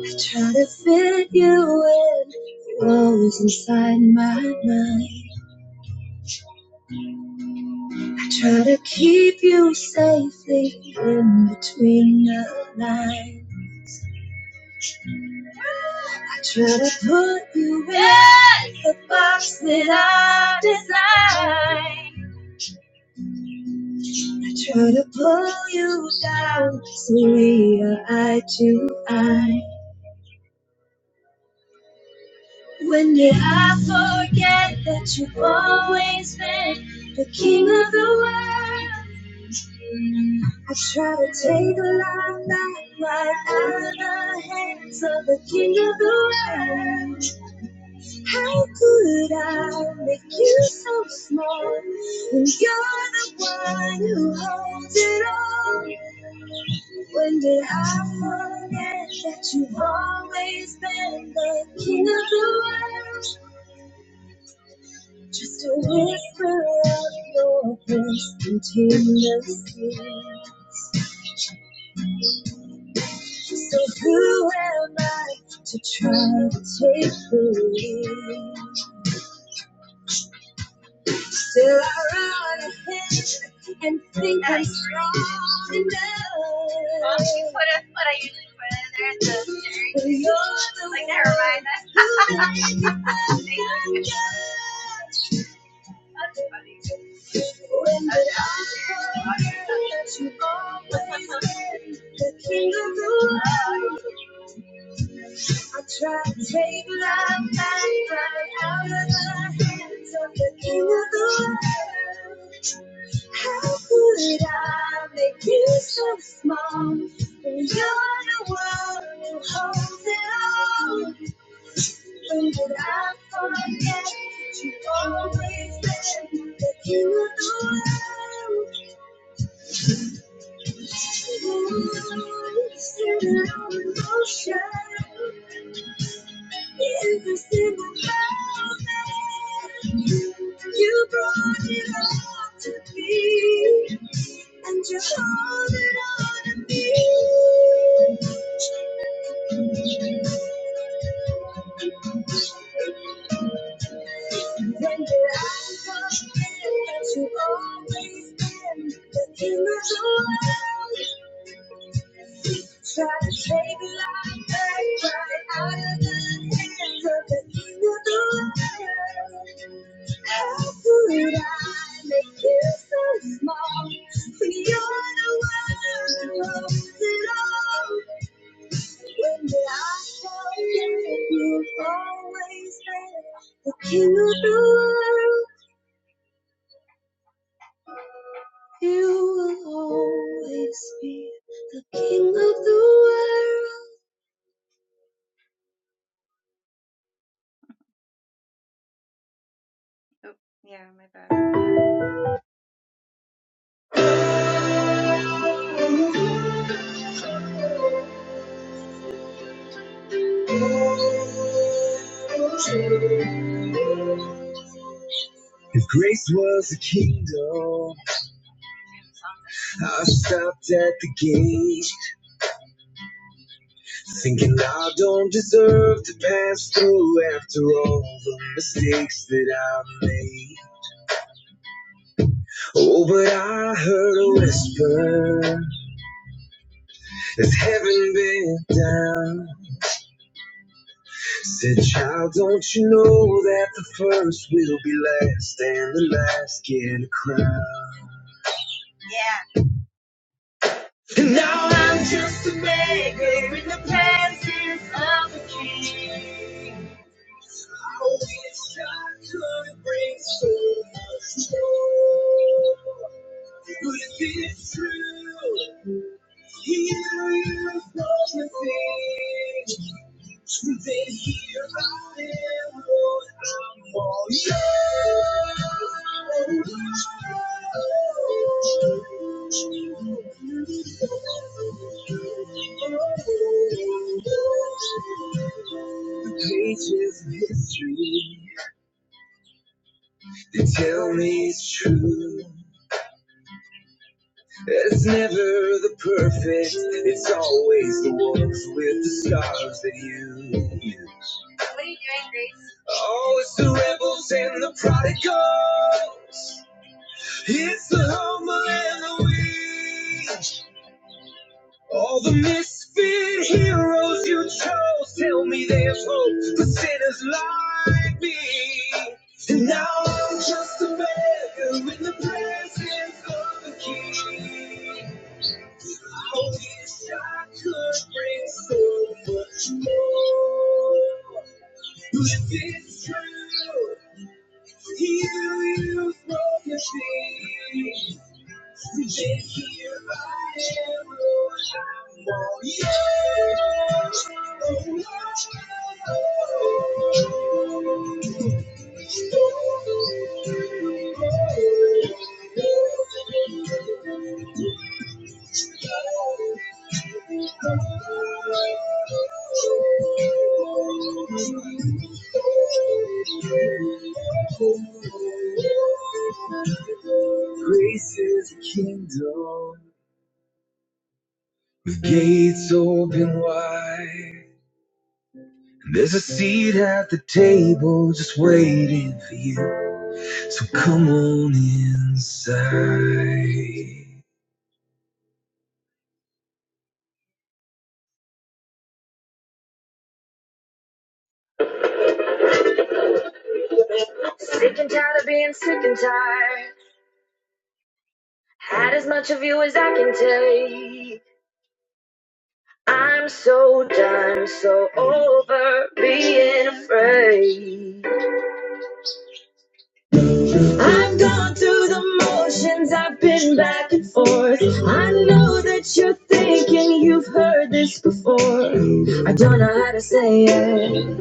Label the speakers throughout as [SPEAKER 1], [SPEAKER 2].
[SPEAKER 1] I try to fit you in, froze inside my mind. I try to keep you safely in between the lines. I try to put you in Yes! the box that I designed. I try to pull you down so we are eye to eye. When did I forget that you've always been the king of the world? I try to take life back right out of the hands of the king of the world. How could I make you so small when you're the one who holds it all? When did I forget that you've always been the king of the world? Just a whisper of your voice into the sea. So who am I to try to take the lead? Still I run ahead and think I'm strong enough. Oh, she put us what I usually put in there at the dictionary. But you're the like, never mind. one who made me judge. When did I forget you always been the king of the world? I try to take my mind out of the hands of the king of the world. How could I make you so small? When you're the one who holds it all. When did I forget that you always been the king of the world? Ooh, you're still in motion. You brought it all to me, and you're holding on to me. When did I forget that you always been the king of the world? Try to save your life baby, right out of the hands of the the hands How could I make you so small When you're the one who holds it all? When did I tell you you always been the king of the world? You will always be the king of the world. Oh, yeah, my bad. If grace was a kingdom, I stopped at the gate, thinking I don't deserve to pass through after all the mistakes that I've made. Oh, but I heard a whisper as heaven bent down. Said, child, don't you know that the first will be last and the last get a crown? Yeah. And now I'm just a beggar in the presence of a king. I wish I could bring so much joy. But if it's true, he is going to then here I am, Lord, I'm all yours. The pages of history, they tell me it's true. It's never the perfect, it's always the ones with the stars that you use. What are you doing, Grace? Oh, it's the rebels and the prodigals. It's the humble and the weak. All the misfit heroes you chose. Tell me there's hope for sinners like me. And now I'm just a beggar in the presence of the king. I wish I could bring so much more. If it's true, you used broken things, then here I am, Lord, I'm all yours. Oh, Lord, oh, Lord, oh, Lord. Grace is a kingdom with gates open wide. There's a seat at the table just waiting for you. So come on inside. Sick and tired of being sick and tired. Had as much of you as I can take. I'm so done, so over being afraid. I've gone through the motions, I've been back and forth. I know that you're thinking you've heard this before. I don't know how to say it,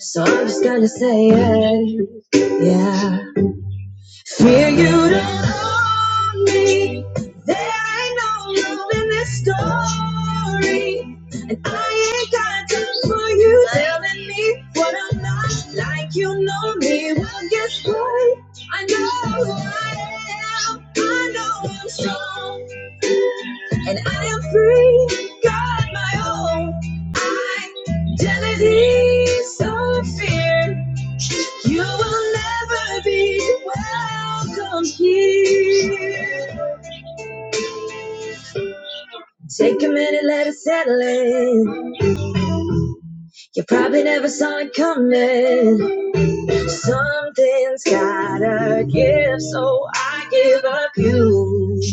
[SPEAKER 1] so I'm just gonna say it. Yeah. Fear you to love me. There ain't no love in this story. And I ain't got time for you telling me what I'm not like. You know me. Well, guess what? I know who I am. I know I'm strong. And I am free. Got my own identity. So fear. You will never be welcome here. Take a minute, let it settle in. You probably never saw it coming. Something's gotta give, so I give up you.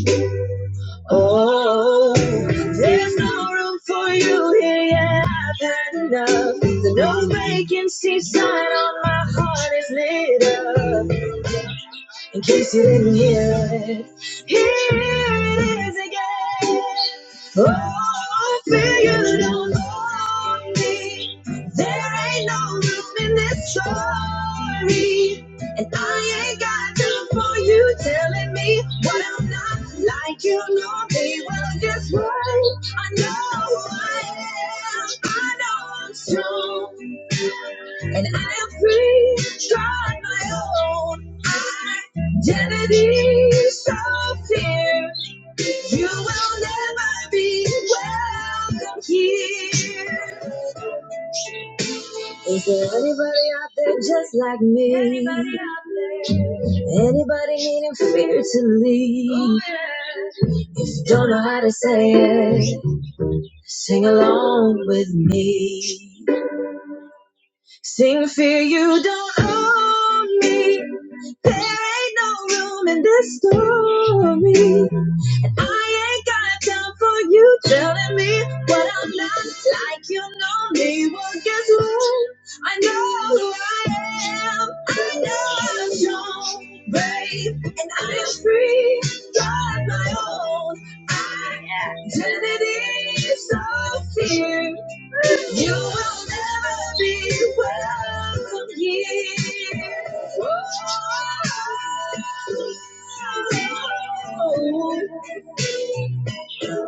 [SPEAKER 1] Oh, there's no room for you here Yeah, I've had enough. The no vacancy sign on my heart is lit up. in case you didn't hear it. Here it is again. Oh, feel you don't know me. There ain't no room in this story. And I ain't got time for you telling me what I'm not like you know me. Well, guess what? I know who I am. I know I'm strong. And I'm free. Try my own. Identities of fear, you will never be welcome here. Is there anybody out there just like me? Anybody out there? Anybody needing fear to leave? Oh, yeah. If you don't know how to say it, sing along with me. Sing fear you don't own me. There ain't no room in this story. And I ain't got time for you telling me what I'm not like. You know me. Well, guess what? I know who I am. I know I'm strong, brave, and I am free. Got my own identity. So fear. You will never be welcome here. Oh,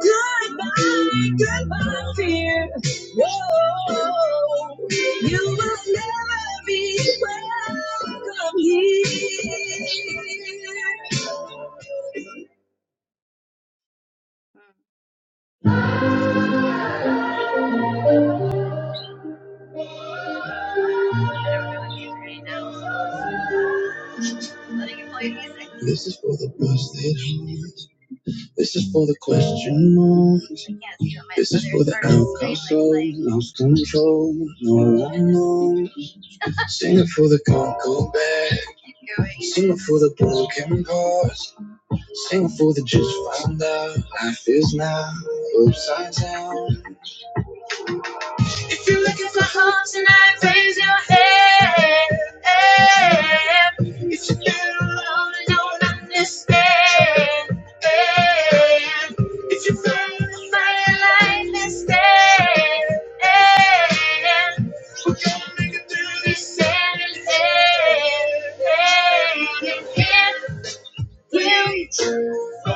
[SPEAKER 1] Goodbye, goodbye, dear. Whoa, you will never be welcome here. Letting you play music. This is for the busted homes. This is for the question marks. This is for the outcome souls. Lost control. No one knows. Sing it for the can't go back. Sing it for the broken hearts. Sing it for the just found out. Life is now upside down. Everyone don't understand. Hey,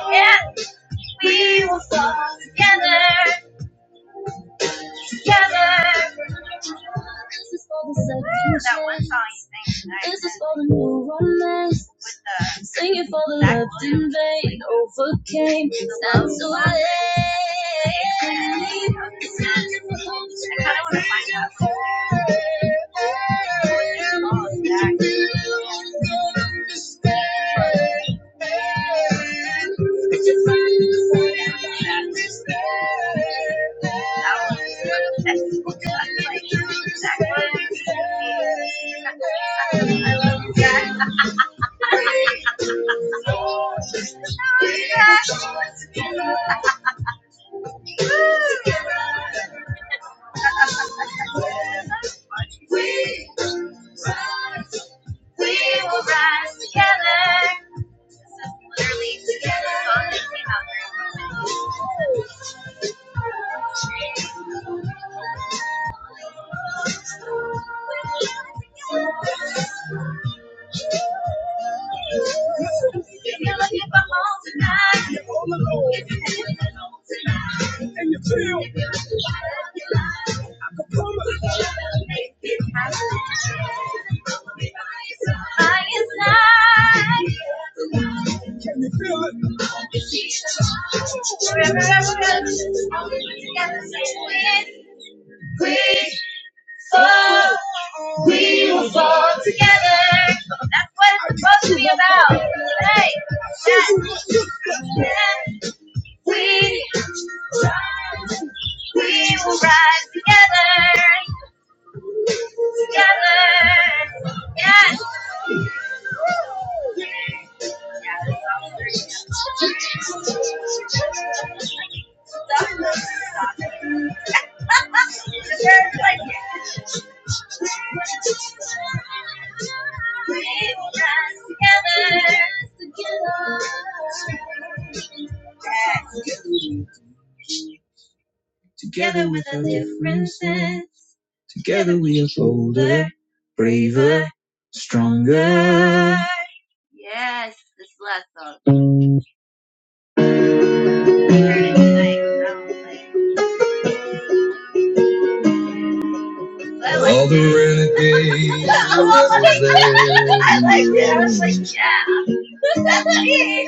[SPEAKER 1] Yeah, we will fall together. together. This is for the Woo, that one song you sang tonight. This is for the new romance. With Sing it for the love in vain. overcame, stand to our aid. It's time to hold you. I kind of want to find out. What's it that's funny. We will rise together. Literally together. Song that came out first. If you're looking for home tonight, you're all alone. If you're feeling alone tonight, and you feel, if you're looking for love I can promise you, to make it happen. By your side. you feel it. Wherever I was, I together, say, we, we fought, we will fall together. That's what it's supposed to be about. Hey, that, we, we will rise together. Together. Yes. Together with our differences. Together we are bolder, braver, stronger. Yes, this last song. All the renegades. oh my God, I like that. I was like, yeah.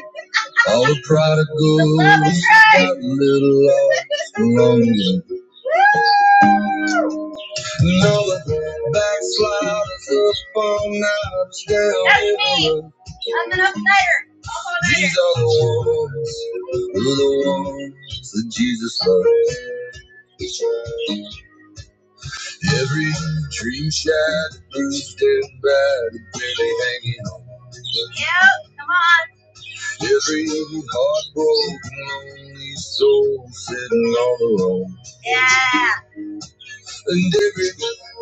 [SPEAKER 1] All the prodigals. The got a little lost along Another backslider's up all night. That's me. I'm an upnighter. Up These are the ones, were the ones that Jesus loves. Every dream shattered, bruised and battered, barely hanging on. Yep, come on. Every heartbroken, lonely soul sitting all alone. Yeah. And every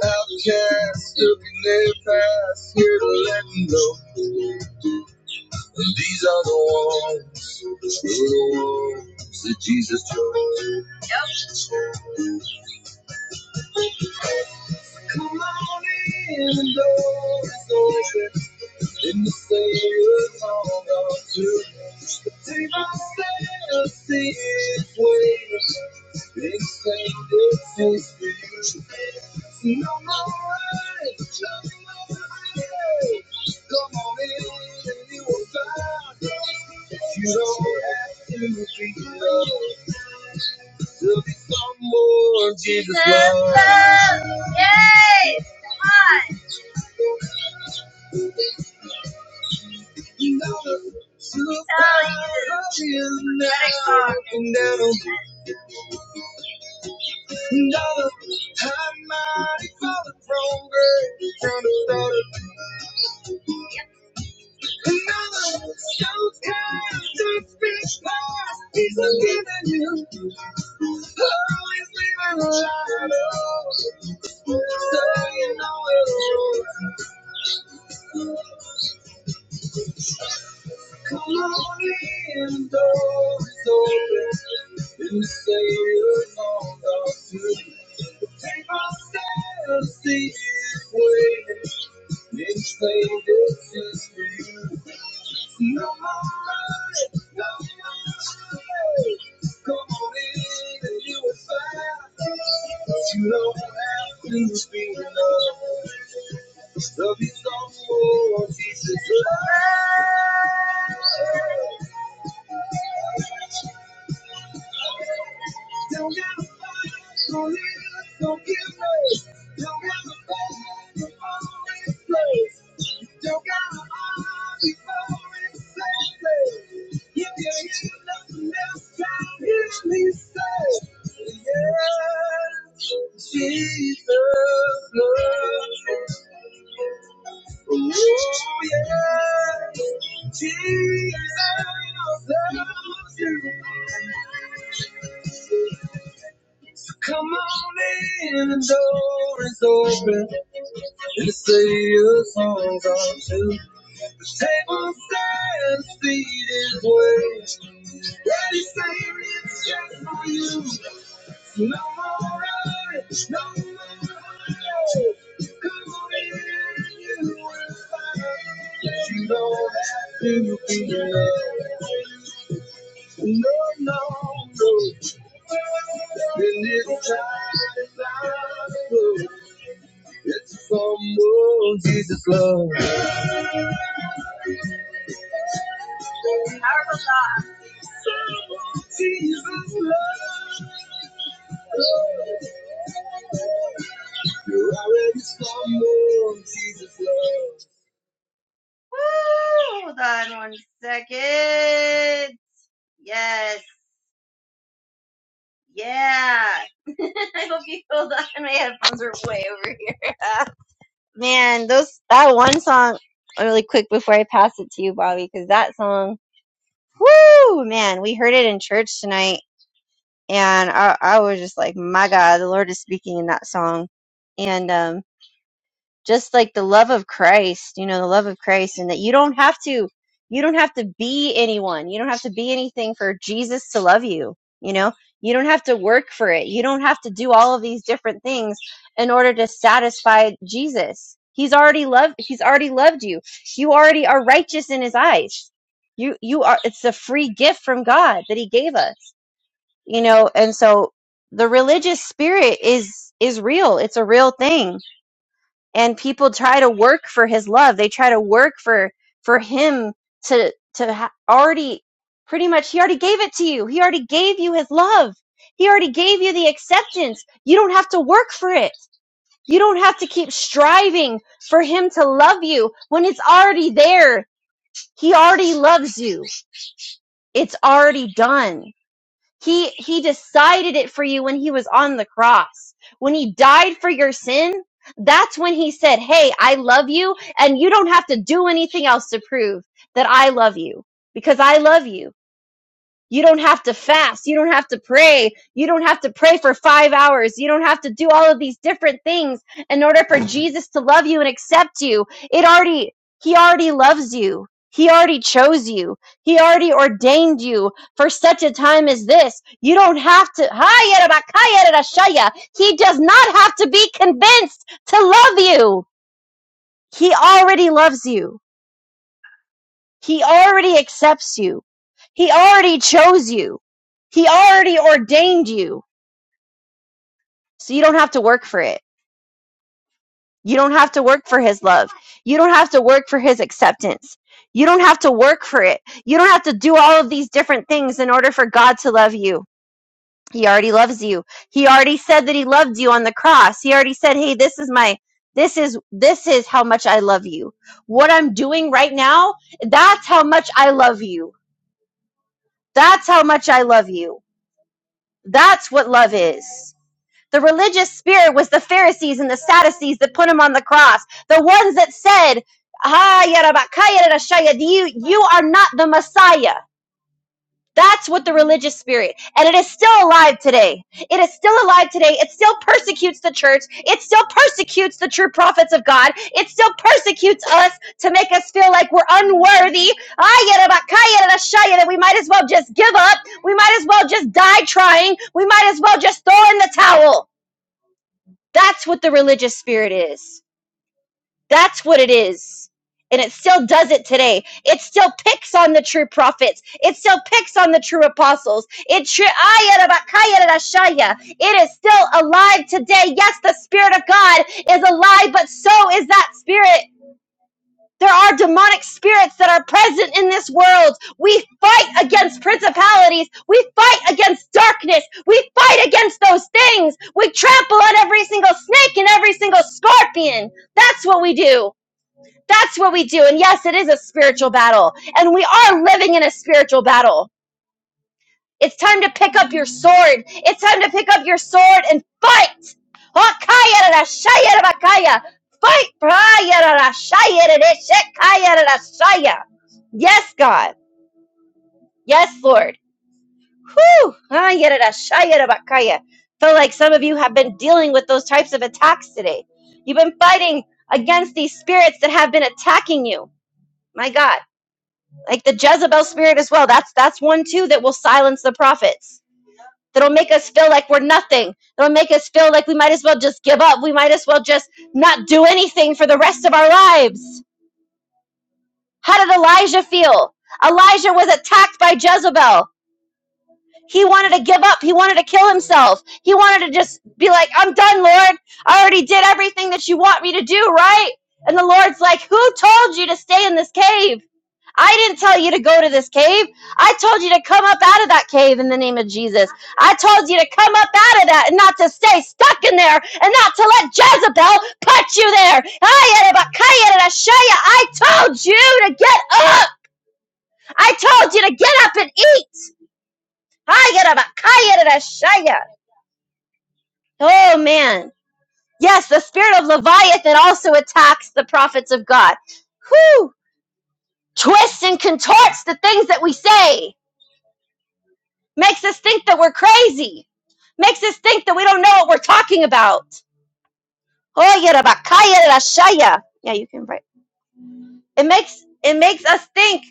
[SPEAKER 1] outcast looking their past here to let them know. And these are the ones, the ones that Jesus chose. And the door is open. In the sailor's song of two, the sea my sailor see its waves. It sang its face for you. No more rage, just no rage. Come on in and you will find you don't have to be alone to be someone Jesus loves. Yay! Come on. See, no more lies, no more lies. You don't have to be love. Love is all for this is love. Don't have to fight, don't live, don't give up. Don't have to fight, don't follow in place. Jesus loves me. Oh yeah, Jesus loves you. Come on in, the door is open. Let's say your songs on Table stands, feet is waist. Daddy saying it's just for you. No more rides, no more rides. Come on in, and you will find that you don't have to be alone. No, no, no. In this time, it's not good. It's someone Jesus love. Jesus love. Woo! Hold on one second. Yes. Yeah. I hope you hold on. My headphones are way over here. Man, those that one song really quick before I pass it to you, Bobby, because that song, woo, man, we heard it in church tonight, and I, I was just like, my God, the Lord is speaking in that song, and um. just like the love of Christ, you know, the love of Christ, and that you don't have to, you don't have to be anyone. You don't have to be anything for Jesus to love you, you know? You don't have to work for it. You don't have to do all of these different things in order to satisfy Jesus. He's already loved, he's already loved you. You already are righteous in his eyes. You, you are, it's a free gift from God that he gave us, you know? And so the religious spirit is, is real. It's a real thing and people try to work for his love they try to work for for him to to ha- already pretty much he already gave it to you he already gave you his love he already gave you the acceptance you don't have to work for it you don't have to keep striving for him to love you when it's already there he already loves you it's already done he he decided it for you when he was on the cross. When he died for your sin, that's when he said, "Hey, I love you and you don't have to do anything else to prove that I love you because I love you." You don't have to fast. You don't have to pray. You don't have to pray for five hours. You don't have to do all of these different things in order for Jesus to love you and accept you. It already, He already loves you. He already chose you. He already ordained you for such a time as this. You don't have to. He does not have to be convinced to love you. He already loves you. He already accepts you. He already chose you. He already ordained you. So you don't have to work for it. You don't have to work for his love. You don't have to work for his acceptance. You don't have to work for it. You don't have to do all of these different things in order for God to love you. He already loves you. He already said that he loved you on the cross. He already said, "Hey, this is my this is this is how much I love you. What I'm doing right now, that's how much I love you. That's how much I love you." That's what love is. The religious spirit was the Pharisees and the Sadducees that put him on the cross. The ones that said, "Ah, yarabakaya rashaya, you, you are not the Messiah. That's what the religious spirit, and it is still alive today. It is still alive today. It still persecutes the church. It still persecutes the true prophets of God. It still persecutes us to make us feel like we're unworthy. That we might as well just give up. We might as well just die trying. We might as well just throw in the towel. That's what the religious spirit is. That's what it is. And it still does it today. It still picks on the true prophets. It still picks on the true apostles. It, tri- Ayarabakayarashaya. it is still alive today. Yes, the Spirit of God is alive, but so is that Spirit. There are demonic spirits that are present in this world. We fight against principalities. We fight against darkness. We fight against those things. We trample on every single snake and every single scorpion. That's what we do. That's what we do. And yes, it is a spiritual battle. And we are living in a spiritual battle. It's time to pick up your sword. It's time to pick up your sword and fight. Hakayarashayarabakaya. Fight. Prayarashayarashayarashaya. Yes, God. Yes, Lord. Whew. Hayarashayarabakaya. Feel like some of you have been dealing with those types of attacks today. You've been fighting against these spirits that have been attacking you. My God. like the Jezebel spirit as well. That's that's one too that will silence the prophets. That'll make us feel like we're nothing. That'll make us feel like we might as well just give up. We might as well just not do anything for the rest of our lives. How did Elijah feel? Elijah was attacked by Jezebel. He wanted to give up. He wanted to kill himself. He wanted to just be like, I'm done, Lord. I already did everything that you want me to do, right? And the Lord's like, Who told you to stay in this cave? I didn't tell you to go to this cave. I told you to come up out of that cave in the name of Jesus. I told you to come up out of that and not to stay stuck in there and not to let Jezebel put you there. I told you to get up. I told you to get up and eat. Oh, man. Yes, the spirit of Leviathan also attacks the prophets of God. Whew! Twists and contorts the things that we say Makes us think that we're crazy. Makes us think that we don't know what we're talking about. Oh, yarabakaya rashaya. Yeah, you can write. It makes it makes us think.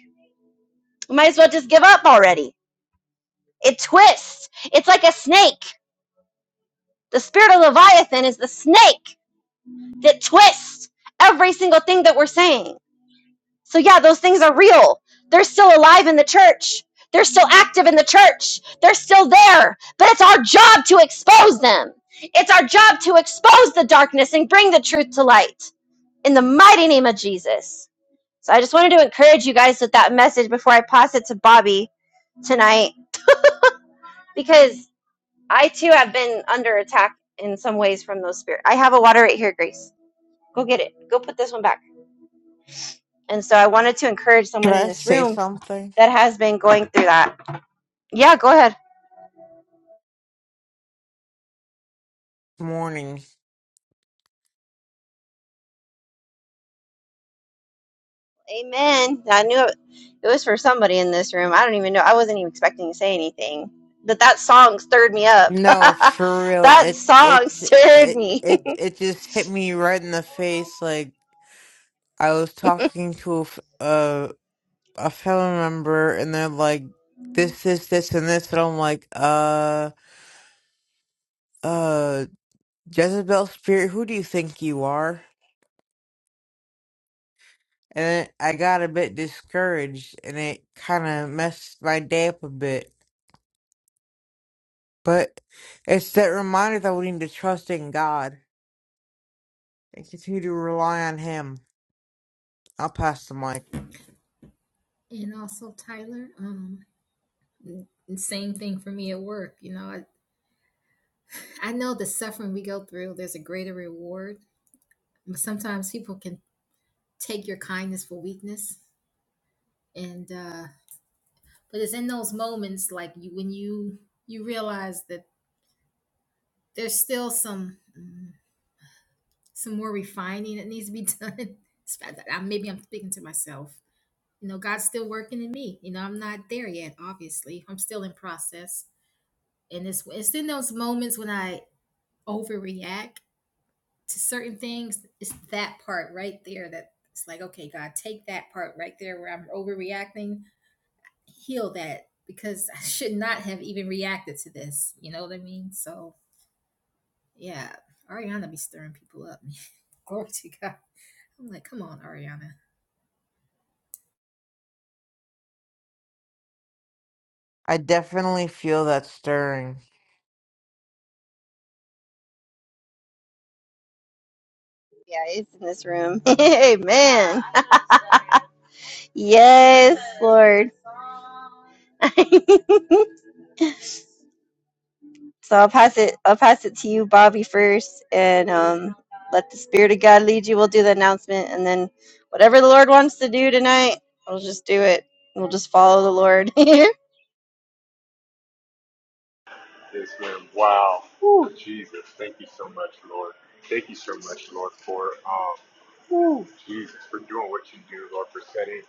[SPEAKER 1] We might as well just give up already. It twists. It's like a snake. The spirit of Leviathan is the snake that twists every single thing that we're saying. So, yeah, those things are real. They're still alive in the church, they're still active in the church, they're still there. But it's our job to expose them. It's our job to expose the darkness and bring the truth to light in the mighty name of Jesus. So, I just wanted to encourage you guys with that message before I pass it to Bobby tonight because I too have been under attack in some ways from those spirits. I have a water right here, Grace. Go get it. Go put this one back. And so I wanted to encourage
[SPEAKER 2] Can
[SPEAKER 1] someone in
[SPEAKER 2] I
[SPEAKER 1] this
[SPEAKER 2] say
[SPEAKER 1] room
[SPEAKER 2] something?
[SPEAKER 1] that has been going through that Yeah, go ahead.
[SPEAKER 2] Morning.
[SPEAKER 1] Amen. I knew it, it was for somebody in this room. I don't even know. I wasn't even expecting to say anything. But that song stirred me up.
[SPEAKER 2] No, for real.
[SPEAKER 1] that
[SPEAKER 2] It it
[SPEAKER 1] song stirred
[SPEAKER 2] it
[SPEAKER 1] me.
[SPEAKER 2] it it just hit me right in the face. Like I was talking to a f- a, a family member, and they're like, "This, this, this, and this," and I'm like, "Uh, uh, Jezebel spirit, who do you think you are?" And I got a bit discouraged, and it kind of messed my day up a bit. But it's that reminder that we need to trust in God and continue to rely on him. I'll pass the mic.
[SPEAKER 3] And also, Tyler, um, same thing for me at work. You know, I, I know the suffering we go through, there's a greater reward, but sometimes people can take your kindness for weakness. And, uh, but it's in those moments, like you, when you, you realize that there's still some, mm, some more refining that needs to be done. I- Maybe I'm speaking to myself. You know, God's still working in me. You know, I'm not there yet, obviously. I'm still in process and it's it's in those moments when I overreact to certain things. It's that part right there that it's like, okay, God, take that part right there where I'm overreacting, heal that because I should not have even reacted to this. You know what I mean? So, yeah, Ariana be stirring people up. man. Glory to God. I'm like, come on, Ariana.
[SPEAKER 2] I definitely feel that stirring.
[SPEAKER 1] yeah, it's in this room. Amen. Yes, Lord. so I'll pass it I'll pass it to you, Bobby, first and um let the Spirit of God lead you. We'll do the announcement and then whatever the Lord wants to do tonight, we'll just do it. We'll just follow the Lord.
[SPEAKER 4] Yes, ma'am. Wow. Woo, Jesus. Thank you so much, Lord. Thank you so much, Lord, for um, Woo. Jesus, for doing what you do, Lord, for setting,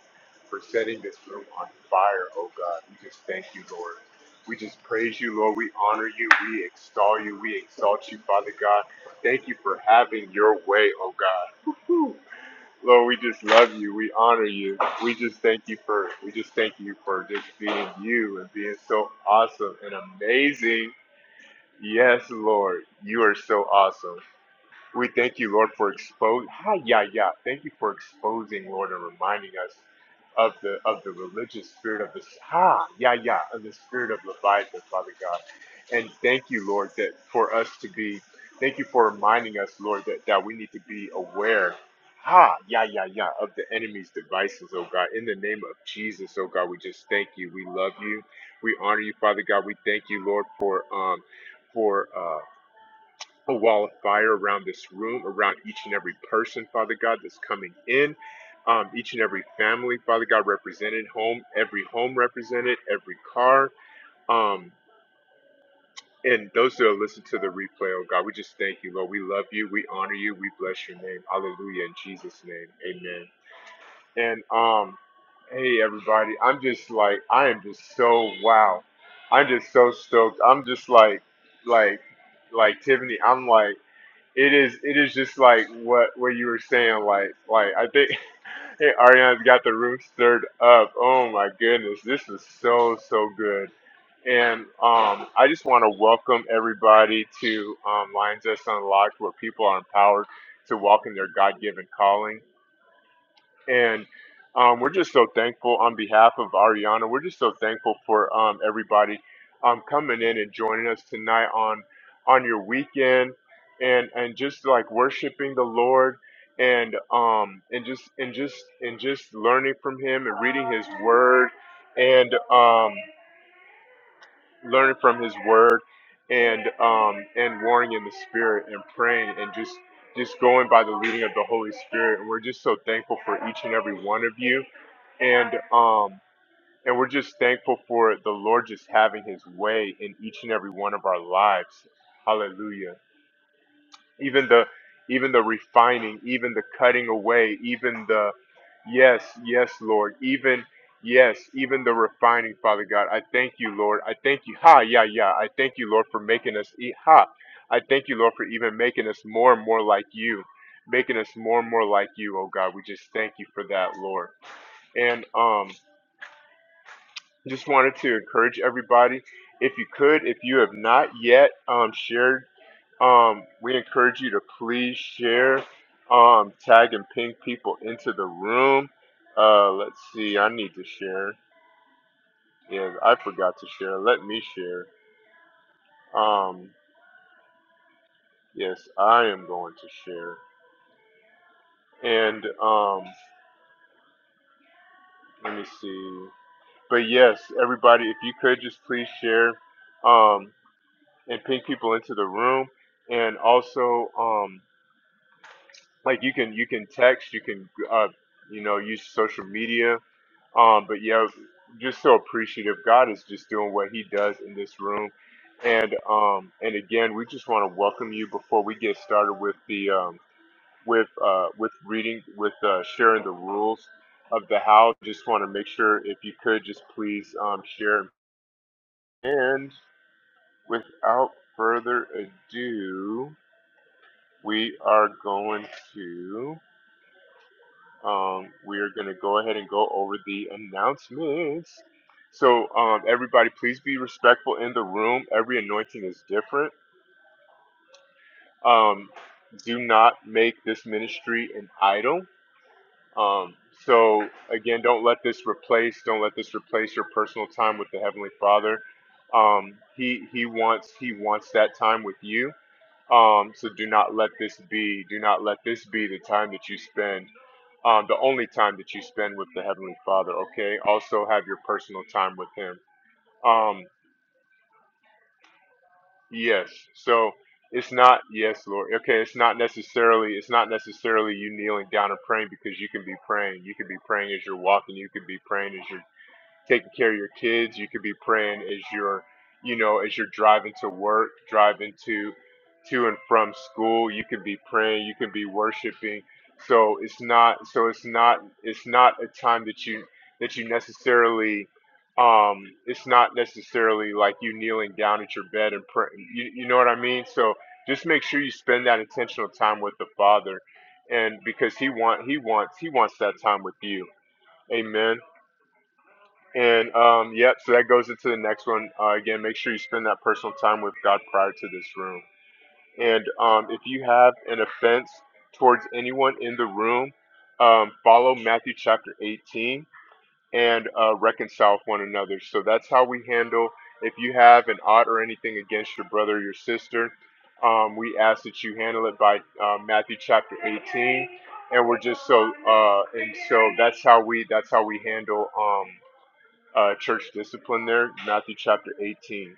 [SPEAKER 4] for setting this room on fire, oh God. We just thank you, Lord. We just praise you, Lord. We honor you. We extol you. We exalt you, Father God. Thank you for having your way, oh God. Woo. Lord, we just love you. We honor you. We just thank you for we just thank you for just being you and being so awesome and amazing Yes, Lord, you are so awesome. We thank you, Lord, for exposing. Hi, yeah, yeah. Thank you for exposing, Lord, and reminding us of the of the religious spirit of the ha, yeah, yeah, of the spirit of Leviathan, Father God. And thank you, Lord, that for us to be. Thank you for reminding us, Lord, that that we need to be aware. Ha, yeah, yeah, yeah, of the enemy's devices, oh God. In the name of Jesus, oh God, we just thank you. We love you. We honor you, Father God. We thank you, Lord, for um, for. uh, a wall of fire around this room, around each and every person, Father God, that's coming in, um, each and every family, Father God, represented, home, every home represented, every car, um, and those that will listen to the replay, oh God, we just thank you, Lord. We love you, we honor you, we bless your name. Hallelujah, in Jesus' name, amen. And um, hey, everybody, I'm just like, I am just so wow. I'm just so stoked. I'm just like, like, like Tiffany, I'm like, it is it is just like what what you were saying, like like I think hey, Ariana's got the room stirred up. Oh my goodness, this is so so good. And um, I just want to welcome everybody to um, Lines That's Unlocked, where people are empowered to walk in their God-given calling. And um, we're just so thankful on behalf of Ariana. We're just so thankful for um, everybody um, coming in and joining us tonight on on your weekend, and and just like worshiping the Lord, and um and just and just and just learning from Him and reading His Word, and um, learning from His Word, and um and warring in the Spirit and praying and just just going by the leading of the Holy Spirit. And we're just so thankful for each and every one of you and um and we're just thankful for the Lord just having his way in each and every one of our lives. Hallelujah. Even the even the refining, even the cutting away, even the yes, yes, Lord, even yes, even the refining, Father God. I thank you, Lord. I thank you. Ha, yeah, yeah. I thank you, Lord, for making us eat ha. I thank you, Lord, for even making us more and more like you. Making us more and more like you, oh God. We just thank you for that, Lord. And um just wanted to encourage everybody if you could if you have not yet um, shared um, we encourage you to please share um, tag and ping people into the room uh, let's see i need to share yeah i forgot to share let me share um, yes i am going to share and um, let me see but yes everybody if you could just please share um, and ping people into the room and also um, like you can you can text you can uh you know use social media um but yeah just so appreciative god is just doing what he does in this room and um and again we just want to welcome you before we get started with the um with uh with reading with uh sharing the rules of the house just want to make sure if you could just please um share and without further ado we are going to um, we are going to go ahead and go over the announcements. So, um, everybody, please be respectful in the room. Every anointing is different. Um, do not make this ministry an idol. Um, so, again, don't let this replace. Don't let this replace your personal time with the Heavenly Father. Um, he he wants he wants that time with you. Um, so do not let this be. Do not let this be the time that you spend um, the only time that you spend with the Heavenly Father, okay? Also have your personal time with Him. Um, yes. So it's not, yes, Lord. Okay, it's not necessarily, it's not necessarily you kneeling down and praying because you can be praying. You can be praying as you're walking. You can be praying as you're taking care of your kids. You could be praying as you're, you know, as you're driving to work, driving to to and from school. You could be praying. You could be worshiping. So it's not. So it's not. It's not a time that you that you necessarily. Um, it's not necessarily like you kneeling down at your bed and praying. You, you know what I mean? So just make sure you spend that intentional time with the Father, and because He want He wants He wants that time with you. Amen. And um, yeah, so that goes into the next one. Uh, again, make sure you spend that personal time with God prior to this room. And um, if you have an offense towards anyone in the room, um, follow Matthew chapter 18 and uh, reconcile with one another. So that's how we handle if you have an odd or anything against your brother or your sister. Um, we ask that you handle it by uh, Matthew chapter 18, and we're just so uh, and so that's how we that's how we handle. Um, uh, church discipline there, Matthew chapter 18.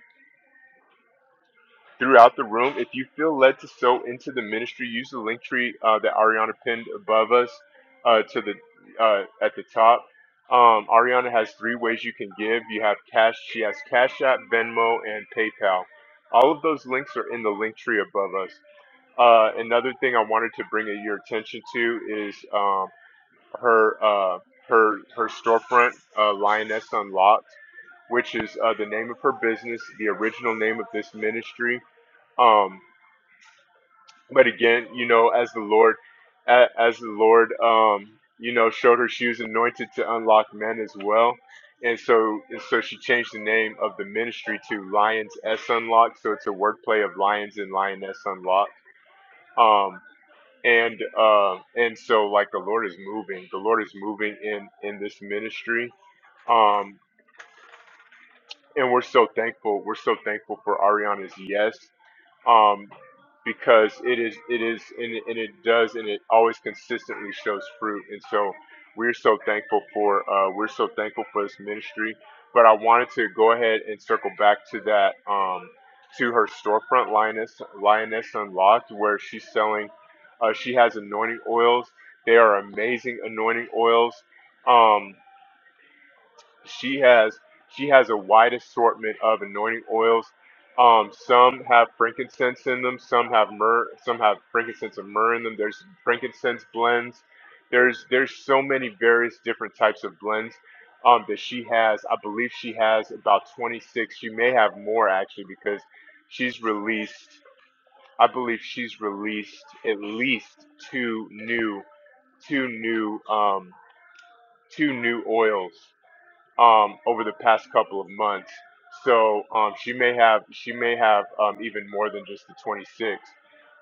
[SPEAKER 4] Throughout the room, if you feel led to sow into the ministry, use the link tree uh, that Ariana pinned above us uh, to the uh, at the top. Um, Ariana has three ways you can give. You have cash. She has Cash App, Venmo, and PayPal. All of those links are in the link tree above us. Uh, another thing I wanted to bring your attention to is um, her uh, her her storefront, uh, Lioness Unlocked, which is uh, the name of her business, the original name of this ministry. Um, but again, you know, as the Lord, a- as the Lord, um, you know, showed her she was anointed to unlock men as well. And so, and so she changed the name of the ministry to Lions S Unlocked. So it's a wordplay of Lions and Lioness Unlocked. Um and um and so like the lord is moving the lord is moving in in this ministry um and we're so thankful we're so thankful for ariana's yes um, because it is it is and, it- and it does and it always consistently shows fruit and so we're so thankful for uh, we're so thankful for this ministry but i wanted to go ahead and circle back to that um, to her storefront lioness lioness unlocked where she's selling uh, she has anointing oils they are amazing anointing oils um, she has she has a wide assortment of anointing oils. Um, some have frankincense in them. Some have myrrh. Some have frankincense and myrrh in them. There's frankincense blends. There's there's so many various different types of blends um, that she has. I believe she has about 26. She may have more actually because she's released. I believe she's released at least two new two new um, two new oils um, over the past couple of months. So um, she may have she may have um, even more than just the 26.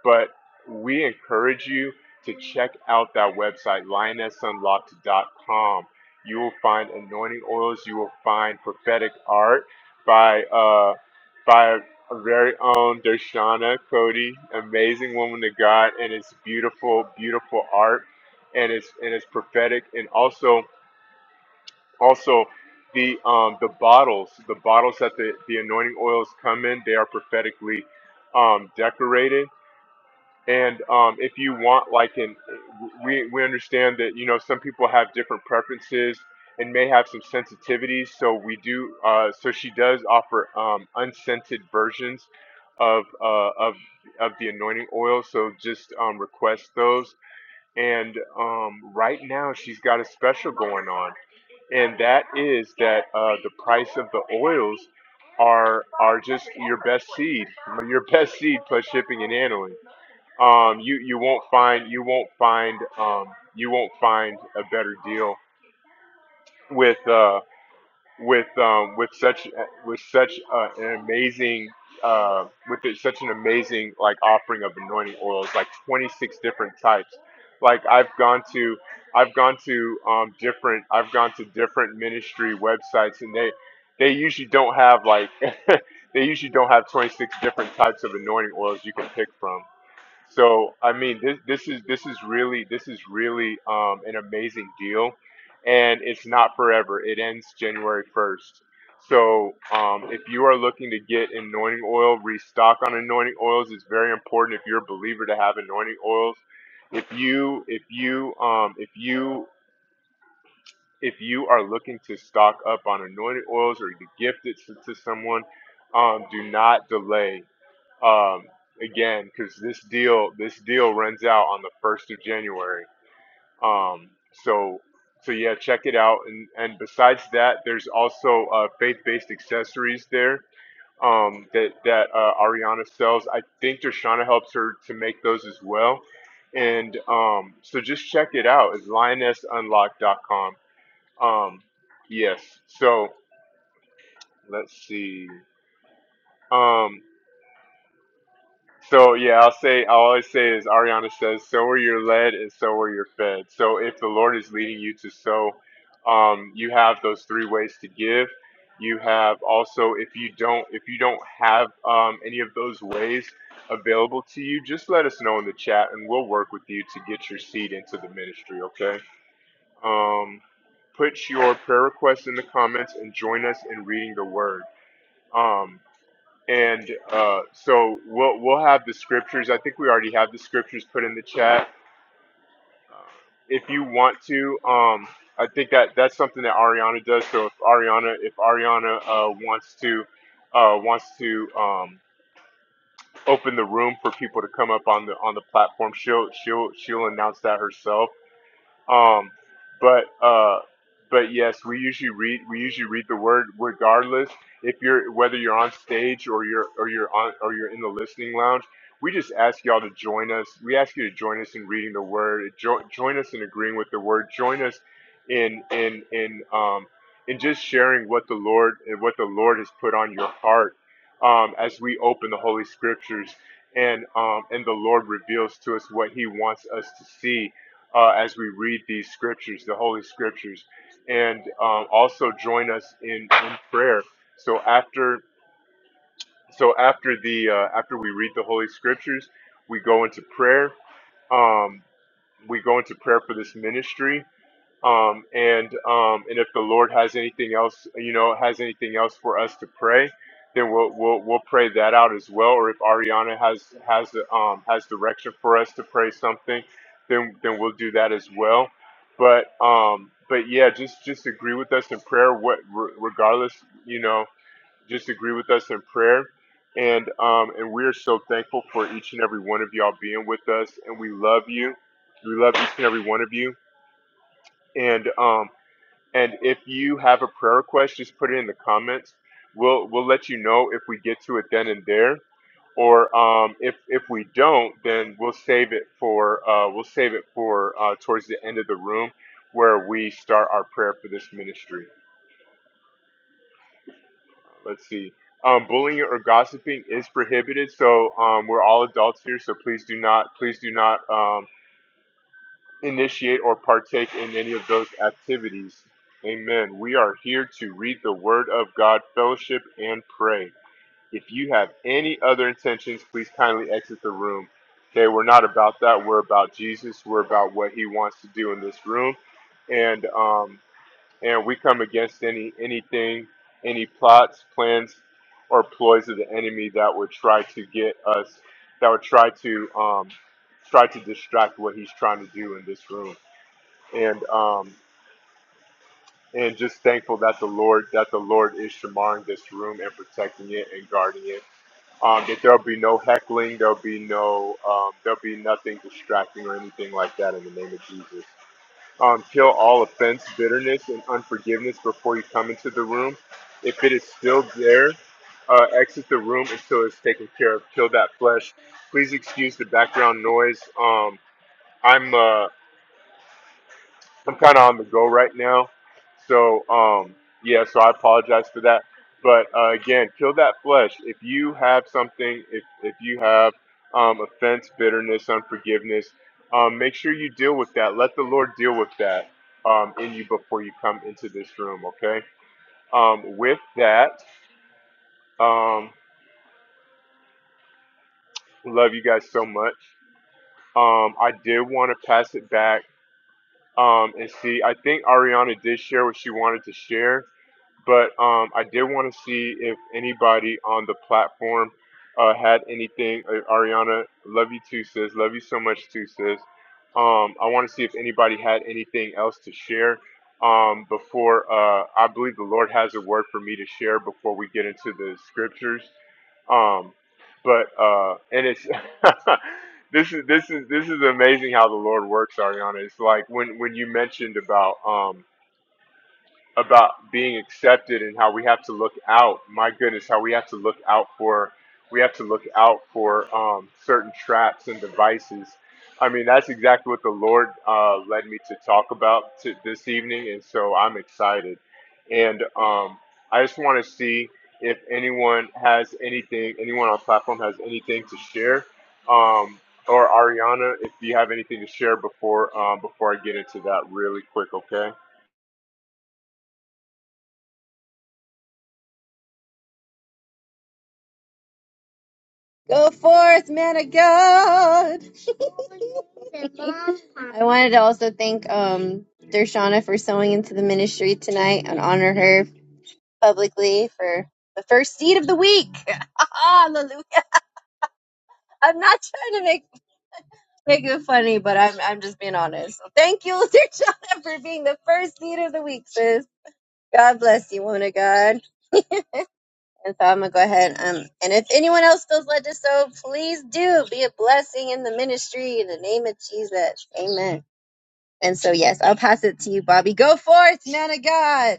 [SPEAKER 4] But we encourage you to check out that website lioness unlocked dot com. You will find anointing oils. You will find prophetic art by uh, by our very own Dershana Cody, amazing woman of God, and it's beautiful, beautiful art, and it's and it's prophetic, and also also, the um, the bottles, the bottles that the, the anointing oils come in, they are prophetically um, decorated. And um, if you want, like, an, we we understand that you know some people have different preferences and may have some sensitivities. So we do. Uh, so she does offer um, unscented versions of uh, of of the anointing oil. So just um, request those and um, right now, she's got a special going on, and that is that uh, the price of the oils are are just your best seed, your best seed plus shipping and handling. Um, you you won't find you won't find um, you won't find a better deal with uh, with um, with such uh, with such uh, an amazing uh, with it, such an amazing like offering of anointing oils, like 26 different types. Like I've gone to I've gone to um, different I've gone to different ministry websites, and they they usually don't have like they usually don't have 26 different types of anointing oils you can pick from. So I mean, this this is this is really this is really um, an amazing deal, and it's not forever. It ends January first. So um, if you are looking to get anointing oil, restock on anointing oils. It's very important if you're a believer to have anointing oils. If you if you um, if you if you are looking to stock up on anointing oils or to gift it to, to someone, um, do not delay um, again because this deal this deal runs out on the first of January. Um, so so yeah, check it out. And and besides that, there's also uh, faith-based accessories there um, that that uh, Ariana sells. I think Dershana helps her to make those as well. And um, so just check it out. It's lionessunlock.com. Um, yes. So let's see. Um, So yeah, I'll say i always say is Ariana says, "So are you led, and so are you fed." So if the Lord is leading you to sow, um, you have those three ways to give. You have also if you don't if you don't have um, any of those ways available to you, just let us know in the chat, and we'll work with you to get your seed into the ministry. Okay. Um, put your prayer requests in the comments and join us in reading the Word. Um, and uh, so we'll we'll have the scriptures. I think we already have the scriptures put in the chat. Uh, If you want to, um, I think that that's something that Ariana does. So if Ariana if Ariana uh, wants to uh, wants to um, open the room for people to come up on the on the platform, she'll she'll she'll announce that herself um, but uh, but yes, we usually read we usually read the word regardless if you're whether you're on stage or you're or you're on or you're in the listening lounge. We just ask y'all to join us. We ask you to join us in reading the word. Jo- join us in agreeing with the word. Join us in in in um in just sharing what the Lord and what the Lord has put on your heart um, as we open the Holy Scriptures and um and the Lord reveals to us what He wants us to see uh, as we read these scriptures, the Holy Scriptures, and um, also join us in, in prayer. So after so after the uh, after we read the Holy Scriptures, we go into prayer. Um, we go into prayer for this ministry um, and um, and if the Lord has anything else, you know, has anything else for us to pray, then we'll we'll, we'll pray that out as well. Or if Ariana has has the um, has direction for us to pray something, then then we'll do that as well. But um, but yeah, just just agree with us in prayer. What re- regardless, you know, just agree with us in prayer. And um, and we are so thankful for each and every one of y'all being with us, and we love you. We love each and every one of you. And um, and if you have a prayer request, just put it in the comments. We'll we'll let you know if we get to it then and there, or um, if if we don't, then we'll save it for uh, we'll save it for uh, towards the end of the room where we start our prayer for this ministry. Let's see. Um, bullying or gossiping is prohibited, so um, we're all adults here. So please do not please do not um, initiate or partake in any of those activities. Amen. We are here to read the Word of God, fellowship, and pray. If you have any other intentions, please kindly exit the room. Okay, we're not about that. We're about Jesus. We're about what He wants to do in this room, and um, and we come against any anything, any plots, plans, or ploys of the enemy that would try to get us, that would try to um, try to distract what He's trying to do in this room and um and just thankful that the Lord that the Lord is shamaring this room and protecting it and guarding it. Um, that there'll be no heckling, there'll be no um, there'll be nothing distracting or anything like that in the name of Jesus. Um, kill all offense, bitterness, and unforgiveness before you come into the room. If it is still there, uh, exit the room until it's taken care of. Kill that flesh. Please excuse the background noise. Um, I'm uh, I'm kind of on the go right now. So, um, yeah, so I apologize for that. But uh, again, kill that flesh. If you have something, if, if you have um, offense, bitterness, unforgiveness, um, make sure you deal with that. Let the Lord deal with that um, in you before you come into this room, okay? Um, with that, um, love you guys so much. Um, I did want to pass it back um, and see. I think Ariana did share what she wanted to share. but um, I did want to see if anybody on the platform uh, had anything. Uh, Ariana, love you too, sis. Love you so much too, sis. Um, I want to see if anybody had anything else to share um, before uh, I believe the Lord has a word for me to share before we get into the scriptures. Um, but uh, and it's this is this is this is amazing how the Lord works, Ariana. It's like when when you mentioned about. Um, about being accepted and how we have to look out. My goodness, how we have to look out for we have to look out for um, certain traps and devices. I mean, that's exactly what the Lord uh, led me to talk about to, this evening, and so I'm excited. And um, I just want to see if anyone has anything, anyone on platform has anything to share, um, or Ariana, if you have anything to share before um, before I get into that really quick, okay?
[SPEAKER 1] Go forth, man of God. I wanted to also thank um Dershana for sewing into the ministry tonight and honor her publicly for the first seed of the week. Hallelujah. I'm not trying to make make it funny, but I'm I'm just being honest. So thank you, Dershana, for being the first seed of the week, sis. God bless you, woman of God. And so I'm gonna go ahead. Um, and if anyone else feels led to sow, please do be a blessing in the ministry in the name of Jesus. Amen. And so yes, I'll pass it to you, Bobby. Go forth, man of God.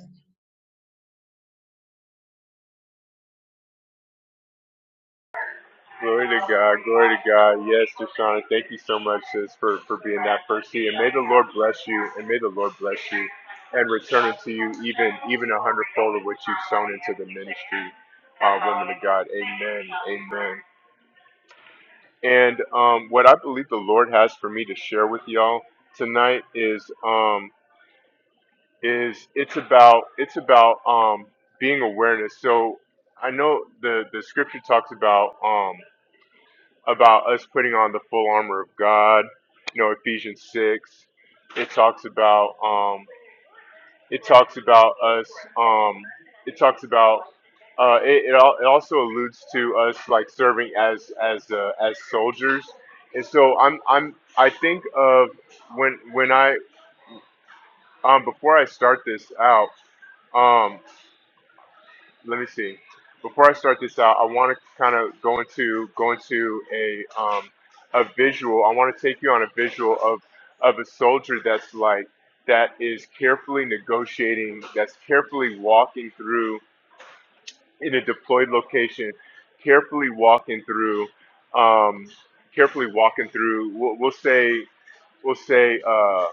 [SPEAKER 4] Glory to God, glory to God. Yes, Deshaun, thank you so much, sis, for, for being that first seed. And may the Lord bless you, and may the Lord bless you, and return it to you even even a hundredfold of what you've sown into the ministry, uh, women of God. Amen, amen. And um, what I believe the Lord has for me to share with y'all tonight is um, is it's about it's about um, being awareness. So I know the the scripture talks about. um. about us putting on the full armor of God. You know, Ephesians six. It talks about um, it talks about us. Um, it talks about uh, it. It, al- it also alludes to us like serving as as uh, as soldiers. And so I'm I'm I think of when when I um, before I start this out. Um, let me see. Before I start this out, I want to kind of go into go into a um, a visual. I want to take you on a visual of of a soldier that's like that is carefully negotiating, that's carefully walking through in a deployed location, carefully walking through, um, carefully walking through. We'll, we'll say we'll say. Uh,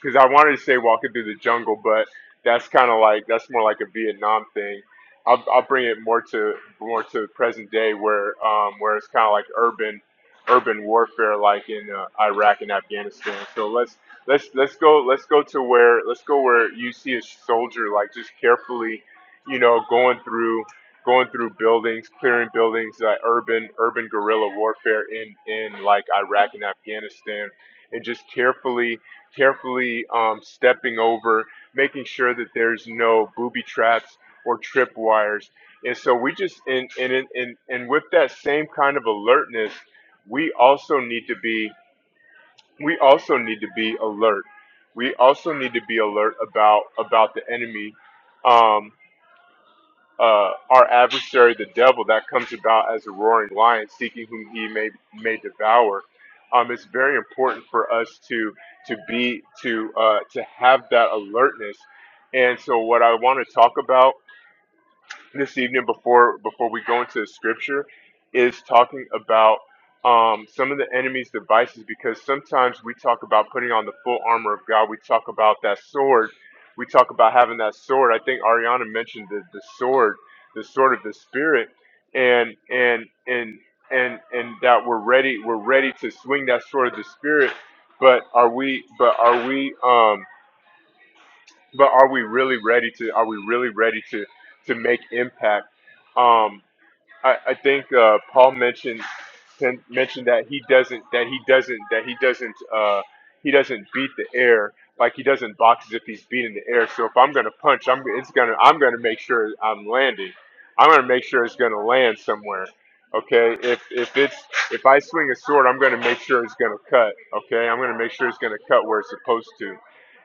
[SPEAKER 4] because I wanted to say walking through the jungle, but that's kind of like that's more like a Vietnam thing. I'll, I'll bring it more to more to present day where um, where it's kind of like urban urban warfare, like in uh, Iraq and Afghanistan. So let's let's let's go let's go to where let's go where you see a soldier like just carefully, you know, going through going through buildings, clearing buildings, uh, urban urban guerrilla warfare in in like Iraq and Afghanistan, and just carefully carefully um, stepping over, making sure that there's no booby traps or trip wires, And so we just and and and and and with that same kind of alertness, we also need to be we also need to be alert. We also need to be alert about about the enemy. Um, uh, our adversary, the devil, that comes about as a roaring lion, seeking whom he may may devour. Um, it's very important for us to to be to uh, to have that alertness. And so, what I want to talk about this evening before before we go into the scripture is talking about um, some of the enemy's devices because sometimes we talk about putting on the full armor of God. We talk about that sword. We talk about having that sword. I think Ariana mentioned the, the sword, the sword of the spirit, and and and and and that we're ready. We're ready to swing that sword of the spirit. But are we? But are we? Um, but are we really ready to are we really ready to to make impact um i, I think uh paul mentioned sen- mentioned that he doesn't that he doesn't that he doesn't uh he doesn't beat the air like he doesn't box as if he's beating the air so if i'm gonna punch i'm it's gonna i'm gonna make sure i'm landing i'm gonna make sure it's gonna land somewhere okay if if it's if i swing a sword i'm gonna make sure it's gonna cut okay i'm gonna make sure it's gonna cut where it's supposed to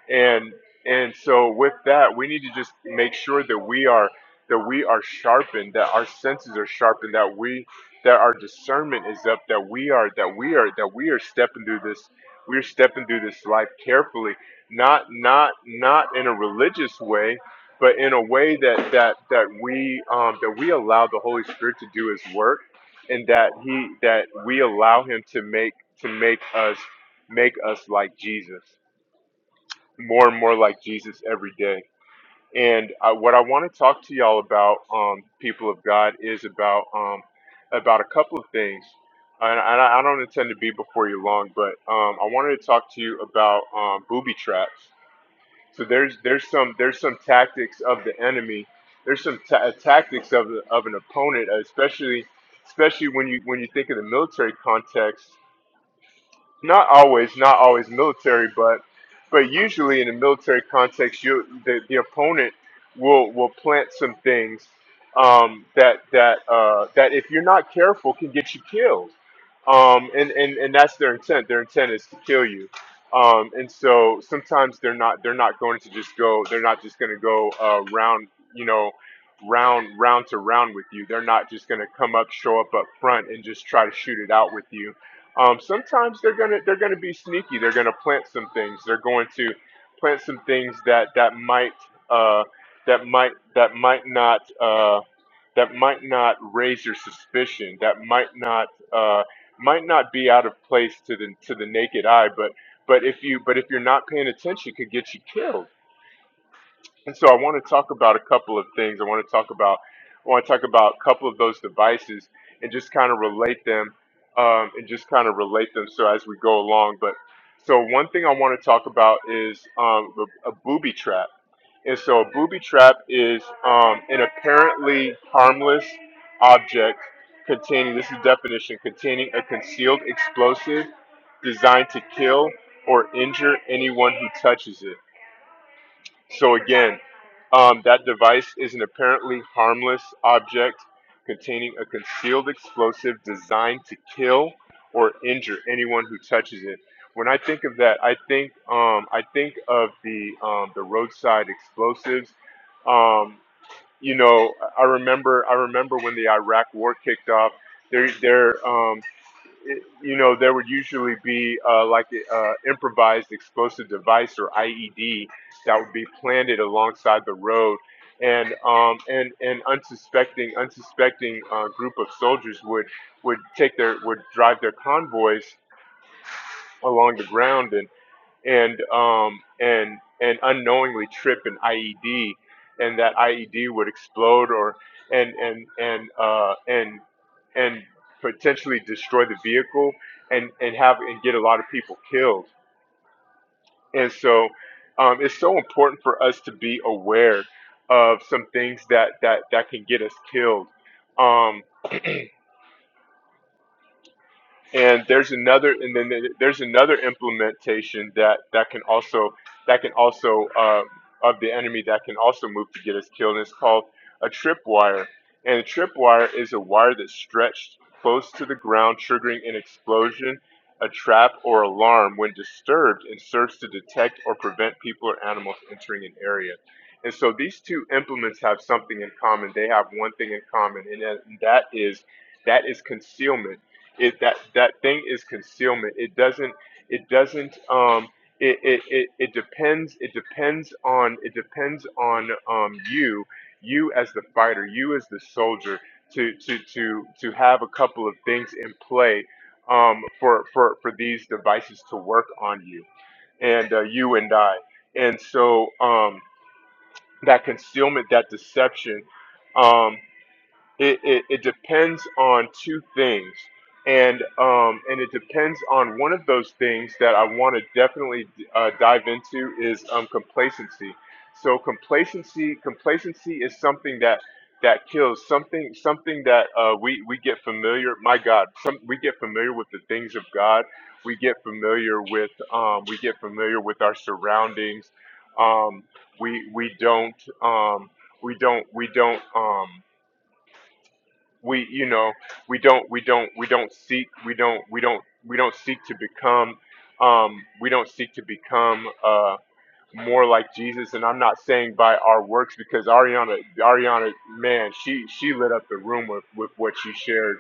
[SPEAKER 4] and and so with that we need to just make sure that we are that we are sharpened that our senses are sharpened that we that our discernment is up that we are that we are that we are stepping through this we're stepping through this life carefully not not not in a religious way but in a way that that that we um that we allow the holy spirit to do his work and that he that we allow him to make to make us make us like jesus more and more like Jesus every day. And I, what I want to talk to y'all about, um, people of God, is about um, about a couple of things. And I, and I don't intend to be before you long, but um, I wanted to talk to you about um, booby traps. So there's there's some there's some tactics of the enemy. There's some ta- uh, tactics of of an opponent, especially especially when you when you think of the military context not always, not always military, but but usually in a military context, you the, the opponent will will plant some things um, that that uh, that if you're not careful can get you killed, um, and and and that's their intent. Their intent is to kill you, um, and so sometimes they're not they're not going to just go they're not just going to go uh, round you know round round to round with you. They're not just going to come up show up up front and just try to shoot it out with you um, sometimes they're gonna they're gonna be sneaky. They're gonna plant some things. They're going to plant some things that that might uh, that might that might not uh, that might not raise your suspicion. That might not uh, might not be out of place to the to the naked eye. But but if you but if you're not paying attention, could get you killed. And so I want to talk about a couple of things. I want to talk about I want to talk about a couple of those devices and just kind of relate them um, and just kind of relate them so as we go along. But so one thing I want to talk about is um, a, a booby trap. And so a booby trap is um, an apparently harmless object containing this is definition containing a concealed explosive designed to kill or injure anyone who touches it. So again, um, that device is an apparently harmless object containing a concealed explosive designed to kill or injure anyone who touches it. When I think of that, I think um, I think of the um, the roadside explosives. Um, you know, I I remember I remember when the Iraq War kicked off. There, there. um, it, you know, there would usually be uh, like uh, improvised explosive device or IED that would be planted alongside the road, and um, and and unsuspecting unsuspecting uh, group of soldiers would would take their would drive their convoys along the ground and and um, and and unknowingly trip an IED, and that IED would explode or and and and uh, and and potentially destroy the vehicle and and have and get a lot of people killed. And so um, it's so important for us to be aware of some things that that that can get us killed. Um, and there's another and then there's another implementation that that can also that can also uh, of the enemy that can also move to get us killed and it's called a tripwire and a tripwire is a wire that's stretched close to the ground triggering an explosion a trap or alarm when disturbed and serves to detect or prevent people or animals entering an area and so these two implements have something in common they have one thing in common and that and that is that is concealment it that that thing is concealment it doesn't it doesn't um it it, it, it depends it depends on it depends on um you you as the fighter you as the soldier to to to to have a couple of things in play um for for for these devices to work on you and uh, you and i and so um that concealment that deception um it, it, it depends on two things and um, and it depends on one of those things that I want to definitely uh, dive into is um, complacency. So complacency complacency is something that that kills something something that uh, we we get familiar my God some we get familiar with the things of God we get familiar with um, we get familiar with our surroundings um, we we don't um, we don't we don't um we you know we don't we don't we don't seek we don't we don't we don't seek to become um we don't seek to become uh more like Jesus and I'm not saying by our works because Ariana Ariana man she she lit up the room with, with what she shared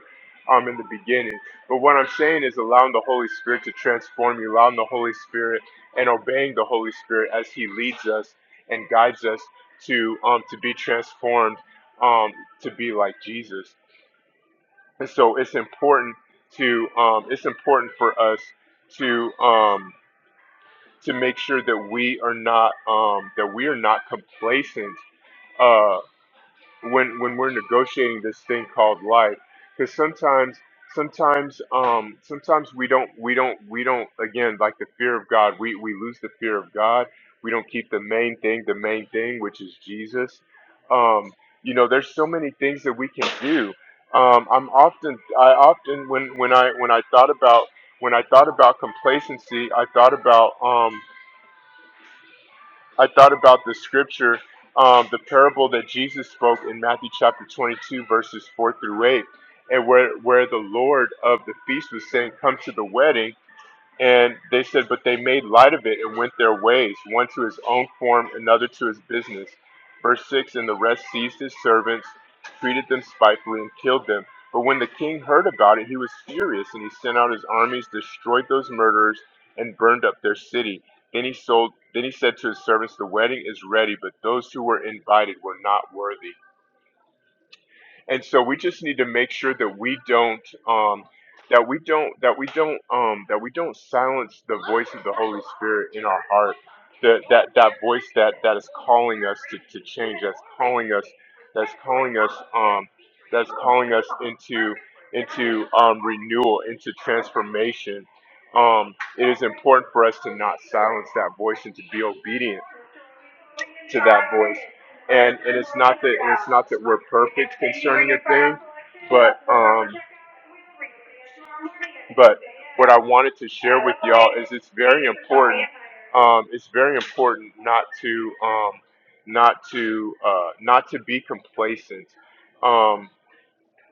[SPEAKER 4] um in the beginning but what I'm saying is allowing the Holy Spirit to transform you allowing the Holy Spirit and obeying the Holy Spirit as he leads us and guides us to um to be transformed um to be like Jesus and so it's important to um, it's important for us to um, to make sure that we are not um, that we are not complacent uh, when when we're negotiating this thing called life because sometimes sometimes um sometimes we don't we don't we don't again like the fear of god we we lose the fear of god we don't keep the main thing the main thing which is jesus um you know there's so many things that we can do um i'm often i often when when i when i thought about when i thought about complacency i thought about um, I thought about the scripture, um, the parable that Jesus spoke in Matthew chapter 22, verses 4 through 8, and where, where the Lord of the feast was saying, Come to the wedding. And they said, but they made light of it and went their ways, one to his own form, another to his business. Verse 6 And the rest seized his servants, treated them spitefully, and killed them. But when the king heard about it, he was furious, and he sent out his armies, destroyed those murderers, and burned up their city. Then he sold. Then he said to his servants, "The wedding is ready, but those who were invited were not worthy." and so we just need to make sure that we don't um that we don't that we don't um that we don't silence the voice of the holy spirit in our heart that that that voice that that is calling us to, to change that's calling us that's calling us um that's calling us into into um renewal into transformation um it is important for us to not silence that voice and to be obedient to that voice. And and it's not that it's not that we're perfect concerning a thing, but um but what I wanted to share with y'all is it's very important. Um, it's very important not to um, not to uh, not to be complacent. Um,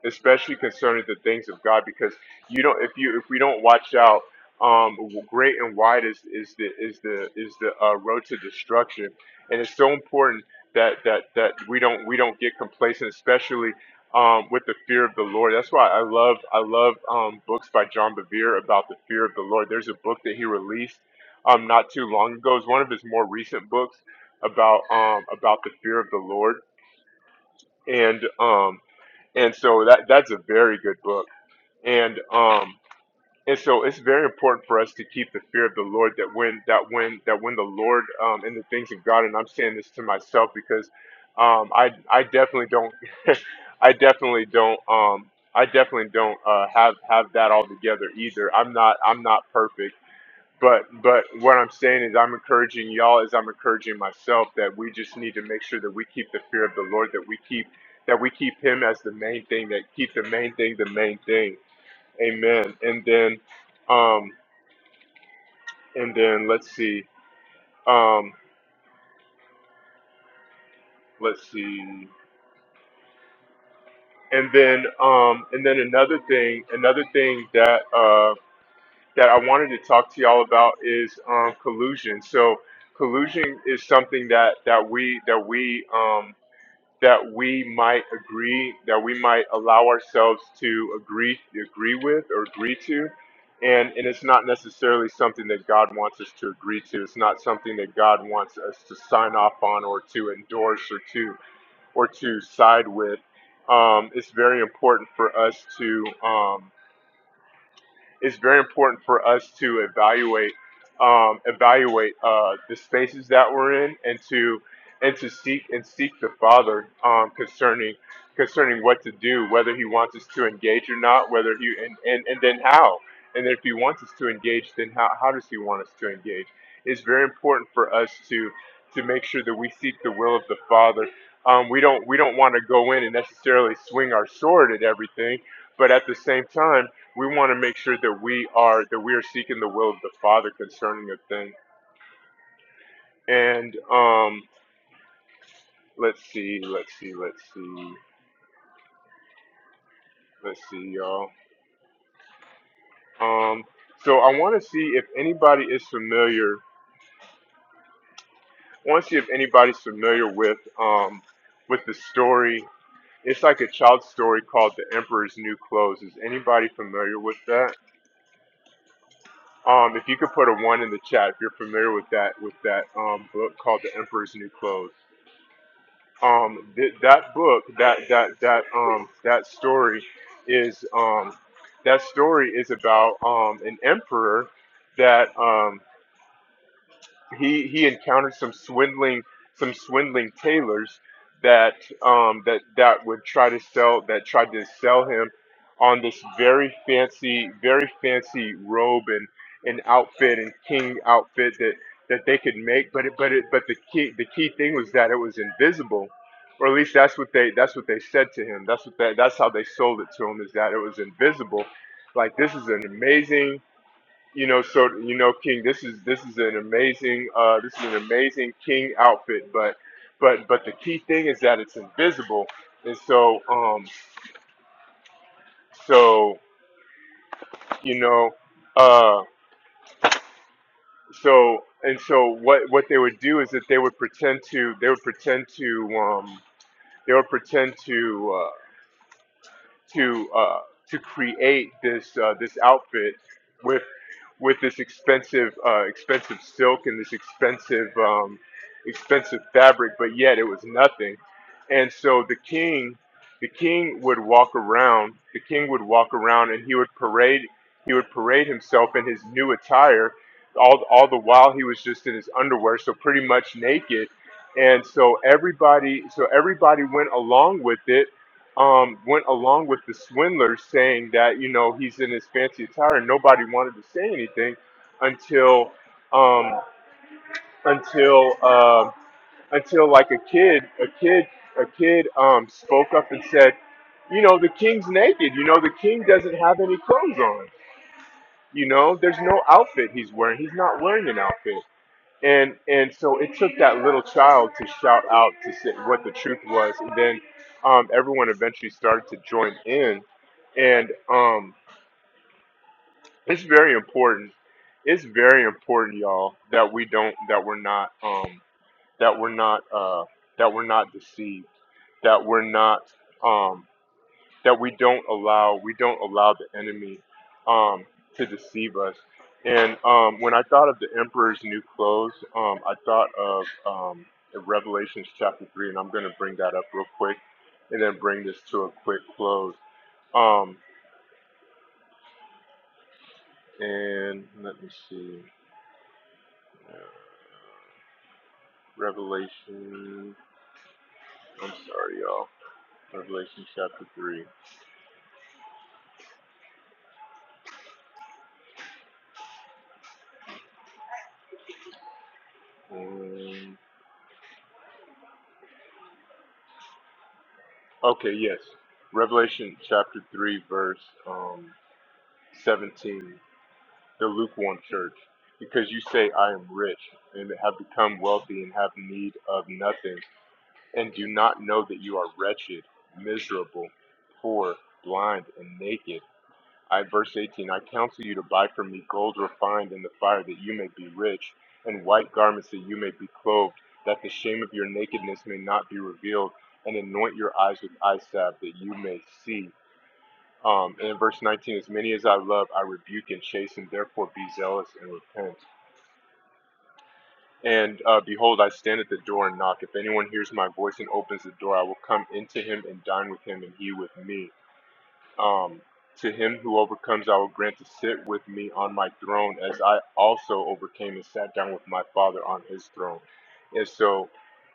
[SPEAKER 4] especially concerning the things of God, because you don't if you if we don't watch out, um, great and wide is is the is the is the uh, road to destruction, and it's so important that that that we don't we don't get complacent, especially um, with the fear of the Lord. That's why I love I love um, books by John Bevere about the fear of the Lord. There's a book that he released um, not too long ago. It's one of his more recent books about um, about the fear of the Lord and. um, and so that that's a very good book and um and so it's very important for us to keep the fear of the lord that when that when that when the lord um and the things of god and i'm saying this to myself because um i i definitely don't i definitely don't um i definitely don't uh have have that all together either i'm not i'm not perfect but but what I'm saying is I'm encouraging y'all as I'm encouraging myself that we just need to make sure that we keep the fear of the Lord, that we keep that we keep him as the main thing, that keep the main thing the main thing. Amen. And then um and then let's see. Um let's see. And then um and then another thing another thing that uh that I wanted to talk to y'all about is um collusion. So collusion is something that that we that we um that we might agree, that we might allow ourselves to agree agree with or agree to. And, and it's not necessarily something that God wants us to agree to. It's not something that God wants us to sign off on or to endorse or to or to side with. Um, it's very important for us to um, it's very important for us to evaluate um, evaluate uh, the spaces that we're in and to and to seek and seek the Father um, concerning concerning what to do, whether He wants us to engage or not, whether He and and, and then how, and if He wants us to engage, then how, how does He want us to engage? It's very important for us to to make sure that we seek the will of the Father. Um, we don't we don't want to go in and necessarily swing our sword at everything, but at the same time we want to make sure that we are that we are seeking the will of the father concerning a thing and um let's see let's see let's see let's see y'all um so i want to see if anybody is familiar i want to see if anybody's familiar with um with the story it's like a child's story called the emperor's new clothes is anybody familiar with that um if you could put a one in the chat if you're familiar with that with that um book called the emperor's new clothes um th- that book that that that um that story is um that story is about um an emperor that um he he encountered some swindling some swindling tailors that um that that would try to sell that tried to sell him on this very fancy very fancy robe and an outfit and king outfit that that they could make but it, but it, but the key the key thing was that it was invisible or at least that's what they that's what they said to him that's what they, that's how they sold it to him is that it was invisible like this is an amazing you know, so you know, King, this is this is an amazing uh, this is an amazing King outfit, but but but the key thing is that it's invisible, and so um so you know uh so and so what what they would do is that they would pretend to they would pretend to um they would pretend to uh, to uh, to create this uh, this outfit with with this expensive uh, expensive silk and this expensive um, expensive fabric, but yet it was nothing. And so the king the king would walk around the king would walk around and he would parade he would parade himself in his new attire all all the while he was just in his underwear, so pretty much naked. And so everybody so everybody went along with it um, went along with the swindler saying that you know he's in his fancy attire and nobody wanted to say anything until um, until um until like a kid a kid a kid um, spoke up and said you know the king's naked you know the king doesn't have any clothes on you know there's no outfit he's wearing he's not wearing an outfit and and so it took that little child to shout out to say what the truth was, and then um, everyone eventually started to join in. And um, it's very important. It's very important, y'all, that we don't that we're not um, that we're not uh, that we're not deceived, that we're not. um, that we don't allow we don't allow the enemy um, to deceive us. And um, when I thought of the emperor's new clothes, um, I thought of um, Revelations chapter three, and I'm going to bring that up real quick, and then bring this to a quick close. Um, and let me see, uh, Revelation. I'm sorry, y'all. Revelation chapter three. Um, okay, yes, Revelation chapter three, verse um, 17. the lukewarm church, because you say, I am rich, and have become wealthy, and have need of nothing, and do not know that you are wretched, miserable, poor, blind, and naked. I, verse 18, I counsel you to buy from me gold refined in the fire, that you may be rich, and white garments, that you may be clothed, that the shame of your nakedness may not be revealed, and anoint your eyes with eye salve, that you may see. Um, and verse 19, as many as I love, I rebuke and chasten, therefore be zealous and repent. And uh, behold, I stand at the door and knock. If anyone hears my voice and opens the door, I will come into him and dine with him and he with me. Um, to him who overcomes, I will grant to sit with me on my throne, as I also overcame and sat down with my Father on His throne. And so,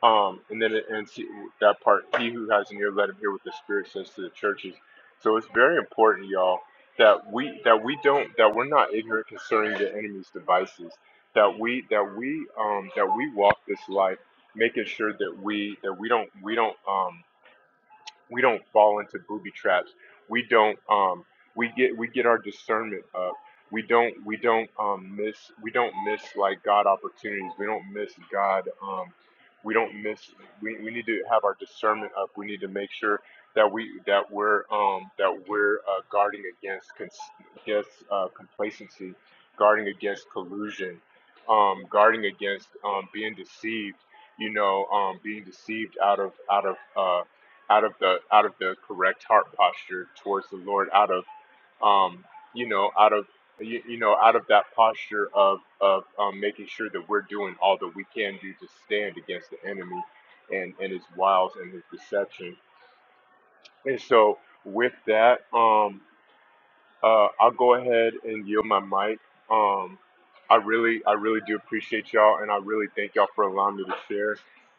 [SPEAKER 4] um, and then it ends he- that part. He who has an ear, let him hear what the Spirit says to the churches. So it's very important, y'all, that we that we don't that we're not ignorant concerning the enemy's devices. That we that we um, that we walk this life, making sure that we that we don't we don't um, we don't fall into booby traps. We don't um we get we get our discernment up. We don't we don't um miss we don't miss like God opportunities. We don't miss God um we don't miss we, we need to have our discernment up. We need to make sure that we that we're um that we're uh, guarding against cons- against uh, complacency, guarding against collusion, um guarding against um being deceived, you know, um being deceived out of out of uh out of the out of the correct heart posture towards the Lord, out of um, you know, out of you, you know, out of that posture of of um, making sure that we're doing all that we can do to stand against the enemy and and his wiles and his deception. And so with that, um uh, I'll go ahead and yield my mic. Um, I really, I really do appreciate y'all, and I really thank y'all for allowing me to share.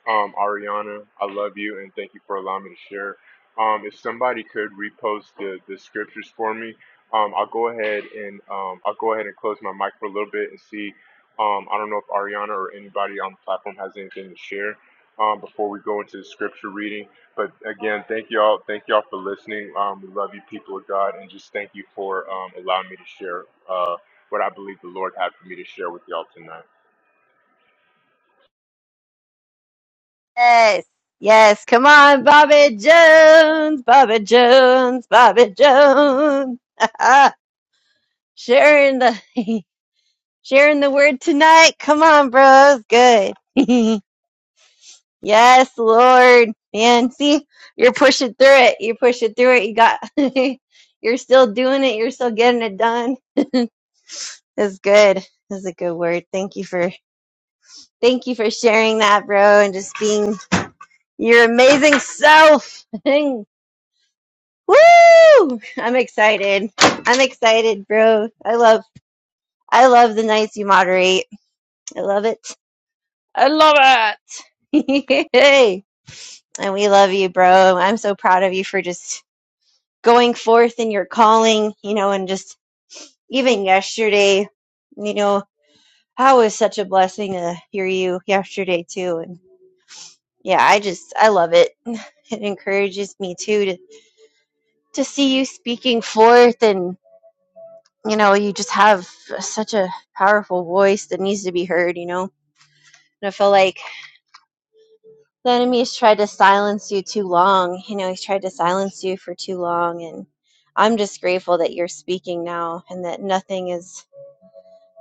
[SPEAKER 4] Um, Ariana, I love you, and thank you for allowing me to share. Um, if somebody could repost the, the scriptures for me, um, I'll go ahead and um, I'll go ahead and close my mic for a little bit and see. Um, I don't know if Ariana or anybody on the platform has anything to share um, before we go into the scripture reading. But again, thank you all. Thank you all for listening. Um, we love you, people of God, and just thank you for um, allowing me to share uh, what I believe the Lord had for me to share with y'all tonight.
[SPEAKER 1] Yes. Yes. Come on, Bobby Jones, Bobby Jones, Bobby Jones. sharing the sharing the word tonight. Come on, bros. Good. Yes, Lord. Man, see, you're pushing through it. You're pushing through it. You got, you're still doing it. You're still getting it done. That's good. That's a good word. Thank you for, thank you for sharing that, bro, and just being your amazing self. Woo! I'm excited. I'm excited, bro. I love, I love the nights you moderate. I love it. I love it. Hey. And we love you, bro. I'm so proud of you for just going forth in your calling, you know, and just even yesterday, you know, how was such a blessing to hear you yesterday too. And yeah, I just I love it. It encourages me too to to see you speaking forth and you know, you just have such a powerful voice that needs to be heard, you know. And I feel like the enemy's tried to silence you too long. You know, he's tried to silence you for too long and I'm just grateful that you're speaking now and that nothing is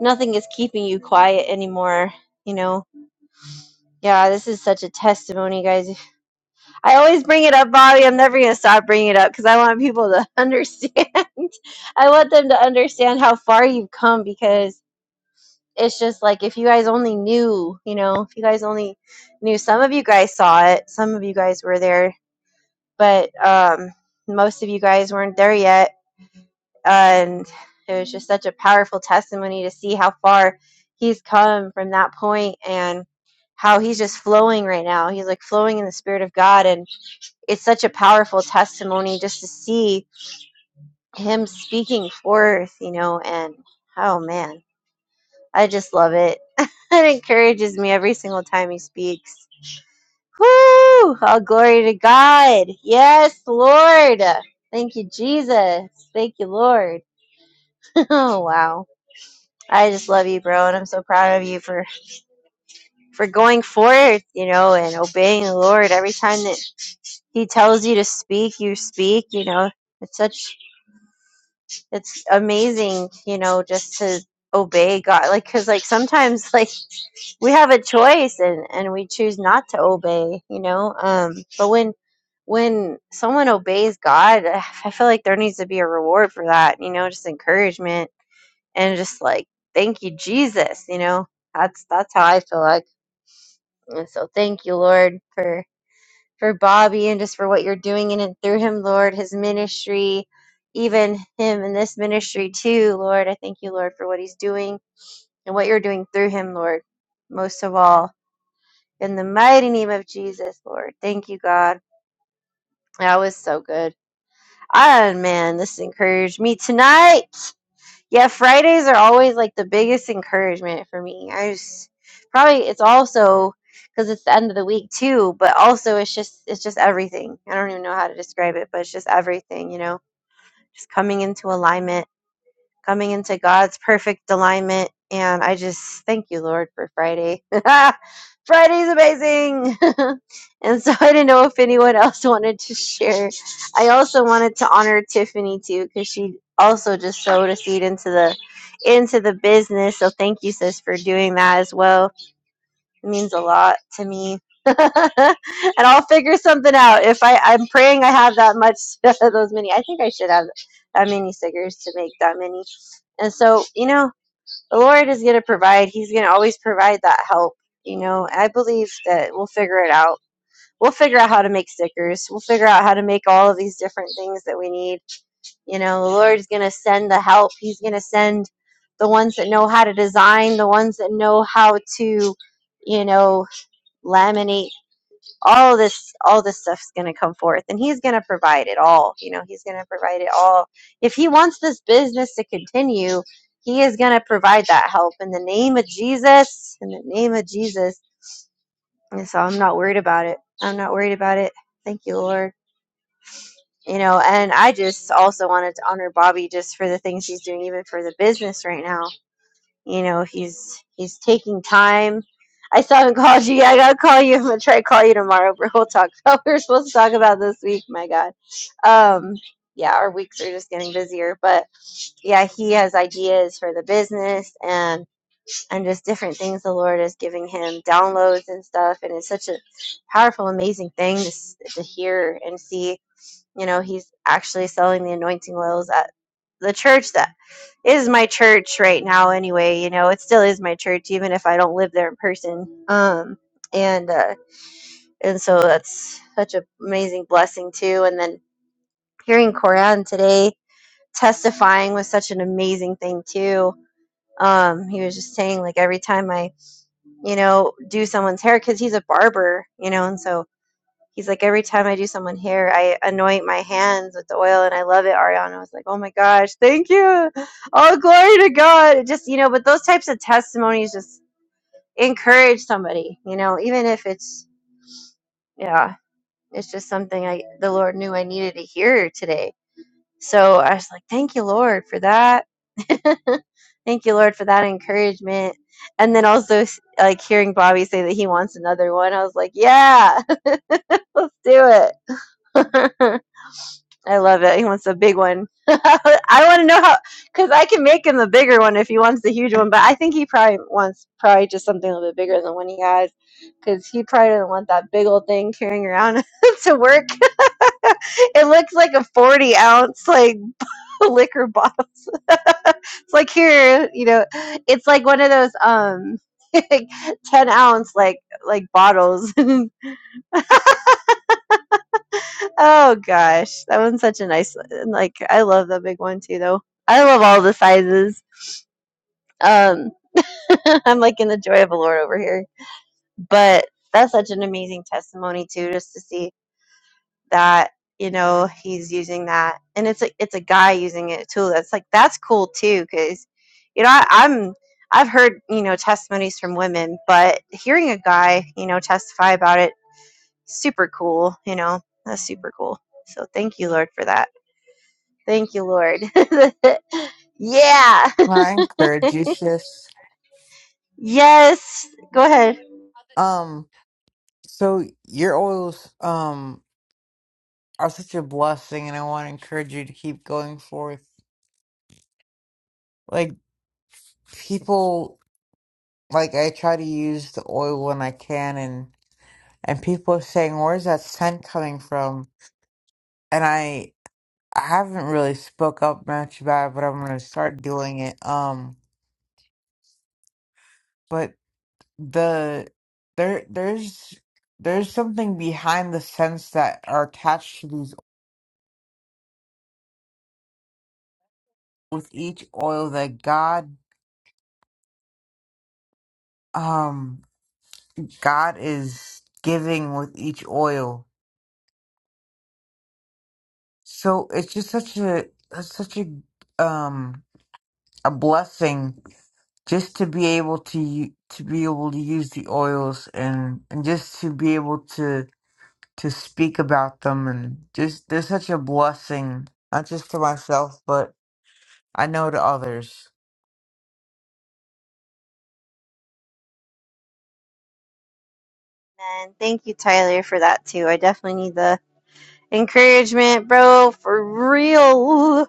[SPEAKER 1] nothing is keeping you quiet anymore. You know, yeah, this is such a testimony, guys. I always bring it up, Bobby. I'm never going to stop bringing it up because I want people to understand. I want them to understand how far you've come because it's just like if you guys only knew, you know, if you guys only knew, some of you guys saw it, some of you guys were there, but um, most of you guys weren't there yet and it was just such a powerful testimony to see how far he's come from that point and how he's just flowing right now he's like flowing in the spirit of god and it's such a powerful testimony just to see him speaking forth you know and oh man i just love it it encourages me every single time he speaks Whoo! All glory to God. Yes, Lord. Thank you, Jesus. Thank you, Lord. oh, wow. I just love you, bro, and I'm so proud of you for for going forth, you know, and obeying the Lord every time that He tells you to speak, you speak. You know, it's such it's amazing, you know, just to obey God, like because like sometimes like we have a choice and and we choose not to obey, you know, um, but when when someone obeys God, I feel like there needs to be a reward for that, you know, just encouragement and just like thank you, Jesus, you know. That's that's how I feel. like. And so thank you, Lord, for for Bobby and just for what you're doing in and through him, Lord, his ministry, even him in this ministry too, Lord. I thank you, Lord, for what he's doing and what you're doing through him, Lord, most of all. In the mighty name of Jesus, Lord. Thank you, God. That was so good. Ah, man, this encouraged me tonight. Yeah, Fridays are always like the biggest encouragement for me. I just probably it's also because it's the end of the week too, but also it's just it's just everything. I don't even know how to describe it, but it's just everything, you know, just coming into alignment coming into God's perfect alignment. And I just thank you, Lord, for Friday. Friday's amazing. and so I didn't know if anyone else wanted to share. I also wanted to honor Tiffany too, because she also just sowed a seed into the into the business. So thank you, sis, for doing that as well. It means a lot to me. and I'll figure something out. If I, I'm praying I have that much, those many. I think I should have that many stickers to make that many. And so, you know, the Lord is going to provide. He's going to always provide that help. You know, I believe that we'll figure it out. We'll figure out how to make stickers. We'll figure out how to make all of these different things that we need. You know, the Lord is going to send the help. He's going to send the ones that know how to design, the ones that know how to, you know, laminate all this all this stuff's going to come forth and he's going to provide it all you know he's going to provide it all if he wants this business to continue he is going to provide that help in the name of jesus in the name of jesus and so i'm not worried about it i'm not worried about it thank you lord you know and i just also wanted to honor bobby just for the things he's doing even for the business right now you know, he's he's taking time. I still haven't called you yet. I gotta call you. I'm gonna try to call you tomorrow, but we'll talk about what we're supposed to talk about this week. My God. Um, yeah, our weeks are just getting busier, but yeah, he has ideas for the business and and just different things the Lord is giving him downloads and stuff, and it's such a powerful, amazing thing to s- to hear and see you know, he's actually selling the anointing oils at the church that is my church right now anyway, you know, it still is my church even if I don't live there in person. Um and uh and so that's such an amazing blessing too and then hearing Koran today testifying was such an amazing thing too. Um he was just saying like every time I, you know, do someone's hair cuz he's a barber, you know, and so He's like, every time I do someone hair, I anoint my hands with the oil and I love it. Ariana I was like, oh my gosh, thank you. Oh, glory to God. It just, you know, but those types of testimonies just encourage somebody, you know, even if it's, yeah, it's just something I, the Lord knew I needed to hear today. So I was like, thank you, Lord, for that. thank you, Lord, for that encouragement. And then also, like, hearing Bobby say that he wants another one, I was like, yeah, let's do it. I love it. He wants a big one. I want to know how, because I can make him the bigger one if he wants the huge one. But I think he probably wants probably just something a little bit bigger than the one he has, because he probably doesn't want that big old thing carrying around to work. it looks like a forty ounce like liquor bottle. It's like here, you know, it's like one of those um like ten ounce like like bottles. oh gosh, that one's such a nice like. I love that big one too, though. I love all the sizes. Um, I'm like in the joy of the Lord over here. But that's such an amazing testimony too, just to see that you know he's using that, and it's a it's a guy using it too. That's like that's cool too, because you know I, I'm I've heard you know testimonies from women, but hearing a guy you know testify about it, super cool. You know that's super cool. So thank you, Lord, for that. Thank you, Lord. yeah.
[SPEAKER 2] I encourage you, sis.
[SPEAKER 1] Yes. Go ahead.
[SPEAKER 2] Um, so your oils, um, are such a blessing, and I want to encourage you to keep going forth. Like people, like I try to use the oil when I can, and and people are saying, "Where's that scent coming from?" And I, I haven't really spoke up much about it, but I'm gonna start doing it. Um, but the there there's there's something behind the scents that are attached to these with each oil that God um God is giving with each oil. So it's just such a such a um a blessing just to be able to u- to be able to use the oils and and just to be able to to speak about them and just they're such a blessing not just to myself but. I know to others.
[SPEAKER 1] And thank you, Tyler, for that too. I definitely need the encouragement, bro, for real.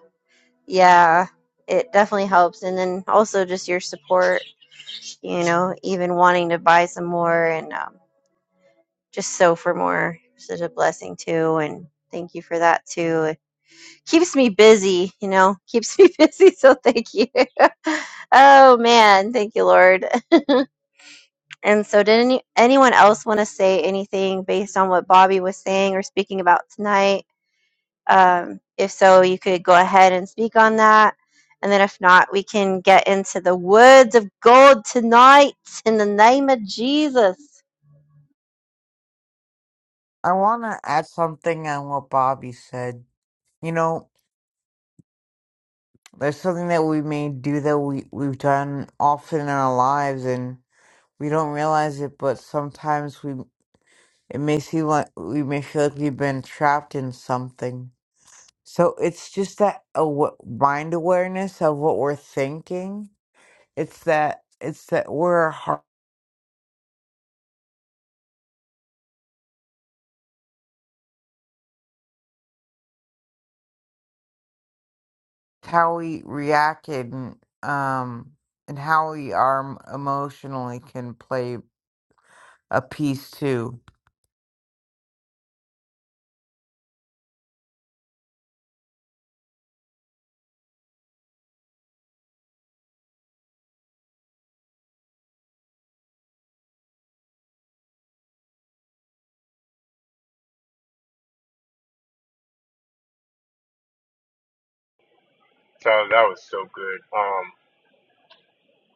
[SPEAKER 1] Yeah, it definitely helps. And then also just your support, you know, even wanting to buy some more and um, just so for more. Such a blessing too. And thank you for that too. It keeps me busy, you know, keeps me busy. So thank you. oh man, thank you, Lord. And so, did any, anyone else want to say anything based on what Bobby was saying or speaking about tonight? Um, if so, you could go ahead and speak on that. And then if not, we can get into the words of God tonight in the name of Jesus.
[SPEAKER 2] I want to add something on what Bobby said. You know, there's something that we may do that we, we've done often in our lives and we don't realize it, but sometimes we it may seem like we may feel like we've been trapped in something. So it's just that aw- mind awareness of what we're thinking. It's that it's that we're har- how we reacted and um and how we are m- emotionally can play a piece too.
[SPEAKER 4] So that was so good. Um,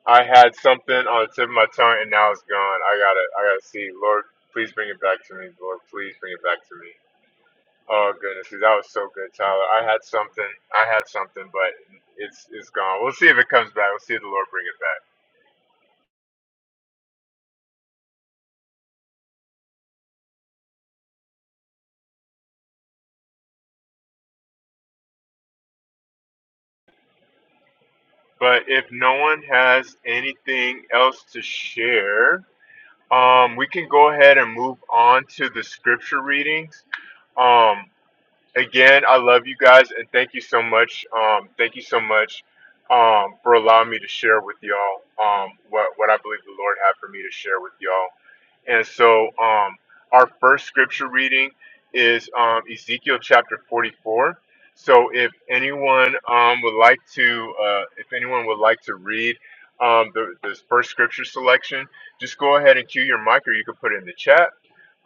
[SPEAKER 4] I had something on the tip of my tongue, and now it's gone. I gotta, I gotta see. Lord, please bring it back to me. Lord, please bring it back to me. Oh goodness, that was so good, Tyler. I had something. I had something, but it's it's gone. We'll see if it comes back. We'll see if the Lord bring it back. But if no one has anything else to share, um, we can go ahead and move on to the scripture readings. Um, again, I love you guys and thank you so much. Um, thank you so much um, for allowing me to share with y'all um, what, what I believe the Lord had for me to share with y'all. And so um, our first scripture reading is um, Ezekiel chapter 44. So if anyone um, would like to, uh, if anyone would like to read um, the, the first scripture selection, just go ahead and cue your mic, or you can put it in the chat.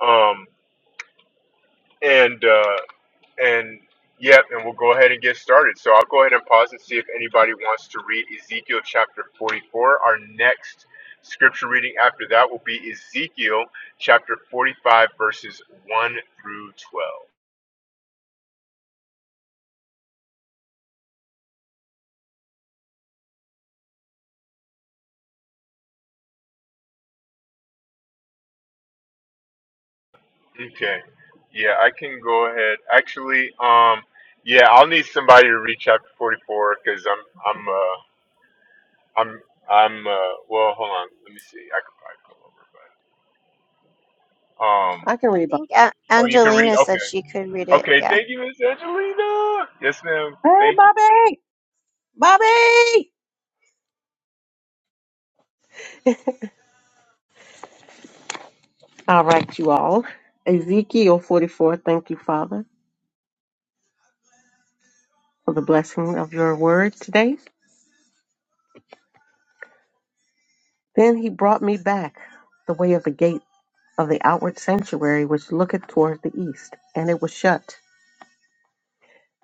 [SPEAKER 4] Um, and uh, and yep, and we'll go ahead and get started. So I'll go ahead and pause and see if anybody wants to read Ezekiel chapter 44. Our next scripture reading after that will be Ezekiel chapter 45, verses 1 through 12. Okay. Yeah, I can go ahead. Actually, um, yeah, I'll need somebody to read chapter 44 because I'm, I'm, uh, I'm, I'm, uh, well, hold on. Let me see. I could probably pull over, but, um,
[SPEAKER 5] I can
[SPEAKER 1] I
[SPEAKER 5] read Bobby.
[SPEAKER 1] think A-
[SPEAKER 4] oh, you can read?
[SPEAKER 1] Angelina
[SPEAKER 4] Okay.
[SPEAKER 1] said she could read it.
[SPEAKER 4] Okay,
[SPEAKER 1] Yeah.
[SPEAKER 4] thank you, Miss Angelina. Yes, ma'am.
[SPEAKER 5] Hey,
[SPEAKER 4] Thank you.
[SPEAKER 5] Bobby! Bobby! All right, you all. Ezekiel 44, thank you, Father, for the blessing of your word today. Then he brought me back the way of the gate of the outward sanctuary, which looketh toward the east, and it was shut.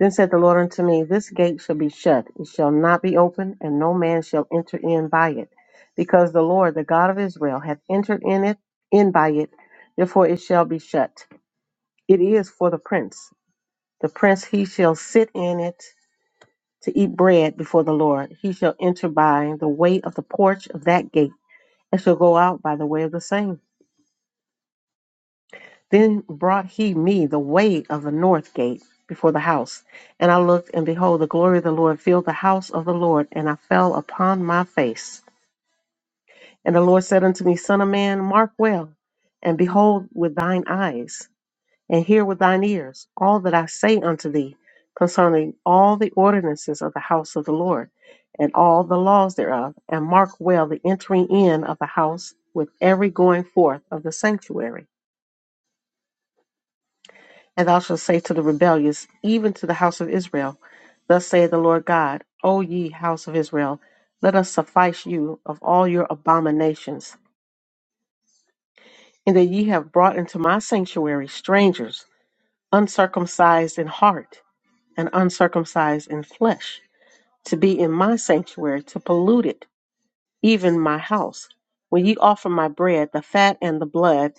[SPEAKER 5] Then said the Lord unto me, This gate shall be shut, it shall not be open, and no man shall enter in by it, because the Lord, the God of Israel, hath entered in it in by it, therefore it shall be shut. It is for the prince The prince he shall sit in it to eat bread before the Lord. He shall enter by the way of the porch of that gate, and shall go out by the way of the same. Then brought he me the way of the north gate before the house. And I looked, and behold, the glory of the Lord filled the house of the Lord, and I fell upon my face. And the Lord said unto me, Son of man, mark well, and behold with thine eyes. and hear with thine ears all that I say unto thee concerning all the ordinances of the house of the Lord, and all the laws thereof, and mark well the entering in of the house with every going forth of the sanctuary. And thou shalt say to the rebellious, even to the house of Israel, Thus saith the Lord God, O ye house of Israel, let us suffice you of all your abominations, in that ye have brought into my sanctuary strangers, uncircumcised in heart and uncircumcised in flesh, to be in my sanctuary, to pollute it, even my house. When ye offer my bread, the fat and the blood,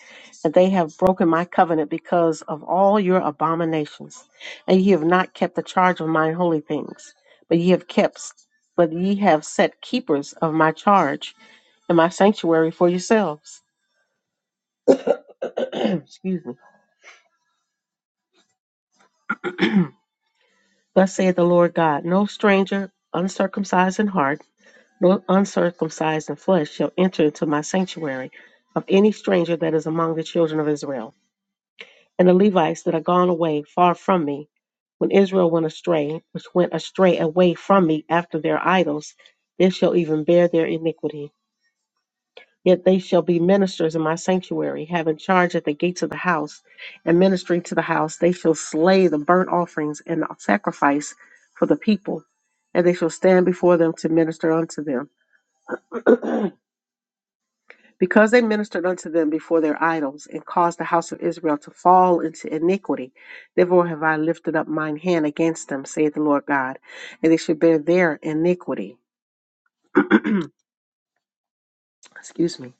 [SPEAKER 5] and they have broken my covenant because of all your abominations, and ye have not kept the charge of mine holy things, but ye have kept, but ye have set keepers of my charge in my sanctuary for yourselves. Excuse me. Thus saith the Lord God, no stranger, uncircumcised in heart No uncircumcised in flesh shall enter into my sanctuary of any stranger that is among the children of Israel. And the Levites that are gone away far from me, when Israel went astray, which went astray away from me after their idols, they shall even bear their iniquity. Yet they shall be ministers in my sanctuary, having charge at the gates of the house, and ministering to the house, they shall slay the burnt offerings and the sacrifice for the people, and they shall stand before them to minister unto them. Because they ministered unto them before their idols, and caused the house of Israel to fall into iniquity, therefore have I lifted up mine hand against them, saith the Lord God, and they shall bear their iniquity. Excuse me.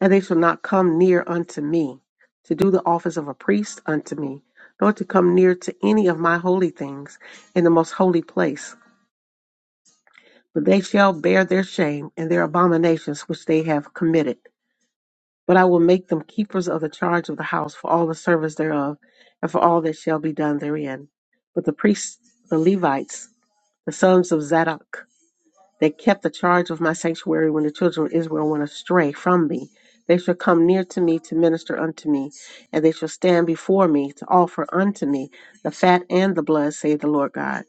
[SPEAKER 5] And they shall not come near unto me, to do the office of a priest unto me, nor to come near to any of my holy things in the most holy place. But they shall bear their shame and their abominations which they have committed. But I will make them keepers of the charge of the house for all the service thereof, and for all that shall be done therein. But the priests, the Levites, the sons of Zadok, they kept the charge of my sanctuary when the children of Israel went astray from me. They shall come near to me to minister unto me, and they shall stand before me to offer unto me the fat and the blood, saith the Lord God.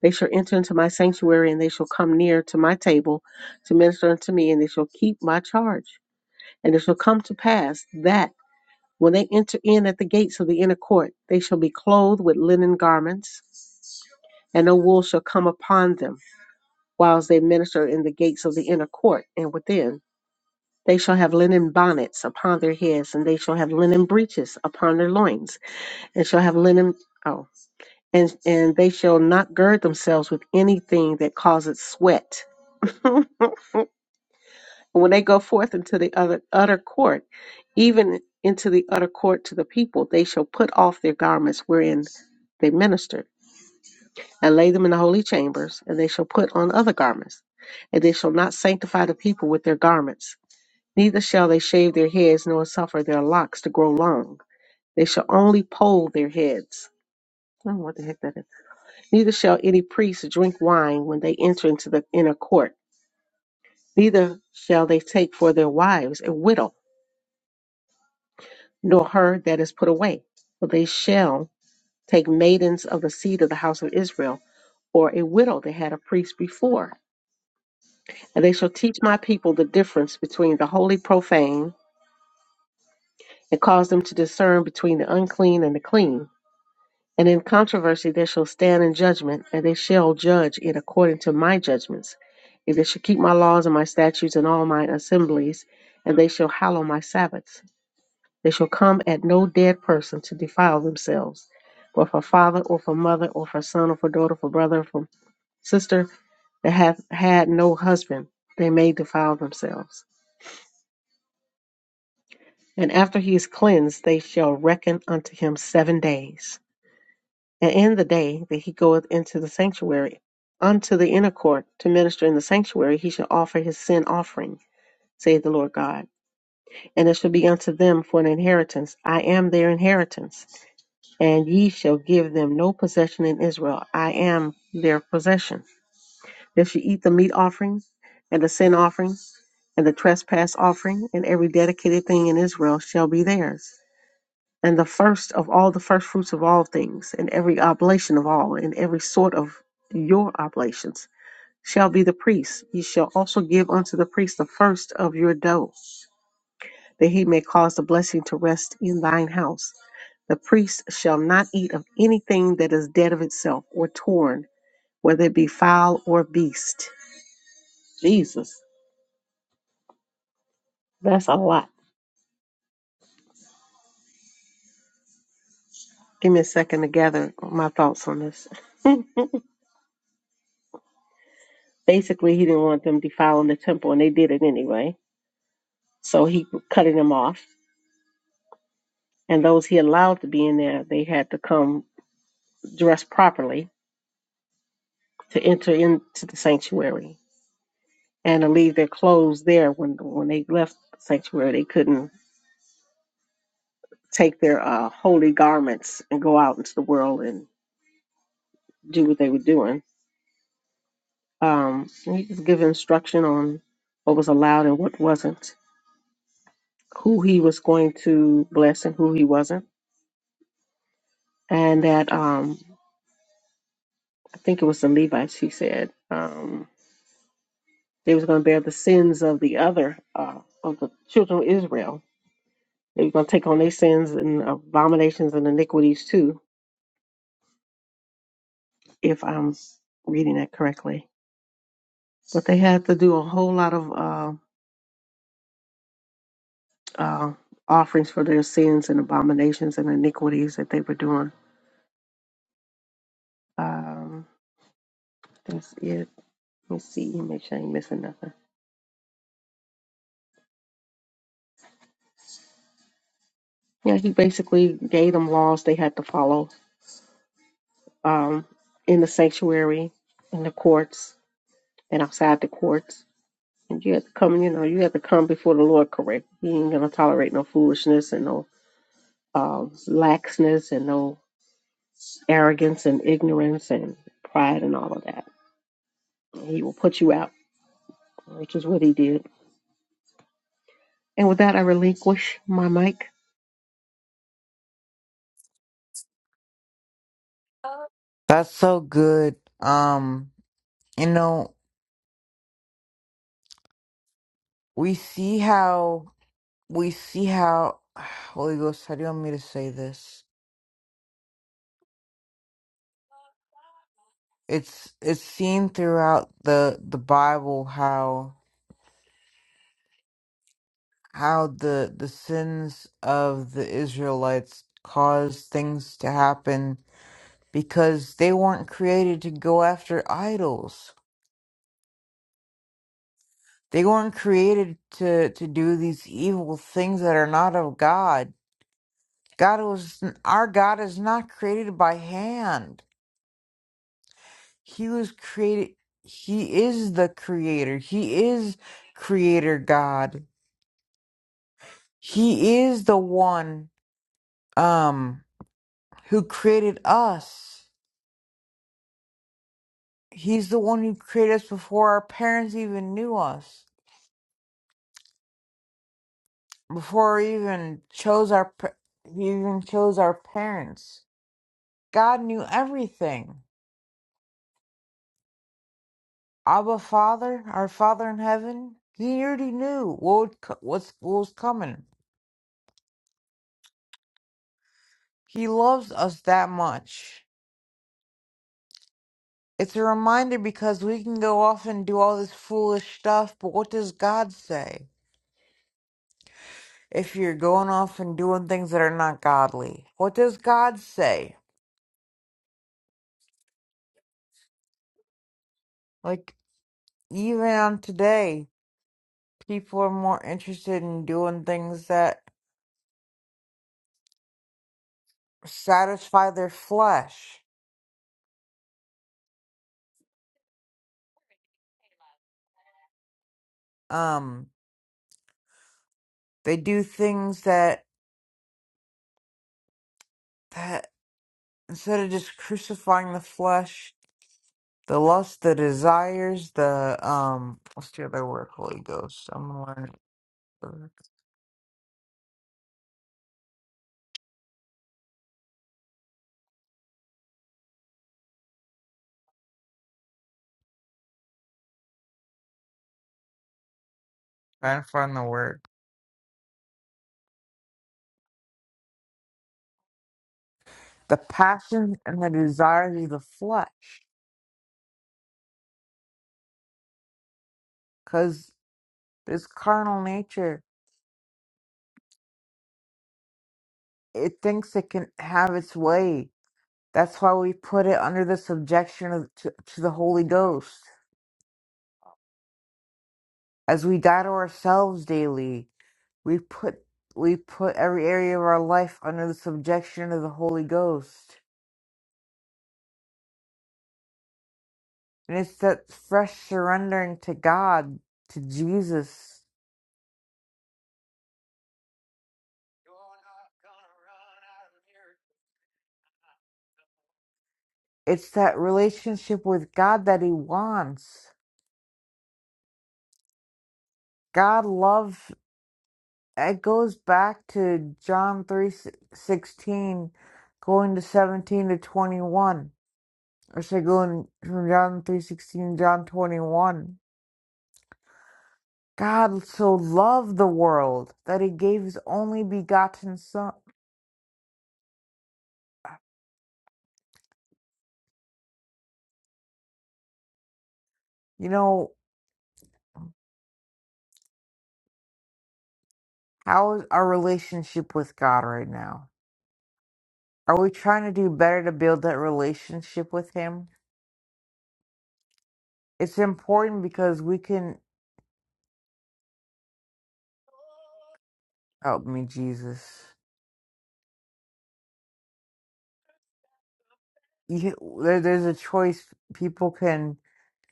[SPEAKER 5] They shall enter into my sanctuary, and they shall come near to my table to minister unto me, and they shall keep my charge. And it shall come to pass that when they enter in at the gates of the inner court, they shall be clothed with linen garments, and no wool shall come upon them, whilst they minister in the gates of the inner court and within. They shall have linen bonnets upon their heads, and they shall have linen breeches upon their loins, and shall have linen oh, and and they shall not gird themselves with anything that causes sweat. when they go forth into the other utter court, even into the utter court to the people, they shall put off their garments wherein they ministered and lay them in the holy chambers, and they shall put on other garments. And they shall not sanctify the people with their garments, neither shall they shave their heads, nor suffer their locks to grow long. They shall only poll their heads. I don't know what the heck that is. Neither shall any priest drink wine when they enter into the inner court, neither shall they take for their wives a widow, nor her that is put away. For they shall take maidens of the seed of the house of Israel, or a widow that had a priest before And they shall teach my people the difference between the holy profane, and cause them to discern between the unclean and the clean. And in controversy they shall stand in judgment, and they shall judge it according to my judgments. And they shall keep my laws and my statutes in all mine assemblies, and they shall hallow my Sabbaths. They shall come at no dead person to defile themselves, but for father or for mother or for son or for daughter, for brother or for sister that hath had no husband, they may defile themselves And after he is cleansed, they shall reckon unto him seven days. And in the day that he goeth into the sanctuary, unto the inner court, to minister in the sanctuary, he shall offer his sin offering, saith the Lord God. And it shall be unto them for an inheritance. I am their inheritance. And ye shall give them no possession in Israel. I am their possession. They shall eat the meat offering, and the sin offering, and the trespass offering, and every dedicated thing in Israel shall be theirs and the first of all the first fruits of all things, and every oblation of all, and every sort of your oblations shall be the priest. Ye shall also give unto the priest the first of your dough, that he may cause the blessing to rest in thine house. The priest shall not eat of anything that is dead of itself or torn, whether it be fowl or beast. Jesus, that's a lot. Give me a second to gather my thoughts on this. Basically, he didn't want them defiling the temple, and they did it anyway So he cutting them off. And those he allowed to be in there, they had to come dressed properly to enter into the sanctuary and to leave their clothes there. When when they left the sanctuary, they couldn't take their uh, holy garments and go out into the world and do what they were doing. Um, and he just gave instruction on what was allowed and what wasn't, who he was going to bless and who he wasn't, and that um, I think it was the Levites. He said. Um, They was going to bear the sins of the other uh, of the children of Israel. They were going to take on their sins and abominations and iniquities too, if I'm reading that correctly. But they had to do a whole lot of uh, uh, offerings for their sins and abominations and iniquities that they were doing. Um, that's it. Let me see. Make sure I ain't missing nothing. Yeah, he basically gave them laws they had to follow um, in the sanctuary, in the courts, and outside the courts And you have to come, you know, you have to come before the Lord correct. He ain't gonna tolerate no foolishness and no um, laxness and no arrogance and ignorance and pride and all of that. He will put you out, which is what he did. And with that, I relinquish my mic.
[SPEAKER 2] That's so good. Um, you know, we see how we see how Holy Ghost, how do you want me to say this? It's it's seen throughout the the Bible how how the the sins of the Israelites caused things to happen because they weren't created to go after idols. They weren't created to to do these evil things that are not of God God was our God is not created by hand. He was created he is the creator. He is creator God. He is the one um who created us. He's the one who created us before our parents even knew us. Before we even chose our pa- we even chose our parents. God knew everything. Abba Father, our Father in heaven, he already knew what would co- what's, what was coming. He loves us that much. It's a reminder because we can go off and do all this foolish stuff, but what does God say? If you're going off and doing things that are not godly, what does God say? Like, even on today, people are more interested in doing things that satisfy their flesh. Um, they do things that instead of just crucifying the flesh, the lust, the desires, the um, what's the other word? Holy Ghost. I'm gonna learn- trying to find the word. The passions and the desires of the flesh, because this carnal nature, it thinks it can have its way. That's why we put it under the subjection of, to, to the Holy Ghost. As we die to ourselves daily, we put we put every area of our life under the subjection of the Holy Ghost And it's that fresh surrendering to God, to Jesus. It's that relationship with God that he wants. God love it goes back to John 3:16 going to 17 to 21. Or say going from John 3:16 to John 21. God so loved the world that he gave his only begotten son. You know, how is our relationship with God right now? Are we trying to do better to build that relationship with Him? It's important because we can. Oh, I mean, Jesus. You, there, there's a choice. People can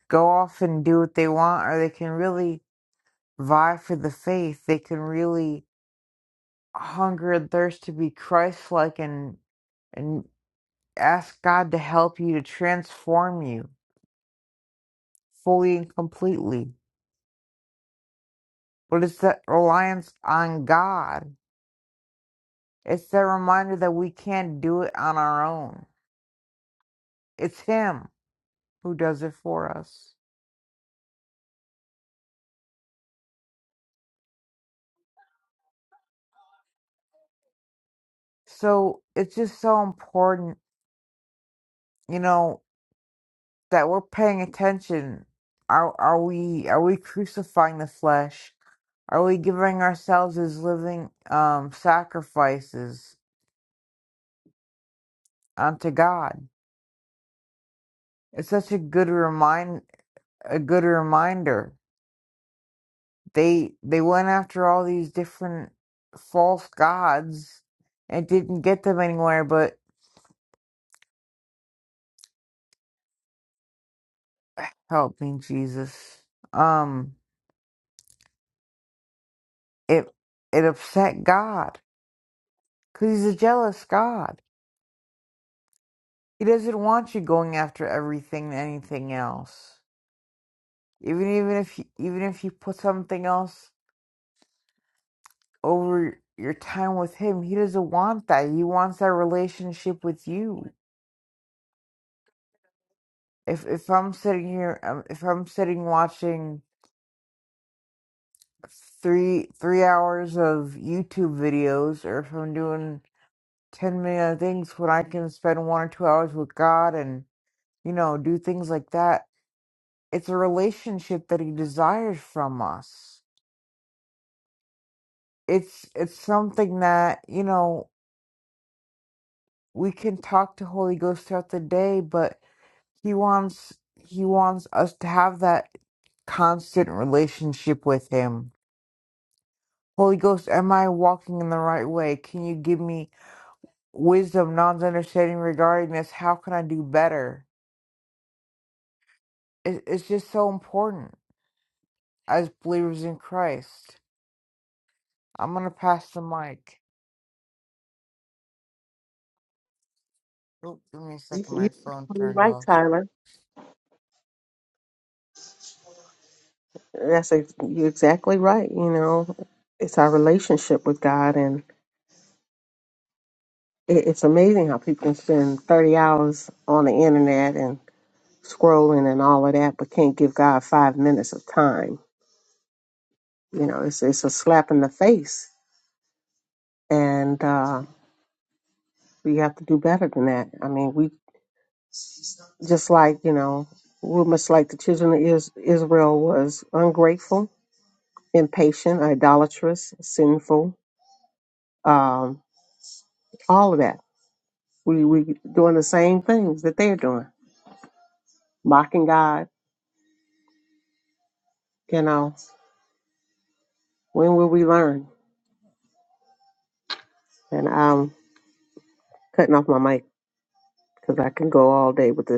[SPEAKER 2] go off and do what they want, or they can really vie for the faith. They can really hunger and thirst to be Christ-like and and ask God to help you to transform you fully and completely. But it's that reliance on God. It's the reminder that we can't do it on our own It's Him who does it for us. So it's just so important, you know, that we're paying attention. Are are we are we crucifying the flesh? Are we giving ourselves as living um, sacrifices unto God? It's such a good remind a good reminder. They they went after all these different false gods and didn't get them anywhere. But help me, Jesus. Um, It it upset God because he's a jealous God. He doesn't want you going after everything and anything else. Even even if you, even if you put something else over your time with him, he doesn't want that. He wants that relationship with you. If if I'm sitting here, um, if I'm sitting watching three three hours of YouTube videos, or if I'm doing ten million other things, when I can spend one or two hours with God and you know do things like that, it's a relationship that he desires from us it's it's something that you know we can talk to holy ghost throughout the day but he wants he wants us to have that constant relationship with him holy ghost am i walking in the right way can you give me wisdom knowledge understanding regarding this how can i do better it, it's just so important as believers in christ i'm gonna pass the mic oh, give me a
[SPEAKER 5] You,
[SPEAKER 2] second my
[SPEAKER 5] you-
[SPEAKER 2] phone
[SPEAKER 5] you're
[SPEAKER 2] turned
[SPEAKER 5] right,
[SPEAKER 2] off
[SPEAKER 5] Tyler. That's ex- you're exactly right. You know, it's our relationship with God, and it, it's amazing how people can spend 30 hours on the internet and scrolling and all of that, but can't give God five minutes of time You know, it's it's a slap in the face, and uh, we have to do better than that. I mean, we just like you know, we're much like the children of Is- Israel was ungrateful, impatient, idolatrous, sinful, um, all of that. We we doing the same things that they're doing, mocking God. You know, when will we learn? And I'm cutting off my mic because I can go all day with this.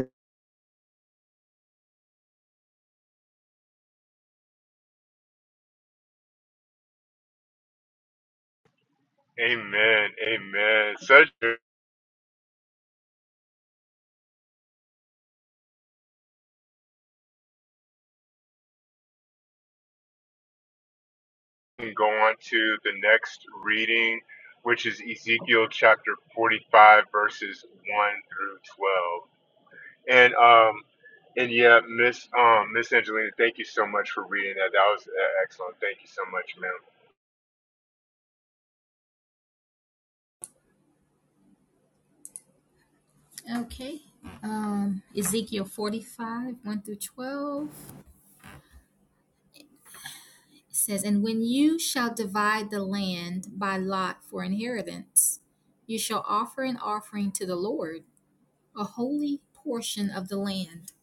[SPEAKER 4] Amen. Amen. Such go on to the next reading, which is Ezekiel chapter 45, verses 1 through 12. And um and yeah, Miss um Miss Angelina, thank you so much for reading that. That was uh, excellent. Thank you so much, ma'am.
[SPEAKER 3] Okay. Um, Ezekiel 45, 1 through 12 it says, And when you shall divide the land by lot for inheritance, you shall offer an offering to the Lord, a holy portion of the land.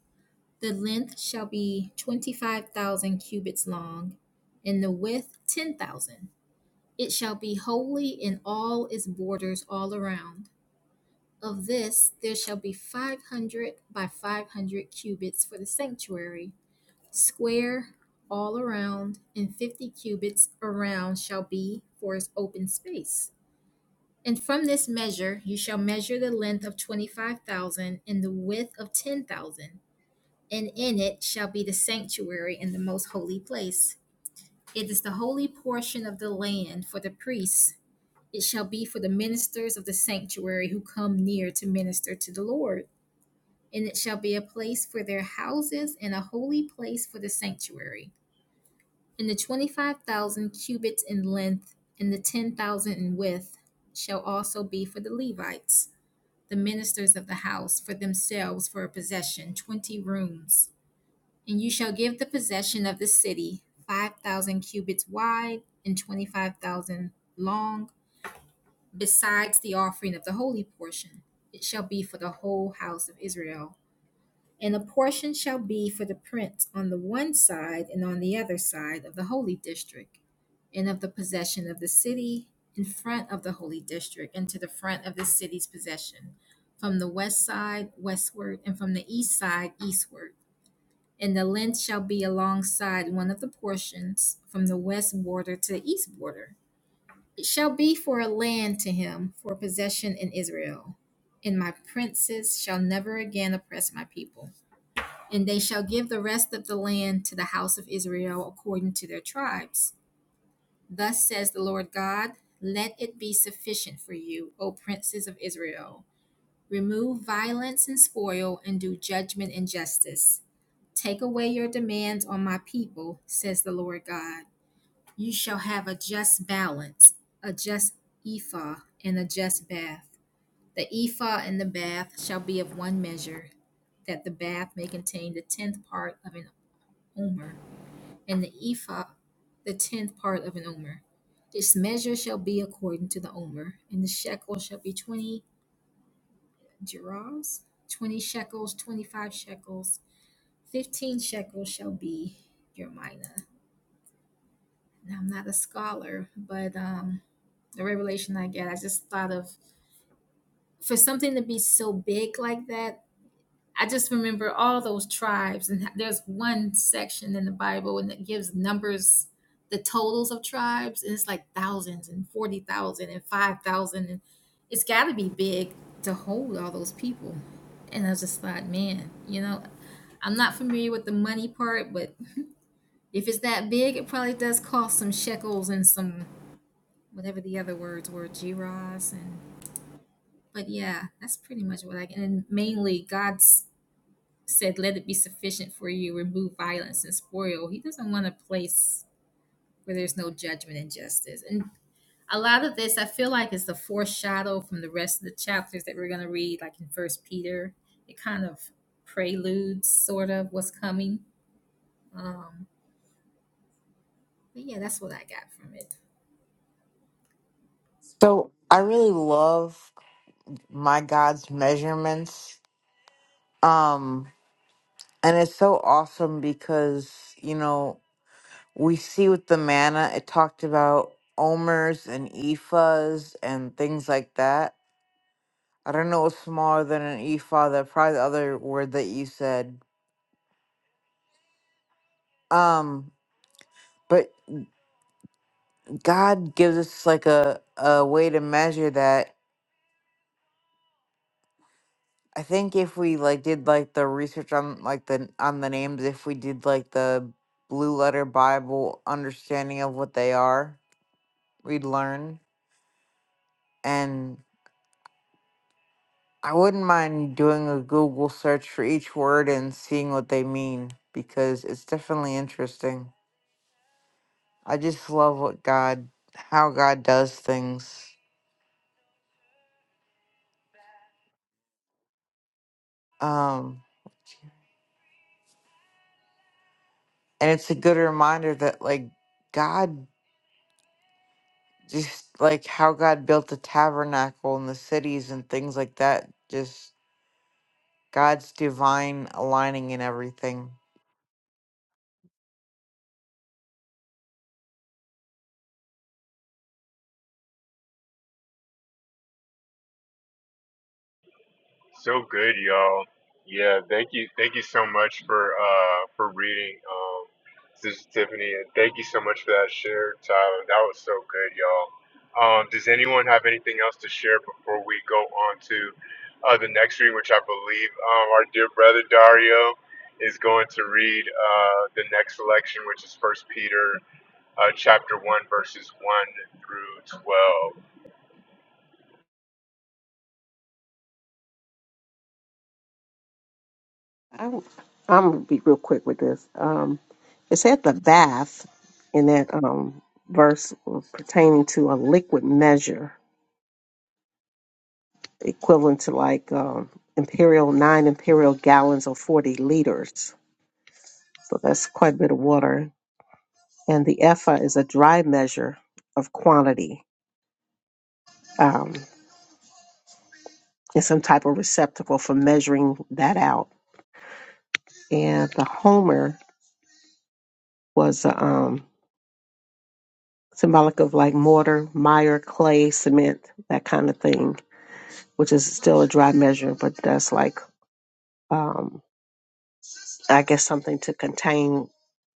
[SPEAKER 3] The length shall be 25,000 cubits long, and the width 10,000. It shall be holy in all its borders all around. Of this there shall be 500 by 500 cubits for the sanctuary square all around and fifty cubits around shall be for its open space. And from this measure you shall measure the length of twenty five thousand and the width of ten thousand, and in it shall be the sanctuary and the most holy place. It is the holy portion of the land for the priests. It shall be for the ministers of the sanctuary who come near to minister to the Lord. And it shall be a place for their houses and a holy place for the sanctuary And the twenty-five thousand cubits in length, and the ten thousand in width, shall also be for the Levites, the ministers of the house, for themselves for a possession, twenty rooms. And you shall give the possession of the city five thousand cubits wide and twenty-five thousand long, besides the offering of the holy portion. It shall be for the whole house of Israel. And a portion shall be for the prince on the one side and on the other side of the holy district, and of the possession of the city in front of the holy district, and to the front of the city's possession, from the west side westward, and from the east side eastward. And the length shall be alongside one of the portions, from the west border to the east border. It shall be for a land to him for possession in Israel, and my princes shall never again oppress my people and they shall give the rest of the land to the house of Israel according to their tribes. Thus says the Lord God, let it be sufficient for you, O princes of Israel. Remove violence and spoil, and do judgment and justice. Take away your demands on my people, says the Lord God. You shall have a just balance, a just ephah, and a just bath. The ephah and the bath shall be of one measure, that the bath may contain the tenth part of an omer, and the ephah the tenth part of an omer. This measure shall be according to the omer, and the shekel shall be twenty gerahs, twenty shekels, twenty-five shekels, fifteen shekels shall be your mina. Now I'm not a scholar, but um, the revelation I get, I just thought of for something to be so big like that. I just remember all those tribes, and there's one section in the Bible and it gives numbers, the totals of tribes, and it's like thousands and forty thousand and five thousand, and it's got to be big to hold all those people. And I was just like, man, you know, I'm not familiar with the money part, but if it's that big, it probably does cost some shekels and some whatever the other words were, giras and. But yeah, that's pretty much what I get. And mainly God's said, Let it be sufficient for you, remove violence and spoil. He doesn't want a place where there's no judgment and justice. And a lot of this I feel like is the foreshadow from the rest of the chapters that we're gonna read, like in First Peter. It kind of preludes sort of what's coming. Um but yeah, that's what I got from it.
[SPEAKER 2] So I really love my God's measurements. Um and it's so awesome because, you know, we see with the manna it talked about omers and ephahs and things like that. I don't know what's smaller than an ephah, that probably the other word that you said. Um, but God gives us like a, a way to measure that I think if we like did like the research on like the on the names, if we did like the blue letter Bible understanding of what they are, we'd learn. And I wouldn't mind doing a Google search for each word and seeing what they mean because it's definitely interesting. I just love what God how God does things. Um and it's a good reminder that like God just like how God built the tabernacle and the cities and things like that. Just God's divine aligning and everything.
[SPEAKER 4] So good, y'all. Yeah, thank you, thank you so much for uh for reading, um, Sister Tiffany, and thank you so much for that share, Tyler. That was so good, y'all. Um, does anyone have anything else to share before we go on to uh, the next reading, which I believe um, our dear brother Dario is going to read uh, the next selection, which is First Peter uh, chapter one verses one through 12.
[SPEAKER 5] I'm, I'm gonna be real quick with this. Um, it's at the bath in that um, verse was pertaining to a liquid measure equivalent to like um, imperial nine imperial gallons or 40 liters. So that's quite a bit of water. And the ephah is a dry measure of quantity. Um, it's some type of receptacle for measuring that out. And the homer was a um, symbolic of like mortar, mire, clay, cement, that kind of thing, which is still a dry measure, but that's like, um, I guess something to contain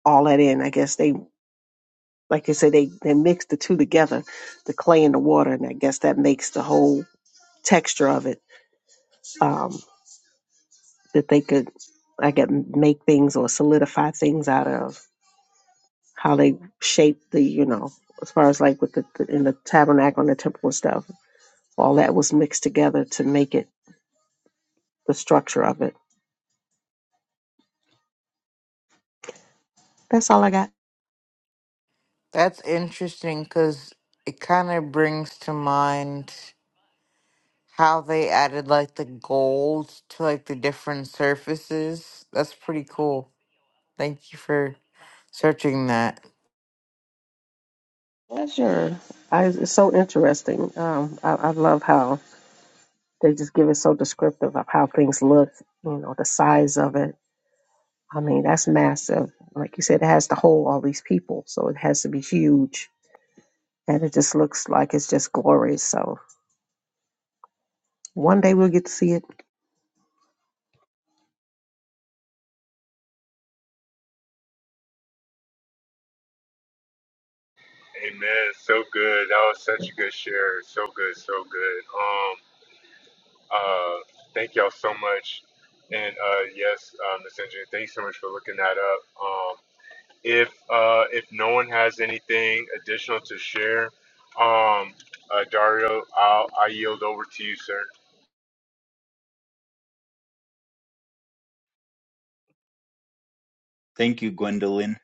[SPEAKER 5] all that in. I guess they, like you said, they, they mix the two together, the clay and the water, and I guess that makes the whole texture of it, um, that they could, I guess, make things or solidify things out of how they shape the, you know, as far as like with the, the in the tabernacle and the temple and stuff, all that was mixed together to make it the structure of it. That's all I got.
[SPEAKER 2] That's interesting because it kind of brings to mind how they added like the gold to like the different surfaces. That's pretty cool. Thank you for searching that.
[SPEAKER 5] Yeah, Sure, I, it's so interesting. Um, I, I love how they just give it so descriptive of how things look, you know, the size of it. I mean, that's massive. Like you said, it has to hold all these people, so it has to be huge. And it just looks like it's just glorious. So one day we'll get to see it
[SPEAKER 4] Amen. So good. That was such a good share. So good. So good. Um. Uh. Thank y'all so much. And uh, yes, uh, Miss Andrea, thank you so much for looking that up. Um. If uh, if no one has anything additional to share, um, uh, Dario, I'll I yield over to you, sir.
[SPEAKER 6] Thank you, Gwendolyn.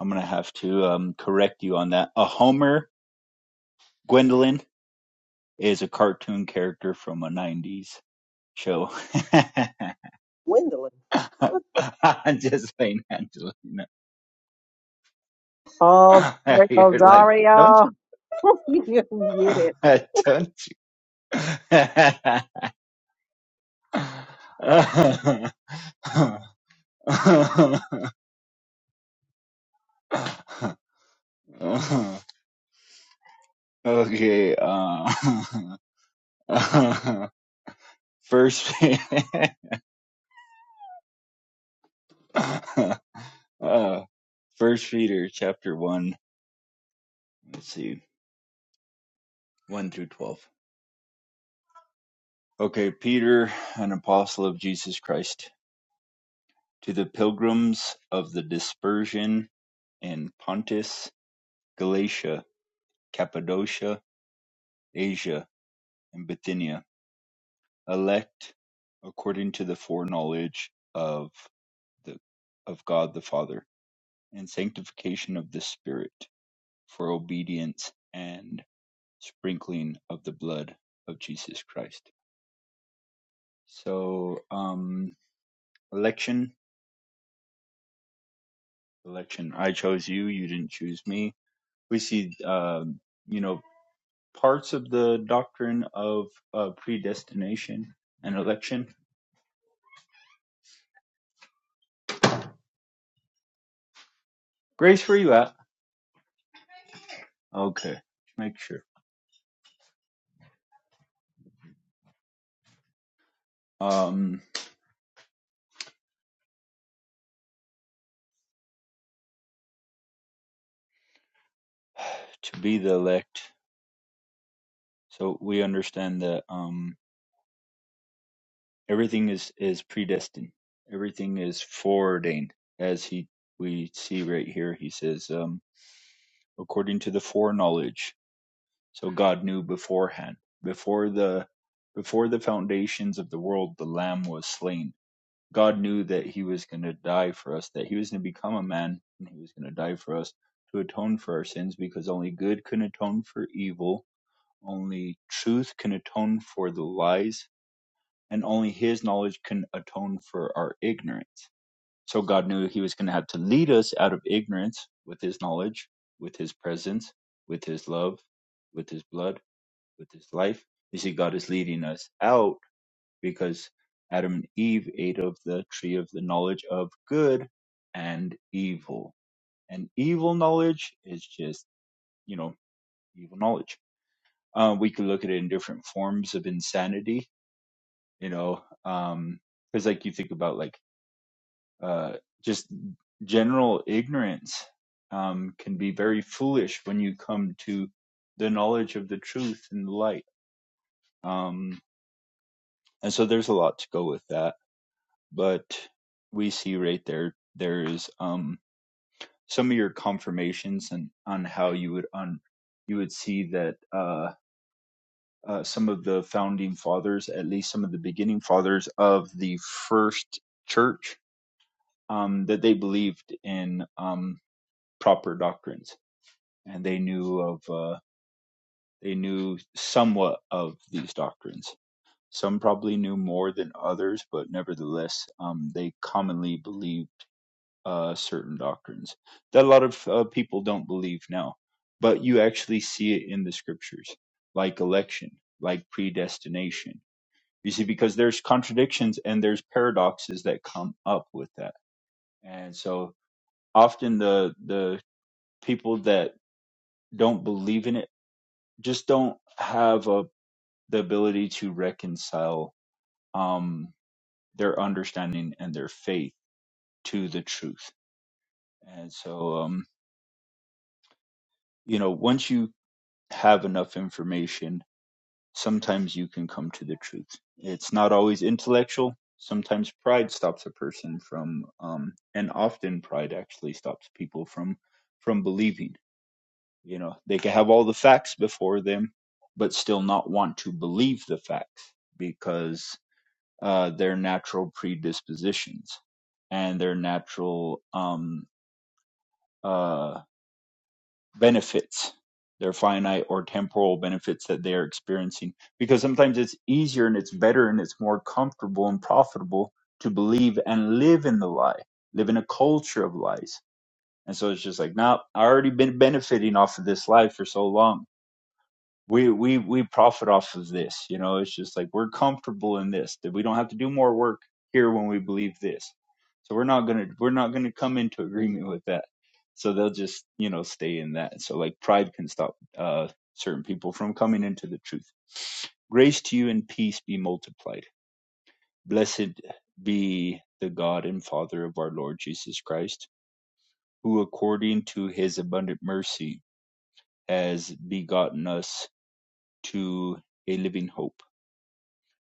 [SPEAKER 6] I'm gonna have to um, correct you on that. A Homer Gwendolyn is a cartoon character from a '90s show.
[SPEAKER 5] Gwendolyn. What the?
[SPEAKER 6] I'm just saying, Angelina.
[SPEAKER 5] Oh, there goes
[SPEAKER 6] You're like, don't
[SPEAKER 5] Dario. you get it.
[SPEAKER 6] you? don't you? okay. Uh, first. Uh, First Peter chapter one. Let's see, one through twelve. Okay, Peter, an apostle of Jesus Christ, to the pilgrims of the dispersion in Pontus, Galatia, Cappadocia, Asia, and Bithynia, elect according to the foreknowledge of the of God the Father, and sanctification of the Spirit for obedience and sprinkling of the blood of Jesus Christ. So, um, election, election. I chose you. You didn't choose me. We see, um, you know, parts of the doctrine of uh, predestination and election. Grace, where you at? Okay, make sure. Um, to be the elect. So we understand that um, everything is is predestined. Everything is foreordained, as he we see right here. He says, um, according to the foreknowledge. So God knew beforehand, before the before the foundations of the world, the Lamb was slain. God knew that He was going to die for us, that He was going to become a man, and He was going to die for us to atone for our sins, because only good can atone for evil, only truth can atone for the lies, and only His knowledge can atone for our ignorance. So God knew He was going to have to lead us out of ignorance with His knowledge, with His presence, with His love, with His blood with his life. You see, God is leading us out because Adam and Eve ate of the tree of the knowledge of good and evil. And evil knowledge is just, you know, evil knowledge. Uh, we could look at it in different forms of insanity, you know, um, because like you think about like uh, just general ignorance um, can be very foolish when you come to the knowledge of the truth and the light. Um, and so there's a lot to go with that but we see right there there is um some of your confirmations and on how you would on you would see that uh, uh some of the founding fathers at least some of the beginning fathers of the first church um that they believed in um proper doctrines and they knew of uh they knew somewhat of these doctrines some probably knew more than others but nevertheless um they commonly believed uh, certain doctrines that a lot of uh, people don't believe now. But you actually see it in the scriptures, like election, like predestination. You see, because there's contradictions and there's paradoxes that come up with that. And so often the the people that don't believe in it just don't have a, the ability to reconcile um, their understanding and their faith to the truth. And so, um, you know, once you have enough information, sometimes you can come to the truth. It's not always intellectual. Sometimes pride stops a person from, um, and often pride actually stops people from, from believing. You know, they can have all the facts before them, but still not want to believe the facts because uh, their natural predispositions and their natural um, uh, benefits, their finite or temporal benefits that they are experiencing. Because sometimes it's easier and it's better and it's more comfortable and profitable to believe and live in the lie, live in a culture of lies. And so it's just like, nah, I already been benefiting off of this lie for so long we we we profit off of this you know it's just like we're comfortable in this that we don't have to do more work here when we believe this so we're not gonna we're not gonna come into agreement with that so they'll just you know stay in that so like pride can stop uh certain people from coming into the truth grace to you and peace be multiplied blessed be the god and father of our lord jesus christ who according to his abundant mercy has begotten us to a living hope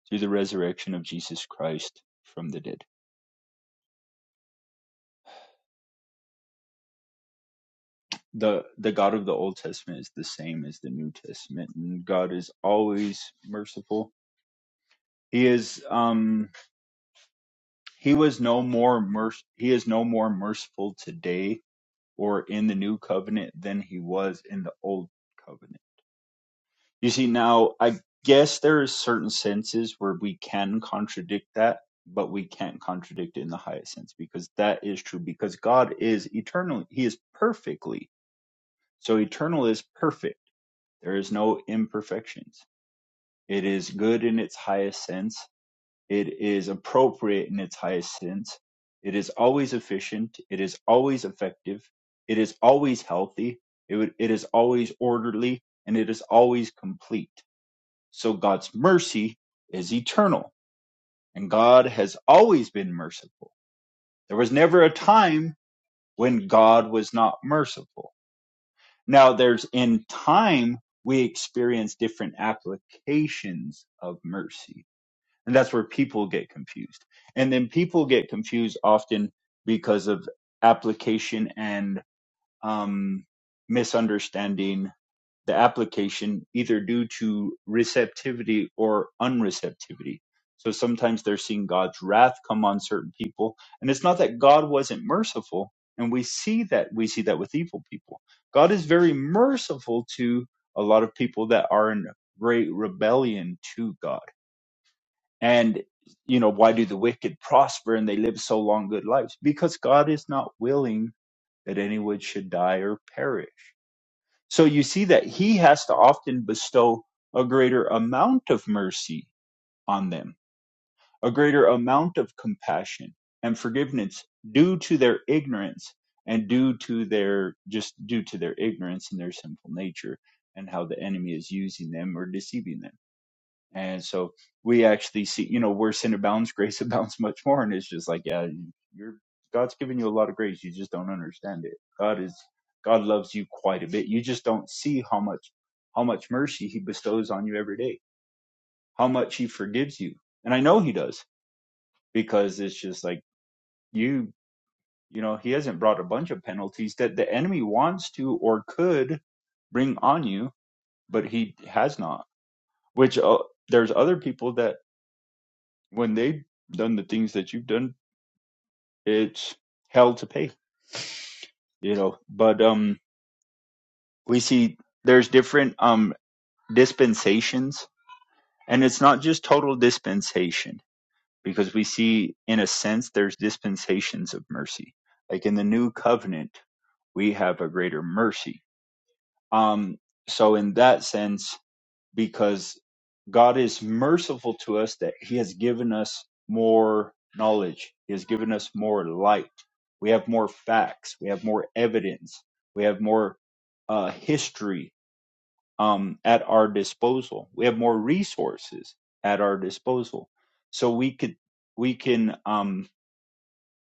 [SPEAKER 6] through the resurrection of Jesus Christ from the dead. The the God of the Old Testament is the same as the New Testament, and God is always merciful. He is um he was no more merc he is no more merciful today or in the new covenant than he was in the old covenant. You see now I guess there is certain senses where we can contradict that, but we can't contradict it in the highest sense because that is true because God is eternally he is perfectly So eternal is perfect. There is no imperfections. It is good in its highest sense. It is appropriate in its highest sense. It is always efficient. It is always effective. It is always healthy. It, would- it is always orderly and it is always complete. So God's mercy is eternal and God has always been merciful. There was never a time when God was not merciful Now, there's in time, we experience different applications of mercy. And that's where people get confused. And then people get confused often because of application and um, misunderstanding the application either due to receptivity or unreceptivity. So sometimes they're seeing God's wrath come on certain people. And it's not that God wasn't merciful. And we see that, we see that with evil people. God is very merciful to a lot of people that are in great rebellion to God. And, you know, why do the wicked prosper and they live so long good lives? Because God is not willing that anyone should die or perish. So you see that he has to often bestow a greater amount of mercy on them, a greater amount of compassion and forgiveness due to their ignorance and due to their just due to their ignorance and their sinful nature and how the enemy is using them or deceiving them. And so we actually see, you know, where sin abounds, grace abounds much more. And it's just like, yeah, you're God's giving you a lot of grace. You just don't understand it. God is God loves you quite a bit. You just don't see how much how much mercy he bestows on you every day. How much he forgives you. And I know he does because it's just like you, you know, he hasn't brought a bunch of penalties that the enemy wants to or could bring on you, but he has not. Which uh, there's other people that when they've done the things that you've done, it's hell to pay, you know. But um, we see there's different um dispensations, and it's not just total dispensation because we see, in a sense, there's dispensations of mercy. Like in the new covenant, we have a greater mercy. Um, so in that sense, because God is merciful to us that He has given us more knowledge. He has given us more light. We have more facts. We have more evidence. We have more uh, history um, at our disposal. We have more resources at our disposal. So we could we can um,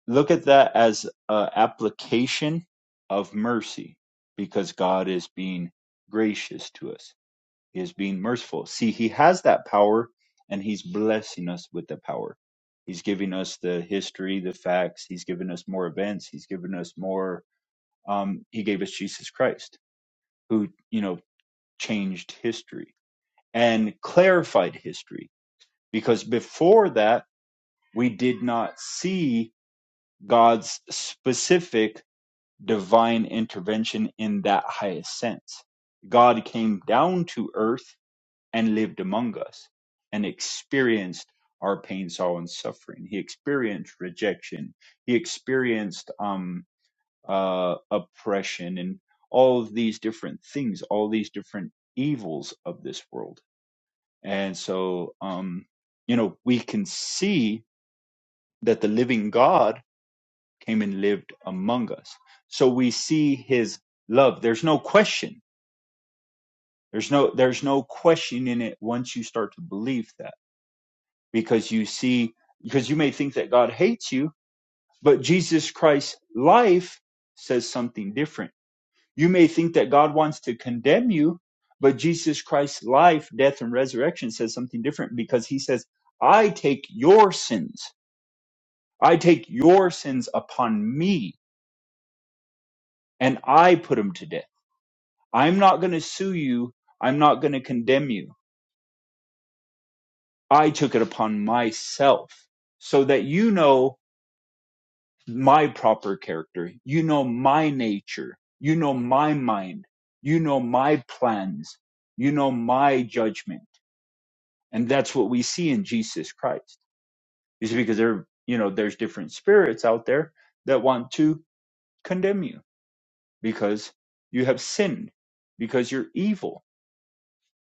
[SPEAKER 6] look at that as an application of mercy because God is being gracious to us he is being merciful. See, he has that power and he's blessing us with the power. He's giving us the history, the facts. He's given us more events. He's given us more. Um, he gave us Jesus Christ, who, you know, changed history and clarified history. Because before that, we did not see God's specific divine intervention in that highest sense. God came down to earth and lived among us and experienced our pain, sorrow, and suffering. He experienced rejection. He experienced um, uh, oppression and all of these different things, all these different evils of this world. And so, um, you know, we can see that the living God came and lived among us. So we see his love. There's no question. There's no, there's no question in it once you start to believe that because you see because you may think that God hates you, but Jesus Christ's life says something different. You may think that God wants to condemn you, but Jesus Christ's life, death and resurrection says something different because he says, "I take your sins. I take your sins upon me and I put them to death. I'm not going to sue you. I'm not going to condemn you. I took it upon myself so that you know my proper character. You know my nature. You know my mind. You know my plans. You know my judgment. And that's what we see in Jesus Christ. You see, because there, you know, there's different spirits out there that want to condemn you because you have sinned, because you're evil.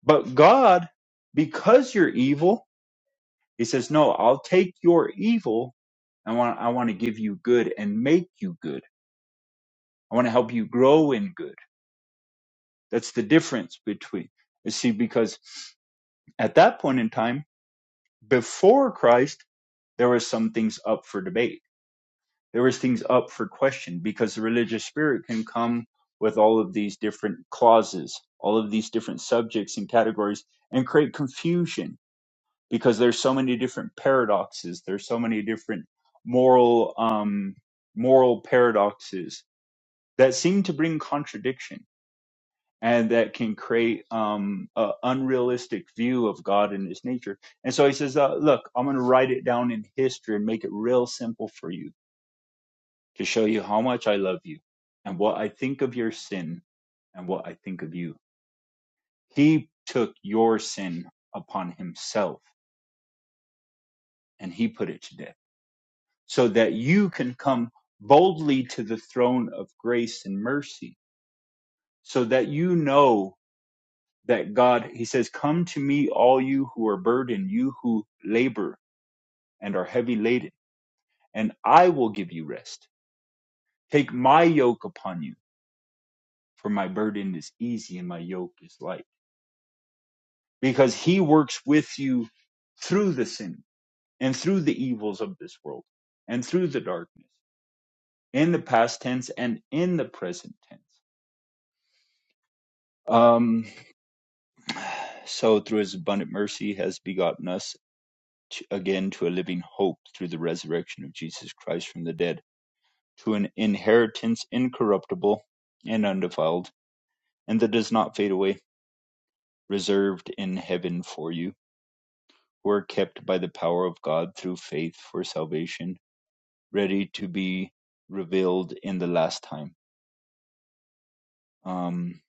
[SPEAKER 6] But God, because you're evil, He says, no, I'll take your evil. I want, I want to give you good and make you good. I want to help you grow in good. That's the difference between, you see, because at that point in time, before Christ, there were some things up for debate. There was things up for question because the religious spirit can come with all of these different clauses, all of these different subjects and categories and create confusion because there's so many different paradoxes. There's so many different moral, um, moral paradoxes that seem to bring contradiction and that can create um, an unrealistic view of God and His nature. And so he says, uh, "Look, I'm going to write it down in history and make it real simple for you to show you how much I love you and what I think of your sin and what I think of you." He took your sin upon himself and he put it to death, so that you can come boldly to the throne of grace and mercy, so that you know. that God, he says, Come to me, all you who are burdened, you who labor and are heavy laden, and I will give you rest. Take my yoke upon you, for my burden is easy and my yoke is light. Because he works with you through the sin and through the evils of this world and through the darkness in the past tense and in the present tense. Um, so through his abundant mercy has begotten us to, again to a living hope through the resurrection of Jesus Christ from the dead to an inheritance incorruptible and undefiled, and that does not fade away, reserved in heaven for you, who are kept by the power of God through faith for salvation, ready to be revealed in the last time. Um,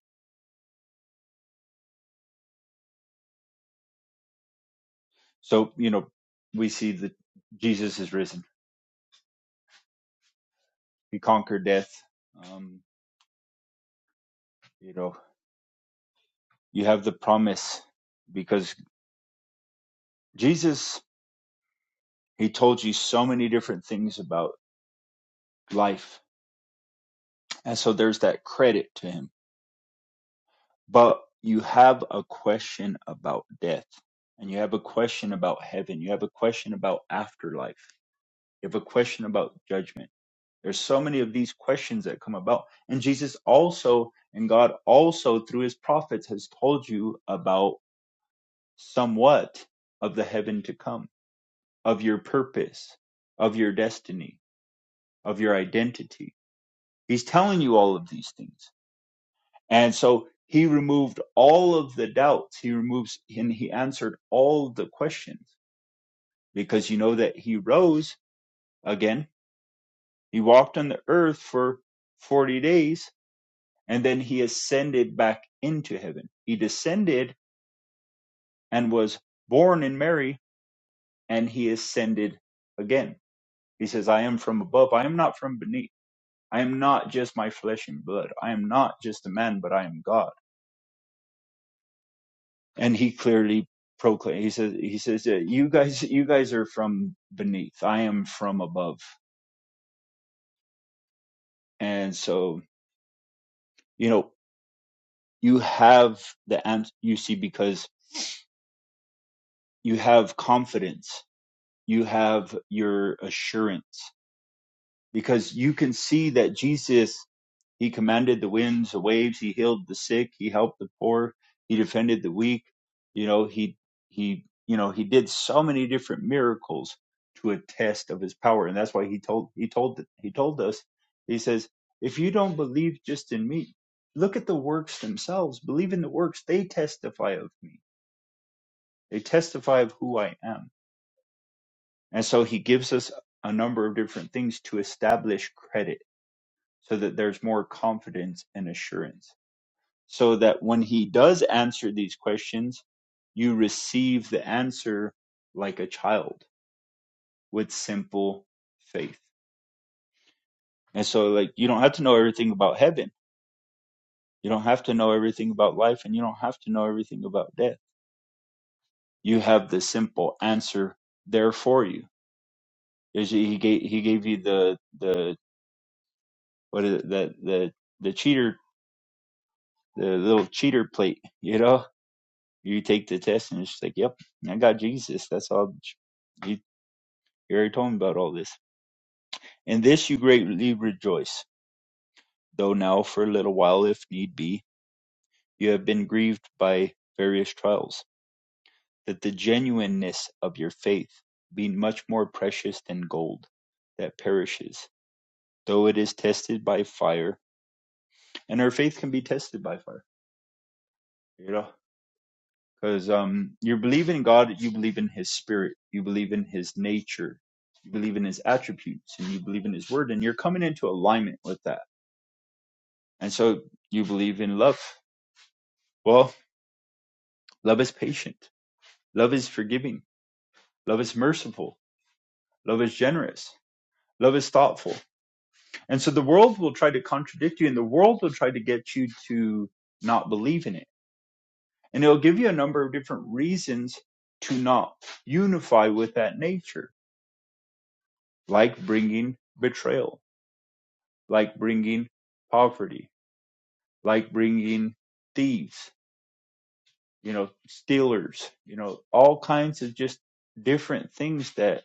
[SPEAKER 6] so, you know, we see that Jesus is risen. He conquered death. Um, you know, you have the promise because Jesus, he told you so many different things about life. And so there's that credit to him but you have a question about death and you have a question about heaven you have a question about afterlife you have a question about judgment there's so many of these questions that come about and jesus also and god also through his prophets has told you about somewhat of the heaven to come of your purpose of your destiny of your identity he's telling you all of these things And so he removed all of the doubts. He removes and he answered all the questions because you know that he rose again. He walked on the earth for 40 days and then he ascended back into heaven. He descended and was born in Mary and he ascended again. He says, I am from above. I am not from beneath. I am not just my flesh and blood. I am not just a man, but I am God. and he clearly proclaimed he says he says "Yeah, you guys you guys are from beneath i am from above and so you know you have the ans- you see because you have confidence you have your assurance because you can see that jesus He commanded the winds, the waves. He healed the sick. He helped the poor. He defended the weak. You know, he, he, you know, he did so many different miracles to attest of his power. And that's why he told, he told, he told us, he says, if you don't believe just in me, look at the works themselves. Believe in the works. They testify of me. They testify of who I am. And so he gives us a number of different things to establish credit so that there's more confidence and assurance so that when he does answer these questions, you receive the answer like a child with simple faith. And so, like, you don't have to know everything about heaven, you don't have to know everything about life, and you don't have to know everything about death. You have the simple answer there for you. Is He gave he gave you the the what is it, the the the cheater the little cheater plate. You know, you take the test and it's just like, yep, I got Jesus. That's all You already told me about all this. In this you greatly rejoice, though now for a little while, if need be, you have been grieved by various trials, that the genuineness of your faith, being much more precious than gold that perishes, though it is tested by fire, and our faith can be tested by fire, you know, because um, you believe in God, you believe in His Spirit, you believe in His nature, you believe in His attributes, and you believe in His Word, and you're coming into alignment with that And so you believe in love. Well, love is patient. Love is forgiving. Love is merciful. Love is generous. Love is thoughtful. And so the world will try to contradict you and the world will try to get you to not believe in it. And it'll give you a number of different reasons to not unify with that nature, like bringing betrayal, like bringing poverty, like bringing thieves, you know, Steelers, you know, all kinds of just different things that,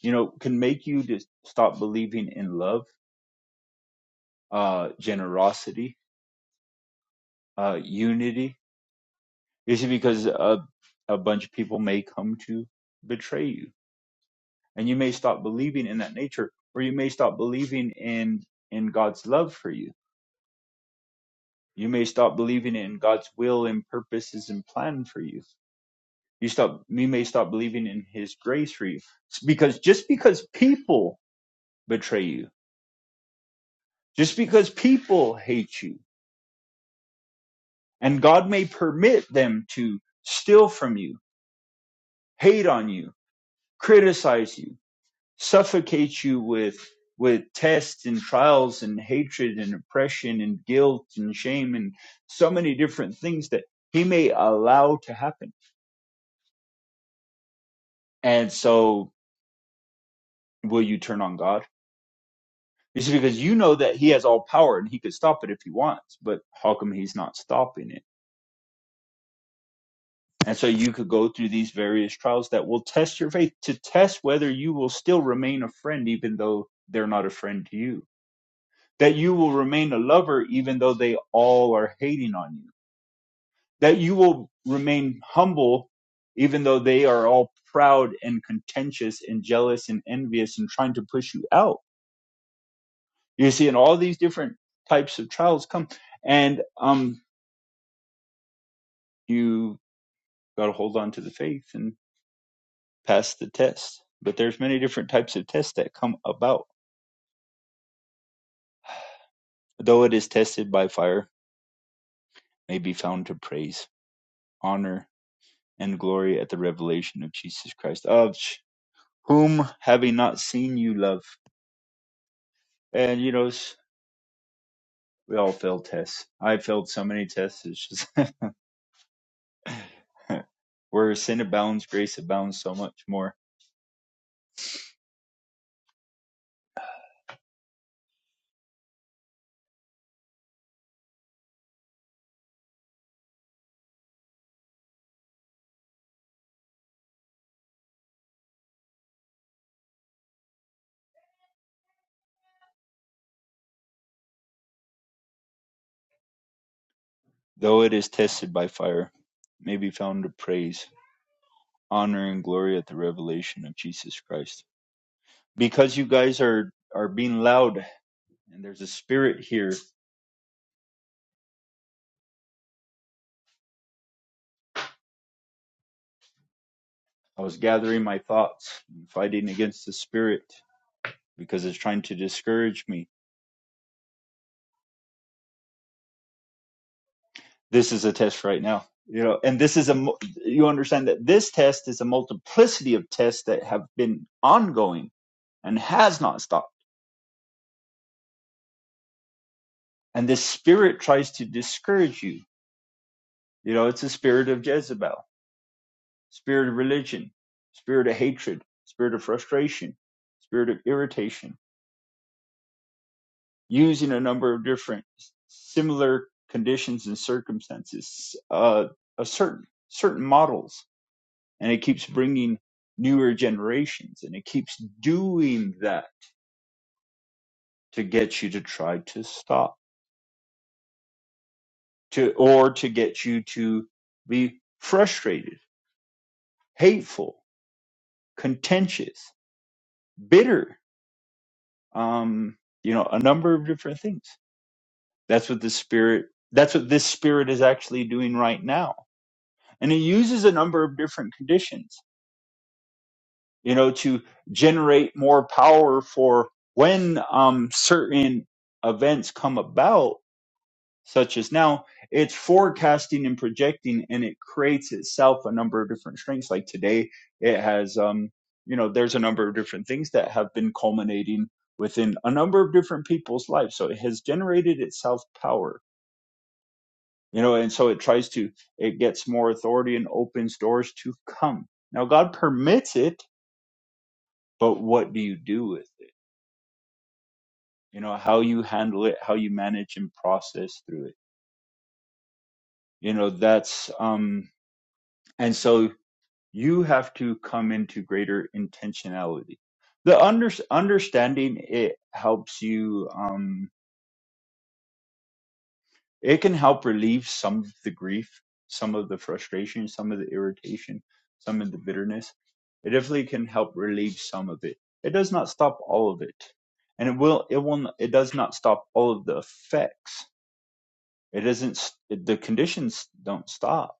[SPEAKER 6] you know, can make you just stop believing in love, uh, generosity, uh, unity. Is it because a, a bunch of people may come to betray you and you may stop believing in that nature or you may stop believing in, in God's love for you. You may stop believing in God's will and purposes and plan for you. You stop, you may stop believing in his grace for you because just because people betray you. Just because people hate you and God may permit them to steal from you, hate on you, criticize you, suffocate you with with tests and trials and hatred and oppression and guilt and shame and so many different things that he may allow to happen. And so will you turn on God? You see, because you know that he has all power and he could stop it if he wants, but how come he's not stopping it? And so you could go through these various trials that will test your faith to test whether you will still remain a friend, even though they're not a friend to you. That you will remain a lover, even though they all are hating on you. That you will remain humble, even though they are all proud and contentious and jealous and envious and trying to push you out. You see, and all these different types of trials come. And um, you got to hold on to the faith and. pass the test. But there's many different types of tests that come about. Though it is tested by fire, may be found to praise, honor, and glory at the revelation of Jesus Christ, of whom having not seen you love. And you know, we all fail tests. I failed so many tests. It's just where sin abounds, grace abounds so much more. Though it is tested by fire, may be found to praise, honor, and glory at the revelation of Jesus Christ because you guys are are being loud and there's a spirit here i was gathering my thoughts and fighting against the spirit because it's trying to discourage me this is a test right now you know and this is a mu- you understand that this test is a multiplicity of tests that have been ongoing and has not stopped and this spirit tries to discourage you you know it's a spirit of jezebel spirit of religion spirit of hatred spirit of frustration spirit of irritation using a number of different similar conditions and circumstances, uh, a certain certain models, and it keeps bringing newer generations, and it keeps doing that to get you to try to stop to or to get you to be frustrated, hateful, contentious, bitter, um, you know, a number of different things. That's what the spirit. That's what this spirit is actually doing right now And it uses a number of different conditions, you know, to generate more power for when um, certain events come about, such as now, it's forecasting and projecting and it creates itself a number of different strengths. Like today, it has, um, you know, there's a number of different things that have been culminating within a number of different people's lives. So it has generated itself power you know and so it tries to it gets more authority and opens doors to come now god permits it but what do you do with it you know how you handle it how you manage and process through it you know that's um and so you have to come into greater intentionality the under, understanding it helps you um, it can help relieve some of the grief, some of the frustration, some of the irritation, some of the bitterness. It definitely can help relieve some of it. It does not stop all of it, and it will. It will. It does not stop all of the effects. It isn't. The conditions don't stop,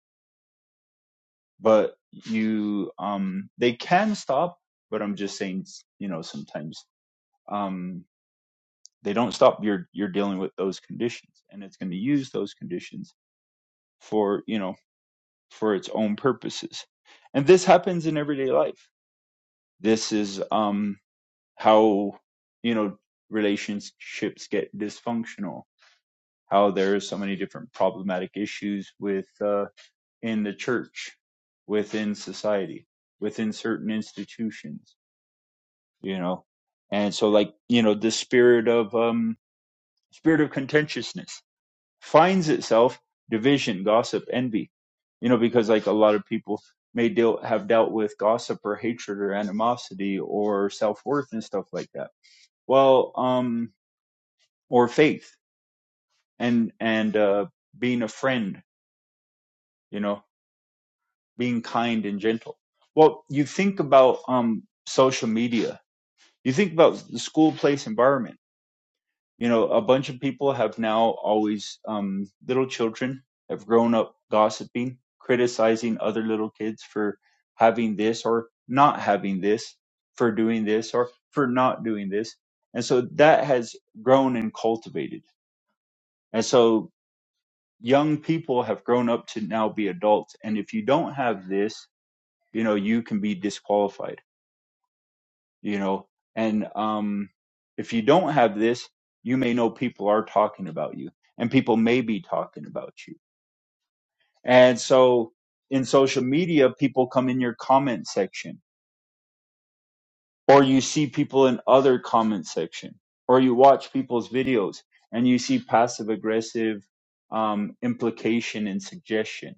[SPEAKER 6] but you. Um. They can stop, but I'm just saying. You know, sometimes. Um. They don't stop. You're you're dealing with those conditions, and it's going to use those conditions for you know for its own purposes. And this happens in everyday life. This is um, how, you know, relationships get dysfunctional, how there are so many different problematic issues with, uh, in the church, within society, within certain institutions, you know. And so like, you know, the spirit of, um, spirit of contentiousness finds itself division, gossip, envy. You know, because like a lot of people may deal have dealt with gossip or hatred or animosity or self worth and stuff like that. Well, um, or faith and and uh, being a friend. You know, being kind and gentle. Well, you think about um social media. You think about the school place environment you know a bunch of people have now always um, little children have grown up gossiping criticizing other little kids for having this or not having this for doing this or for not doing this and so that has grown and cultivated and so young people have grown up to now be adults and if you don't have this you know you can be disqualified you know and um if you don't have this you may know people are talking about you and people may be talking about you and so in social media people come in your comment section or you see people in other comment section or you watch people's videos and you see passive aggressive um, implication and suggestion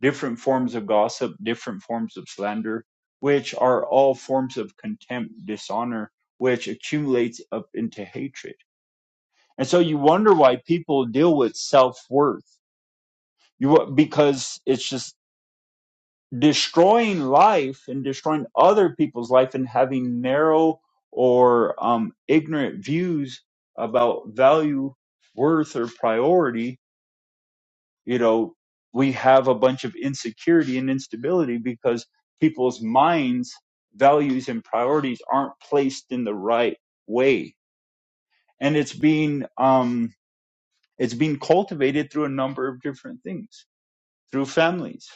[SPEAKER 6] different forms of gossip, different forms of slander, which are all forms of contempt, dishonor, which accumulates up into hatred. And so you wonder why people deal with self worth. You because it's just destroying life and destroying other people's life and having narrow or um, ignorant views about value, worth, or priority you know we have a bunch of insecurity and instability because people's minds values and priorities aren't placed in the right way and it's being um it's being cultivated through a number of different things through families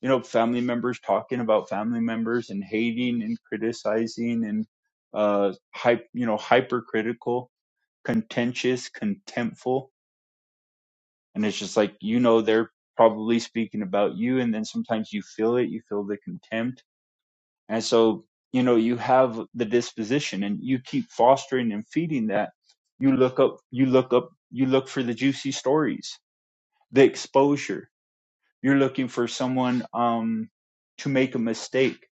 [SPEAKER 6] you know family members talking about family members and hating and criticizing and uh hype you know hypercritical contentious contemptful and it's just like you know they're probably speaking about you and then sometimes you feel it you feel the contempt and so you know you have the disposition and you keep fostering and feeding that you look up you look up you look for the juicy stories the exposure you're looking for someone um to make a mistake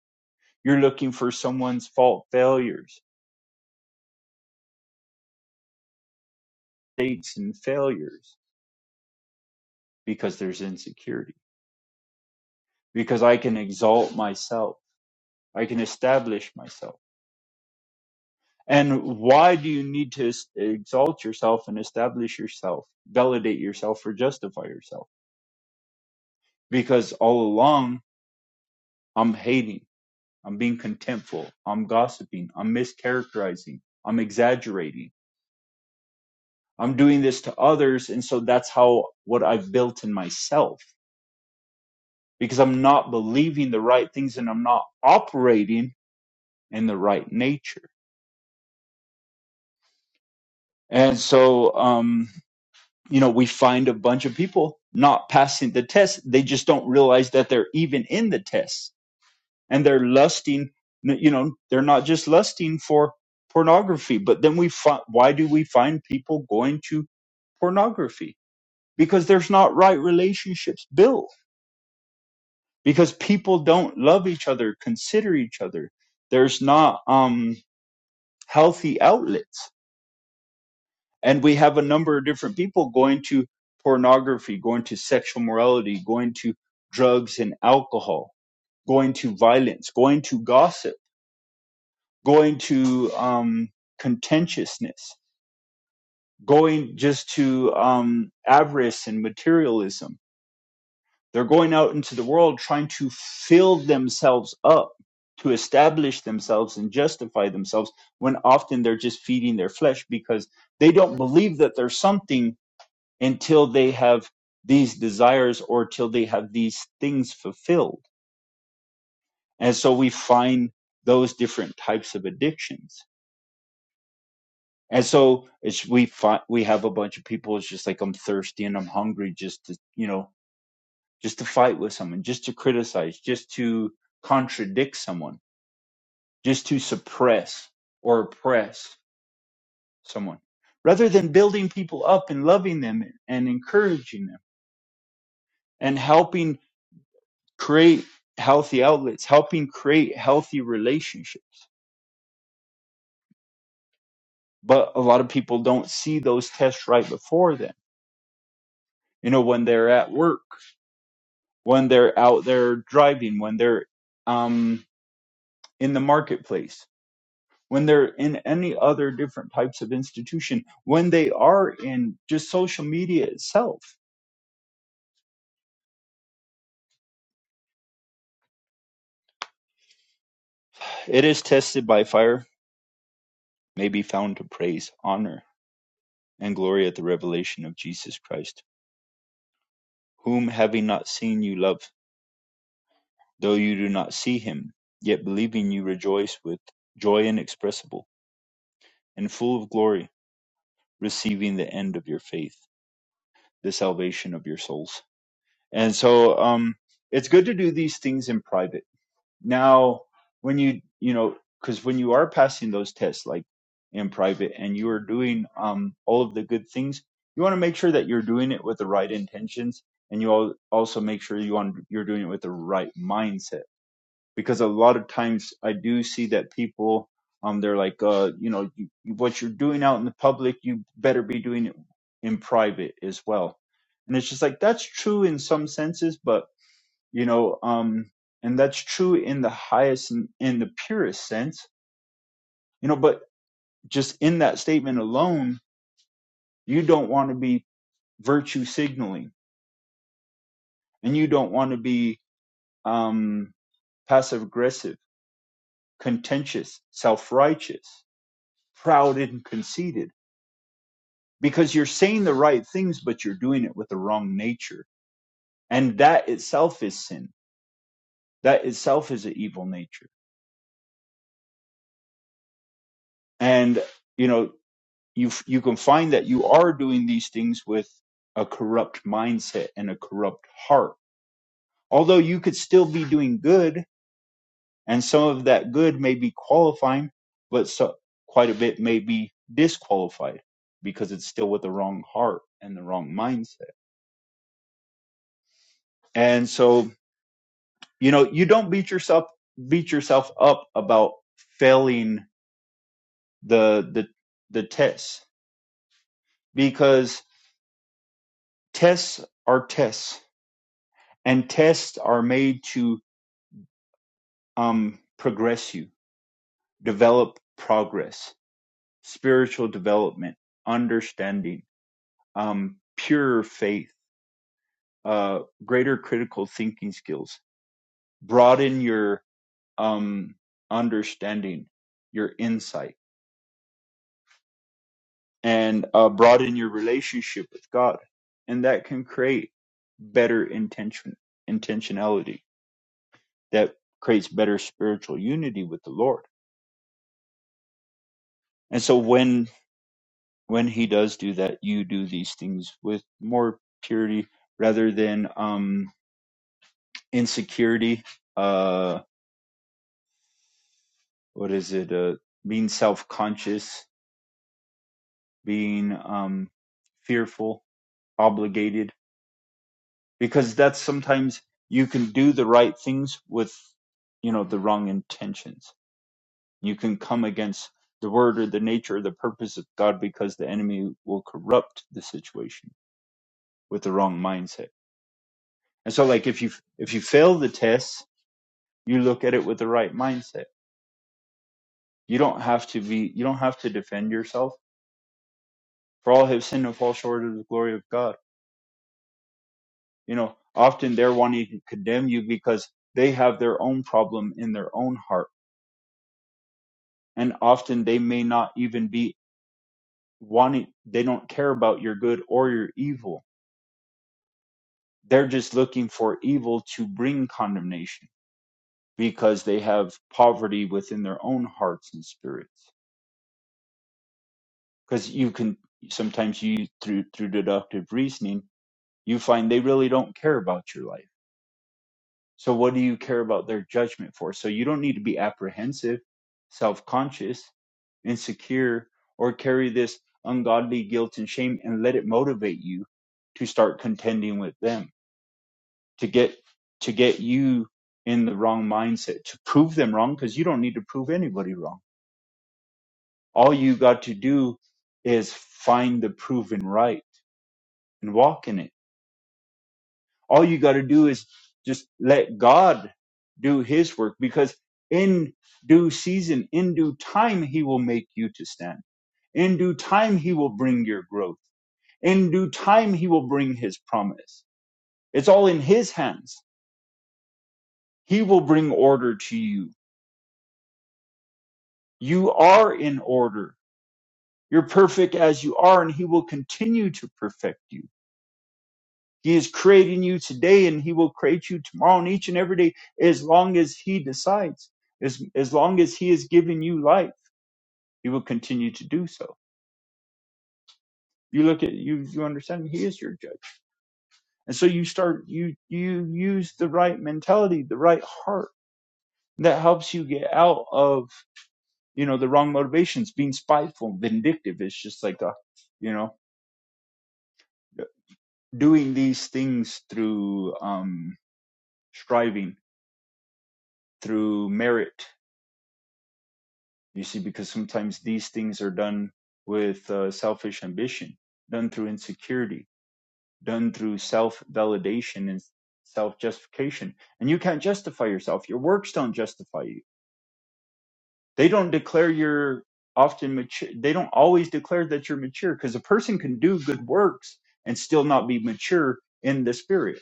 [SPEAKER 6] you're looking for someone's fault failures mistakes and failures because there's insecurity because i can exalt myself i can establish myself And why do you need to es- exalt yourself and establish yourself, validate yourself, or justify yourself? Because all along, I'm hating, I'm being contemptful, I'm gossiping, I'm mischaracterizing, I'm exaggerating, I'm doing this to others. And so that's how what I've built in myself because I'm not believing the right things and I'm not operating in the right nature. And so, um, you know, we find a bunch of people not passing the test. They just don't realize that they're even in the test and they're lusting, you know, they're not just lusting for pornography, but then we find, why do we find people going to pornography? Because there's not right relationships built because people don't love each other, consider each other. There's not, um, healthy outlets and we have a number of different people going to pornography, going to sexual morality, going to drugs and alcohol, going to violence, going to gossip, going to um, contentiousness, going just to um, avarice and materialism. They're going out into the world trying to fill themselves up, to establish themselves and justify themselves when often they're just feeding their flesh because they don't believe that there's something until they have these desires or till they have these things fulfilled. And so we find those different types of addictions. And so it's, we find, we have a bunch of people. It's just like, I'm thirsty and I'm hungry just to, you know, just to fight with someone, just to criticize, just to contradict someone, just to suppress or oppress someone rather than building people up and loving them and encouraging them and helping create healthy outlets, helping create healthy relationships. But a lot of people don't see those tests right before them. You know, when they're at work, when they're out there driving, when they're um, in the marketplace, when they're in any other different types of institution, when they are in just social media itself. It is tested by fire, may be found to praise, honor, and glory at the revelation of Jesus Christ, whom having not seen you love Though you do not see him, yet believing you rejoice with joy inexpressible and full of glory, receiving the end of your faith, the salvation of your souls. And so um it's good to do these things in private. Now, when you you know, because when you are passing those tests like in private and you are doing um all of the good things, you want to make sure that you're doing it with the right intentions and you al- also make sure you want you're doing it with the right mindset because a lot of times I do see that people um they're like uh you know you, you- what you're doing out in the public you better be doing it in private as well and it's just like that's true in some senses but you know um and that's true in the highest and in the purest sense you know but just in that statement alone you don't want to be virtue signaling and you don't want to be um passive aggressive contentious self-righteous proud and conceited because you're saying the right things, but you're doing it with the wrong nature. And that itself is sin. That itself is an evil nature. And, you know, you, you can find that you are doing these things with a corrupt mindset and a corrupt heart. Although you could still be doing good and some of that good may be qualifying, but so quite a bit may be disqualified because it's still with the wrong heart and the wrong mindset. And so, you know you don't beat yourself beat yourself up about failing the the the tests because tests are tests and tests are made to um progress you develop progress spiritual development understanding um pure faith uh greater critical thinking skills broaden your um understanding your insight and uh, broaden your relationship with God, and that can create better intention intentionality that creates better spiritual unity with the Lord. And so when when He does do that, you do these things with more purity rather than um, insecurity. Uh, what is it? Uh, being self conscious, being um, fearful, obligated because that's sometimes you can do the right things with you know the wrong intentions you can come against the word or the nature or the purpose of god because the enemy will corrupt the situation with the wrong mindset and so like if you if you fail the test you look at it with the right mindset you don't have to be you don't have to defend yourself for all have sinned and fall short of the glory of god you know often they're wanting to condemn you because they have their own problem in their own heart and often they may not even be wanting they don't care about your good or your evil they're just looking for evil to bring condemnation because they have poverty within their own hearts and spirits because you can sometimes you through through deductive reasoning you find they really don't care about your life So what do you care about their judgment for? So you don't need to be apprehensive, self-conscious, insecure, or carry this ungodly guilt and shame and let it motivate you to start contending with them, to get to get you in the wrong mindset, to prove them wrong, because you don't need to prove anybody wrong. All you got to do is find the proven right and walk in it all you got to do is just let God do his work because in due season, in due time, he will make you to stand. In due time, he will bring your growth. In due time, he will bring his promise. It's all in his hands. He will bring order to you. You are in order. You're perfect as you are, and he will continue to perfect you He is creating you today and he will create you tomorrow and each and every day as long as he decides. As, as long as he is giving you life, he will continue to do so. You look at you you understand he is your judge. And so you start you you use the right mentality, the right heart that helps you get out of, you know, the wrong motivations, being spiteful, vindictive. It's just like a you know, doing these things through um striving, through merit You see, because sometimes these things are done with uh, selfish ambition, done through insecurity, done through self validation and self justification. And you can't justify yourself. Your works don't justify you. They don't declare you're often mature. They don't always declare that you're mature because a person can do good works and still not be mature in the spirit.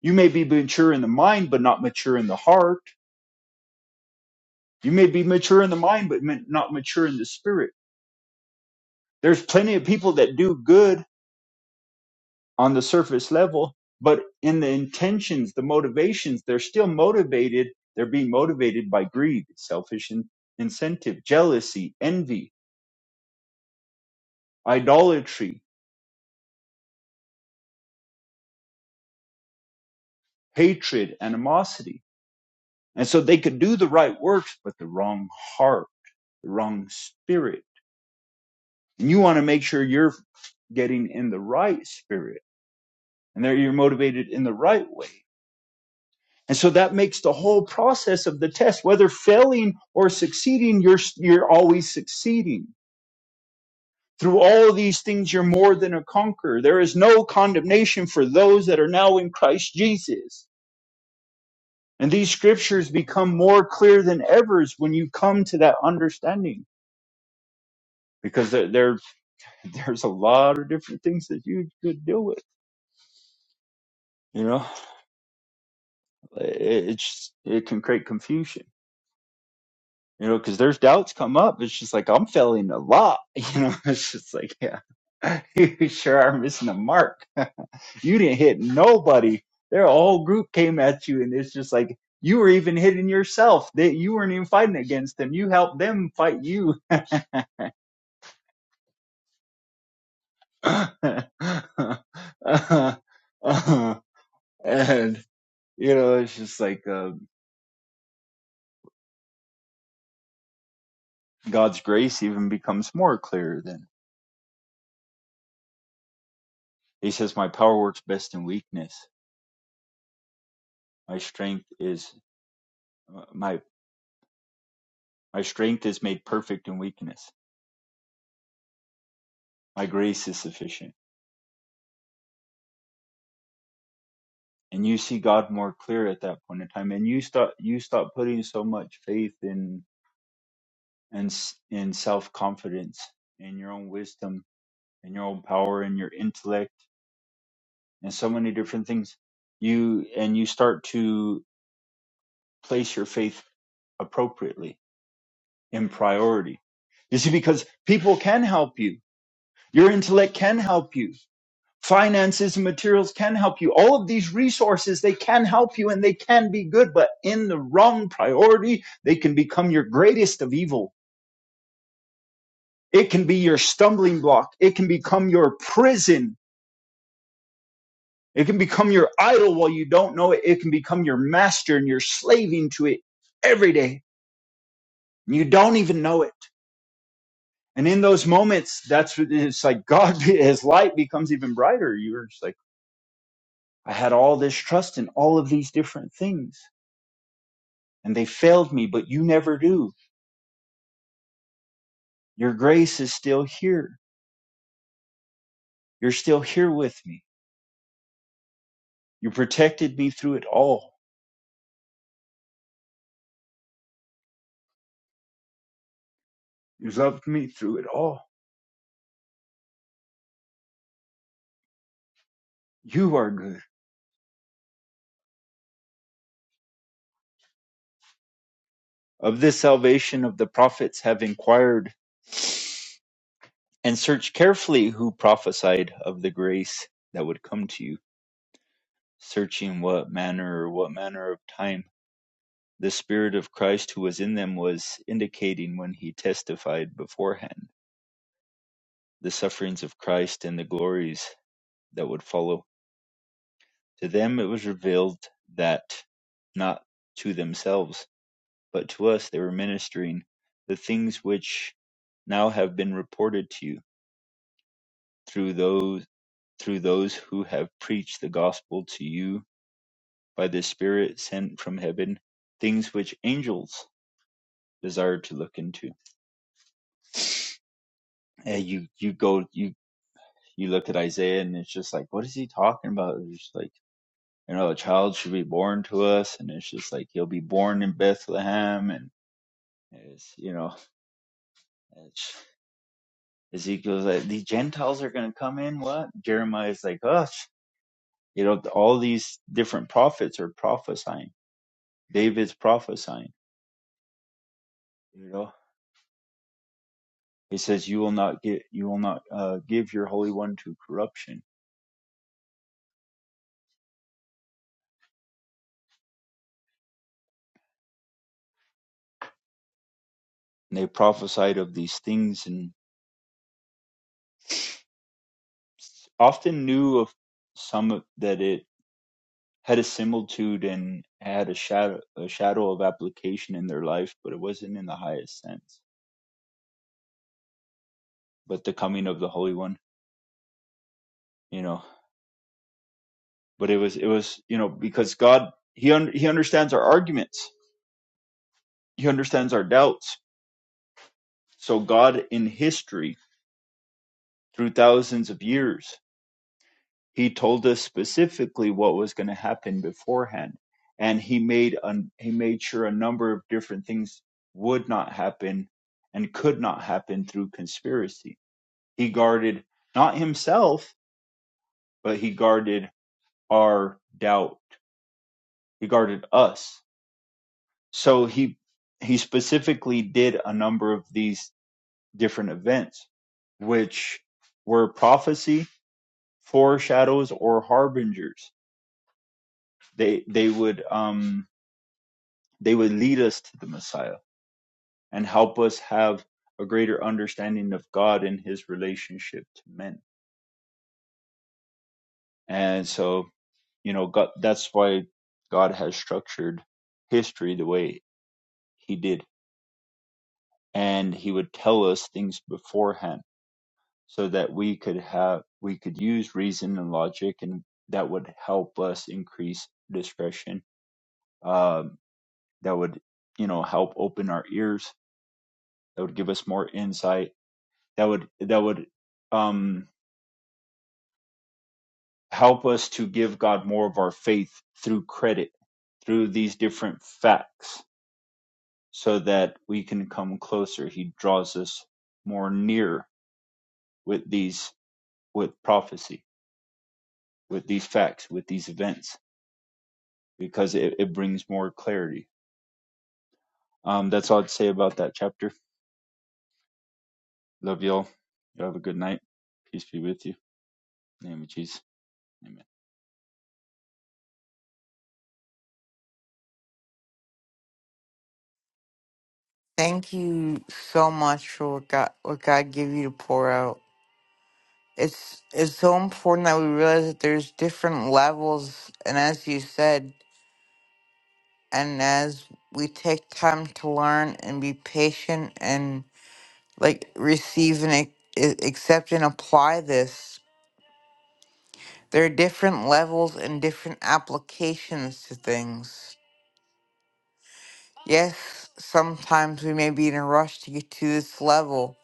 [SPEAKER 6] You may be mature in the mind, but not mature in the heart. You may be mature in the mind, but ma- not mature in the spirit. There's plenty of people that do good on the surface level, but in the intentions, the motivations, they're still motivated. They're being motivated by greed, selfish in- incentive, jealousy, envy, idolatry, hatred, animosity. And so they could do the right works, but the wrong heart, the wrong spirit. And you want to make sure you're getting in the right spirit and that you're motivated in the right way. And so that makes the whole process of the test, whether failing or succeeding, you're, you're always succeeding Through all these things, you're more than a conqueror. There is no condemnation for those that are now in Christ Jesus. And these scriptures become more clear than ever when you come to that understanding because there, there- there's a lot of different things that you could deal with. You know, it, it's, it can create confusion, you know, because there's doubts come up. It's just like, I'm failing a lot. You know, it's just like, yeah, you sure are missing the mark You didn't hit nobody. Their whole group came at you, and it's just like you were even hitting yourself. That you weren't even fighting against them. You helped them fight you. and you know, it's just like uh, God's grace even becomes more clear. Then He says, "My power works best in weakness. My strength is uh, my my strength is made perfect in weakness. My grace is sufficient." and you see God more clear at that point in time, and you start you stop putting so much faith in and s- in self confidence, in your own wisdom, in your own power, in your intellect, and so many different things. You and you start to place your faith appropriately in priority. You see, because people can help you, your intellect can help you, finances and materials can help you all of these resources they can help you and they can be good but in the wrong priority they can become your greatest of evil it can be your stumbling block it can become your prison it can become your idol while you don't know it it can become your master and you're slaving to it every day you don't even know it and in those moments that's what it's like god his light becomes even brighter you're just like i had all this trust in all of these different things and they failed me, but you never do. Your grace is still here. You're still here with me. You protected me through it all. You loved me through it all. You are good. Of this salvation of the prophets have inquired and searched carefully who prophesied of the grace that would come to you, searching what manner or what manner of time the Spirit of Christ who was in them was indicating when he testified beforehand the sufferings of Christ and the glories that would follow To them it was revealed that, not to themselves, but to us, they were ministering the things which now have been reported to you through those through those who have preached the gospel to you by the Spirit sent from heaven, things which angels desire to look into. And you you go you you look at Isaiah and it's just like, what is he talking about? It's just like you know, a child should be born to us, and it's just like he'll be born in Bethlehem, and it's, you know. Ezekiel's like, the Gentiles are going to come in. What? Jeremiah's like, oh, you know, all these different prophets are prophesying. David's prophesying. You know, he says, you will not get, you will not uh, give your holy one to corruption. And they prophesied of these things and often knew of some of- that it had a similitude and had a shadow, a shadow of application in their life, but it wasn't in the highest sense. But the coming of the Holy One, you know. but it was it was you know because god he un- he understands our arguments he understands our doubts so god in history through thousands of years he told us specifically what was going to happen beforehand and he made un- he made sure a number of different things would not happen and could not happen through conspiracy he guarded not himself but he guarded our doubt he guarded us So he he specifically did a number of these different events, which were prophecy, foreshadows, or harbingers. They they would um they would lead us to the Messiah and help us have a greater understanding of God and His relationship to men. And so you know God, that's why God has structured history the way He did, and He would tell us things beforehand so that we could have we could use reason and logic and that would help us increase discretion um, that would you know help open our ears that would give us more insight that would that would um, help us to give god more of our faith through credit through these different facts so that we can come closer he draws us more near with these with prophecy with these facts with these events because it, it brings more clarity. Um, that's all I'd say about that chapter. Love y'all. Y'all have a good night. Peace be with you. In the name of Jesus. Amen.
[SPEAKER 2] Thank you so much for what God, what God gave you to pour out. it's it's so important that we realize that there's different levels and as you said and as we take time to learn and be patient and like receive and ac- a- accept and apply this there are different levels and different applications to things yes sometimes we may be in a rush to get to this level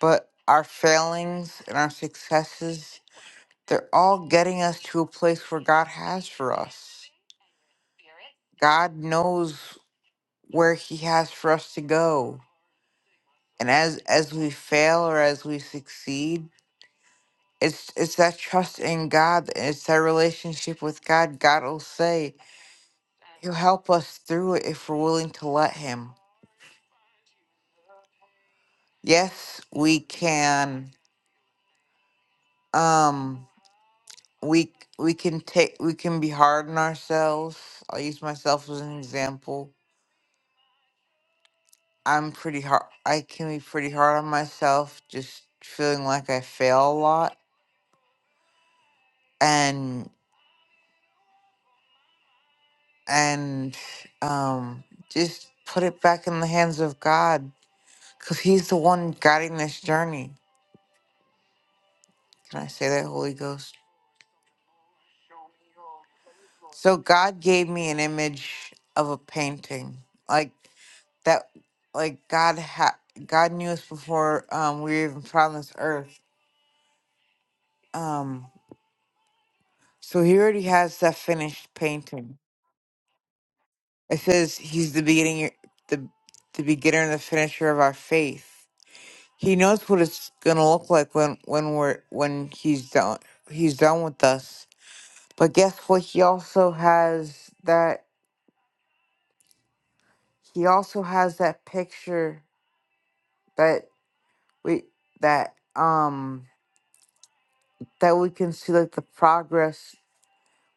[SPEAKER 2] but our failings and our successes they're all getting us to a place where god has for us God knows where he has for us to go. And as as we fail or as we succeed, it's it's that trust in God and it's that relationship with God. God will say he'll help us through it if we're willing to let him. Yes, we can um we we can take we can be hard on ourselves. I'll use myself as an example. I'm pretty hard I can be pretty hard on myself just feeling like I fail a lot and and um just put it back in the hands of God because he's the one guiding this journey. Can I say that Holy Ghost? So God gave me an image of a painting. Like that like God ha- God knew us before um we were even found this earth. Um so he already has that finished painting. It says he's the beginning the the beginner and the finisher of our faith. He knows what it's gonna look like when when we're when he's done he's done with us. But guess what? He also has that. He also has that picture that we that um that we can see like the progress.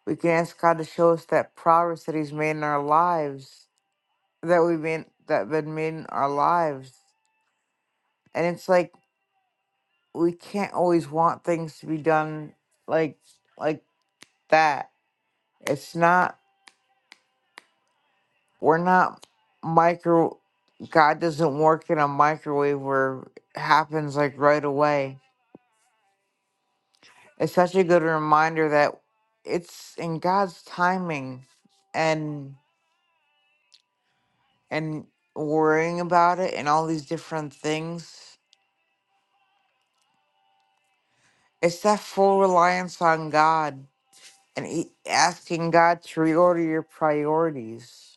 [SPEAKER 2] We can ask God to show us that progress that He's made in our lives that we've been that been made in our lives. And it's like we can't always want things to be done like like that. It's not We're not micro. God doesn't work in a microwave where it happens like right away. It's such a good reminder that it's in God's timing, and and worrying about it and all these different things. It's that full reliance on God and e- asking God to reorder your priorities.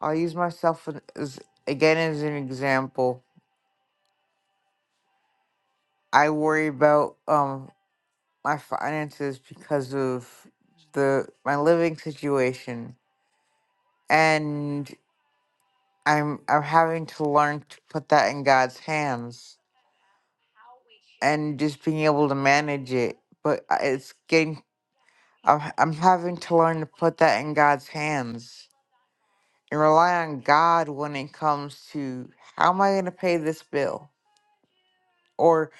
[SPEAKER 2] I'll use myself an- as again as an example. I worry about um my finances because of the my living situation and I'm I'm having to learn to put that in God's hands and just being able to manage it but I- it's getting I'm, i I'm having to learn to put that in God's hands and rely on God when it comes to how am I going to pay this bill or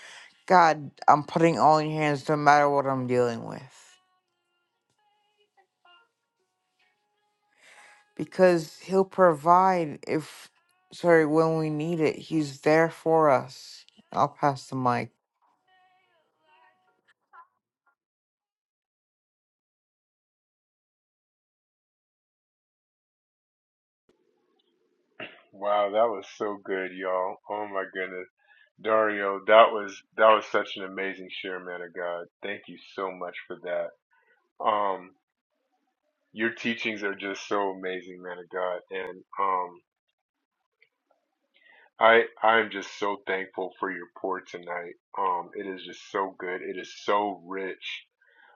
[SPEAKER 2] God I'm putting all in your hands no matter what I'm dealing with because he'll provide if sorry when we need it he's there for us i'll pass the mic
[SPEAKER 4] Wow, that was so good, y'all. Oh my goodness. Dario, that was that was such an amazing share, man of God. Thank you so much for that. Um Your teachings are just so amazing, man of God, and um, I I'm just so thankful for your pour tonight. Um, it is just so good. It is so rich,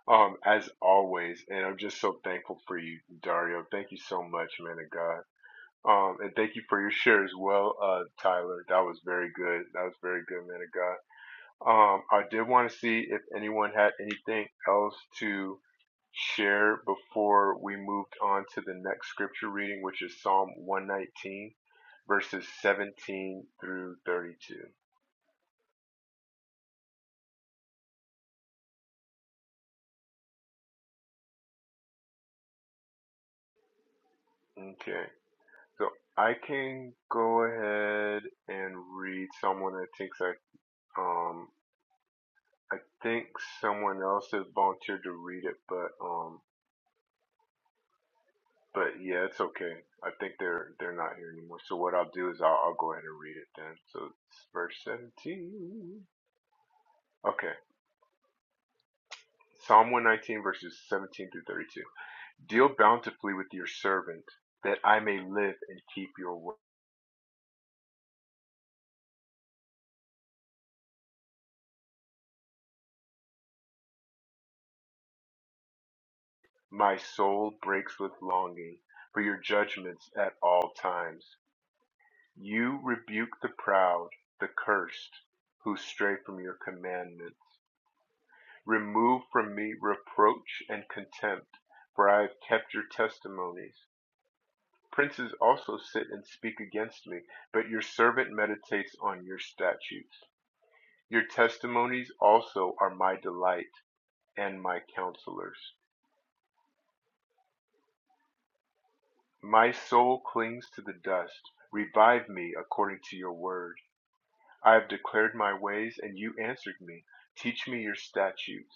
[SPEAKER 4] um, as always, and I'm just so thankful for you, Dario. Thank you so much, man of God. Um, and thank you for your share as well, uh, Tyler. That was very good. That was very good, man of God. Um, I did want to see if anyone had anything else to share before we moved on to the next scripture reading, which is Psalm 119, verses 17 through 32. Okay, so I can go ahead and read someone that thinks I um I think someone else has volunteered to read it, but um But yeah, it's okay. I think they're they're not here anymore. So what I'll do is I'll, I'll go ahead and read it then. So it's verse 17. Okay. Psalm 119 verses 17 through 32. Deal bountifully with your servant that I may live and keep your word. My soul breaks with longing for your judgments at all times. You rebuke the proud, the cursed, who stray from your commandment. Remove from me reproach and contempt, for I have kept your testimonies. Princes also sit and speak against me, but your servant meditates on your statutes. Your testimonies also are my delight and my counselors. My soul clings to the dust. Revive me according to your word. I have declared my ways, and you answered me. Teach me your statutes.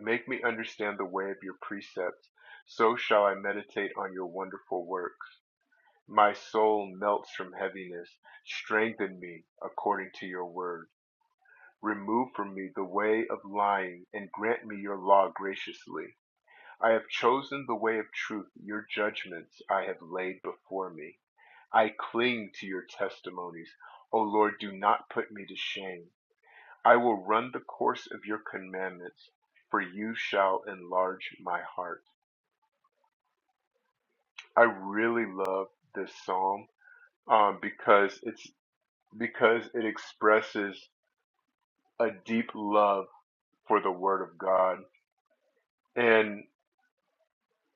[SPEAKER 4] Make me understand the way of your precepts, so shall I meditate on your wonderful works. My soul melts from heaviness. Strengthen me according to your word. Remove from me the way of lying and grant me your law graciously. I have chosen the way of truth. Your judgments I have laid before me. I cling to your testimonies. O Lord, do not put me to shame. I will run the course of your commandments, for you shall enlarge my heart. I really love this psalm um, because it's because it expresses a deep love for the Word of God, and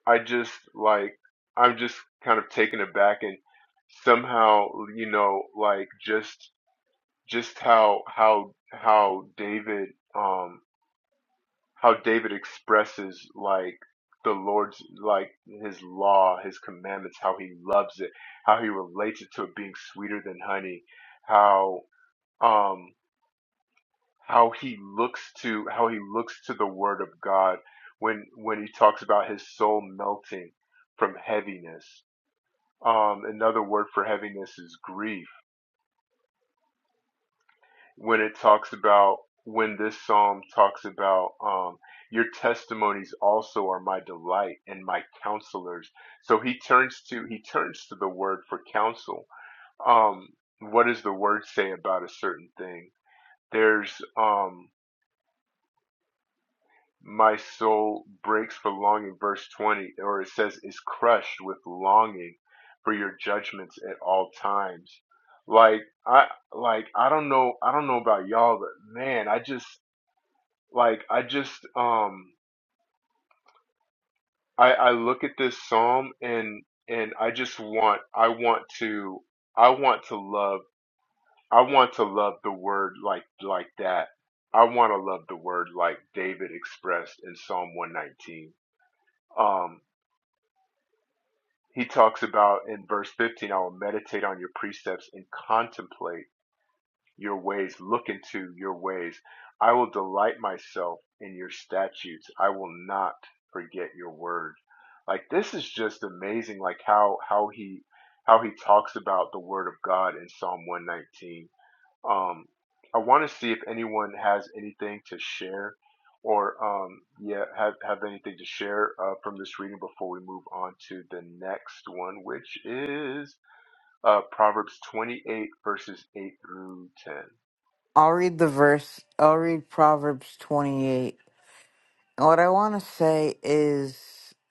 [SPEAKER 4] I just like I'm just kind of taken aback and somehow you know like just just how how how David um, how David expresses like the Lord's like his law, his commandments, how he loves it, how he relates it to it being sweeter than honey, how um how he looks to how he looks to the word of God when when he talks about his soul melting from heaviness. Um another word for heaviness is grief when it talks about when this psalm talks about um, your testimonies also are my delight and my counselors so he turns to he turns to the word for counsel um, what does the word say about a certain thing there's um, my soul breaks for longing verse 20 or it says is crushed with longing for your judgments at all times like i like i don't know i don't know about y'all but man i just Like I just um I I look at this psalm and and I just want I want to I want to love I want to love the word like like that. I want to love the word like David expressed in Psalm 119. Um he talks about in verse 15 I will meditate on your precepts and contemplate your ways, look into your ways. I will delight myself in your statutes. I will not forget your word. Like this is just amazing like how how he how he talks about the word of God in Psalm 119. Um I want to see if anyone has anything to share or um yeah have have anything to share uh, from this reading before we move on to the next one which is uh Proverbs 28 verses 8 through 10.
[SPEAKER 2] i'll read the verse i'll read proverbs 28 And what i want to say is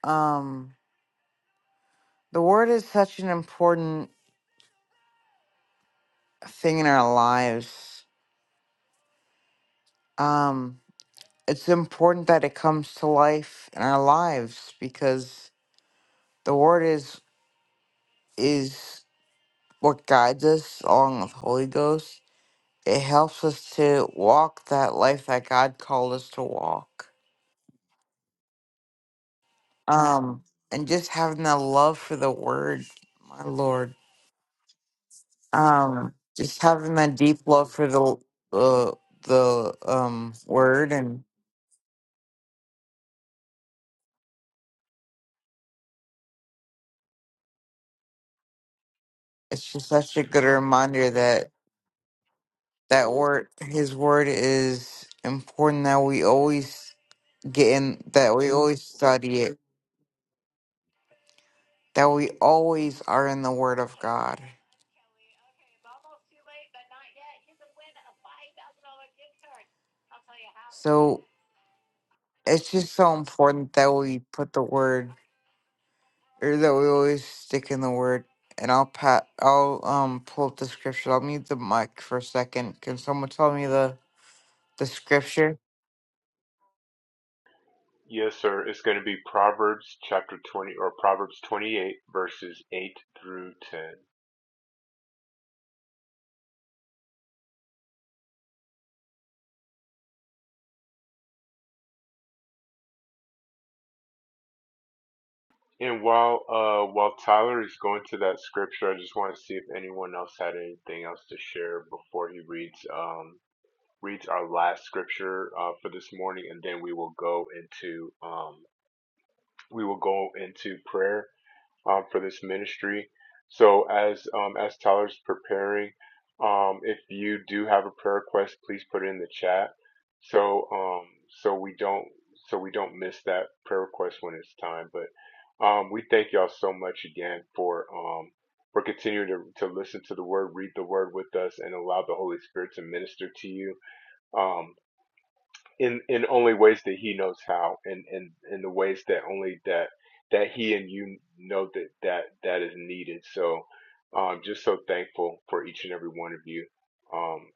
[SPEAKER 2] um the word is such an important thing in our lives um it's important that it comes to life in our lives because the word is is what guides us along with holy ghost It helps us to walk that life that God called us to walk. Um, and just having that love for the word, my Lord. Um, just having that deep love for the uh, the um word, and it's just such a good reminder that that word, His word, is important. That we always get in, that we always study it, that we always are in the Word of God. So it's just so important that we put the word or that we always stick in the word and i'll pat i'll um pull up the scripture i'll mute the mic for a second can someone tell me the the scripture
[SPEAKER 4] Yes, sir. It's going to be Proverbs chapter 20 or Proverbs 28 verses 8 through 10. And while uh while Tyler is going to that scripture, I just want to see if anyone else had anything else to share before he reads um reads our last scripture uh for this morning and then we will go into um we will go into prayer um, for this ministry. So as um, as Tyler's preparing, um, if you do have a prayer request, please put it in the chat. So um, so we don't so we don't miss that prayer request when it's time. But um, we thank y'all so much again for um, for continuing to, to listen to the word, read the word with us, and allow the Holy Spirit to minister to you. Um, in in only ways that he knows how and in, in, in the ways that only that that he and you know that that that is needed so i um just so thankful for each and every one of you um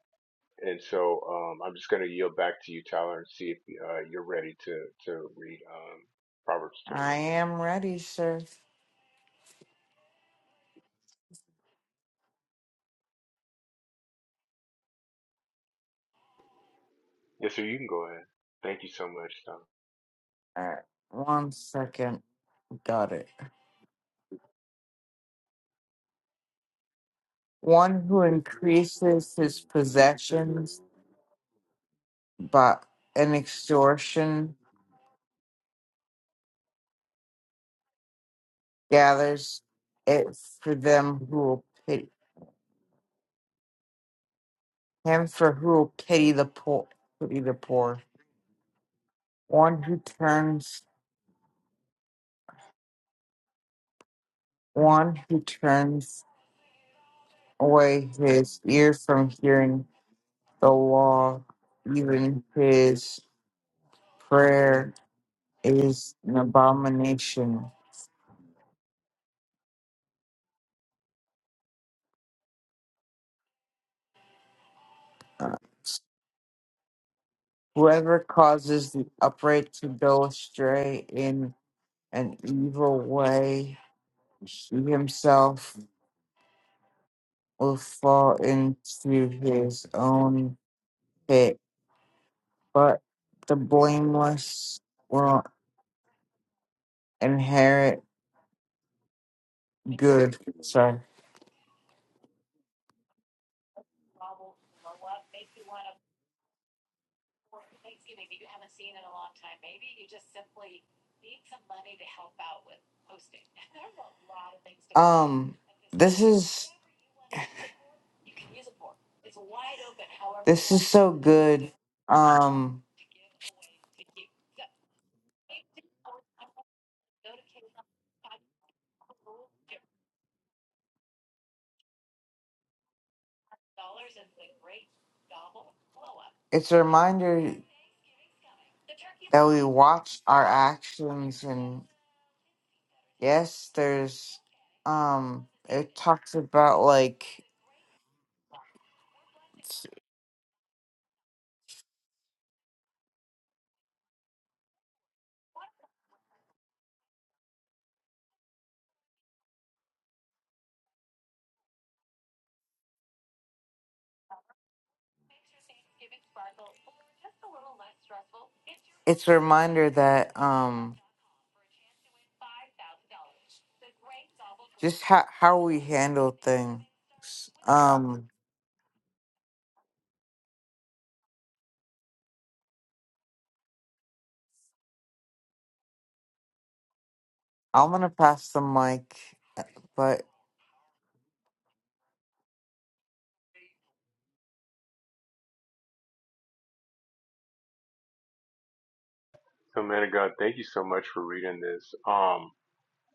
[SPEAKER 4] and so um i'm just going to yield back to you tyler and see if uh, you're ready to to read um proverbs
[SPEAKER 2] i
[SPEAKER 4] 28
[SPEAKER 2] am ready sir
[SPEAKER 4] yes sir you can go ahead thank you so much tyler
[SPEAKER 2] all right one second got it one who increases his possessions by an extortion gathers it for them who will pity him for who will pity the poor pity the poor One who turns one who turns away his ear from hearing the law, even his prayer is an abomination. Uh, Whoever causes the upright to go astray in an evil way, he himself will fall into his own pit. But the blameless will inherit good. Sorry Um, this is this is so good. Um, it's a reminder that we watch our actions, and yes, there's um, it talks about like it's, it's a reminder that um, just how how we handle things. Um, I'm gonna pass the mic, but
[SPEAKER 4] so man of god thank you so much for reading this um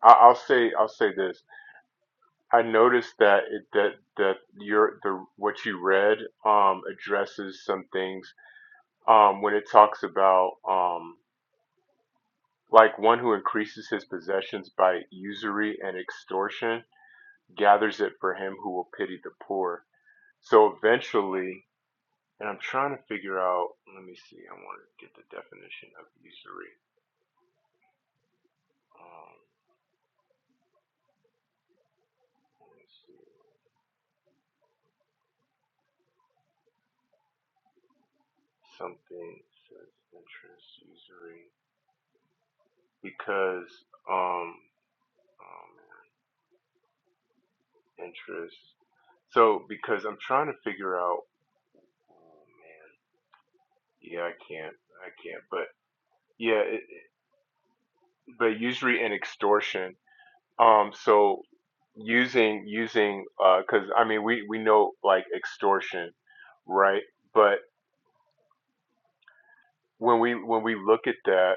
[SPEAKER 4] I, i'll say i'll say this I noticed that it, that that your the what you read um, addresses some things um, when it talks about um, like one who increases his possessions by usury and extortion gathers it for him who will pity the poor. So eventually, and I'm trying to figure out. Let me see. I want to get the definition of usury. Um, let me see. Something says interest usury because um, oh, interest. So because I'm trying to figure out, oh man, yeah, I can't, I can't. But yeah, it, but usury and extortion. Um, so using using because I mean we we know like extortion, right? But when we when we look at that,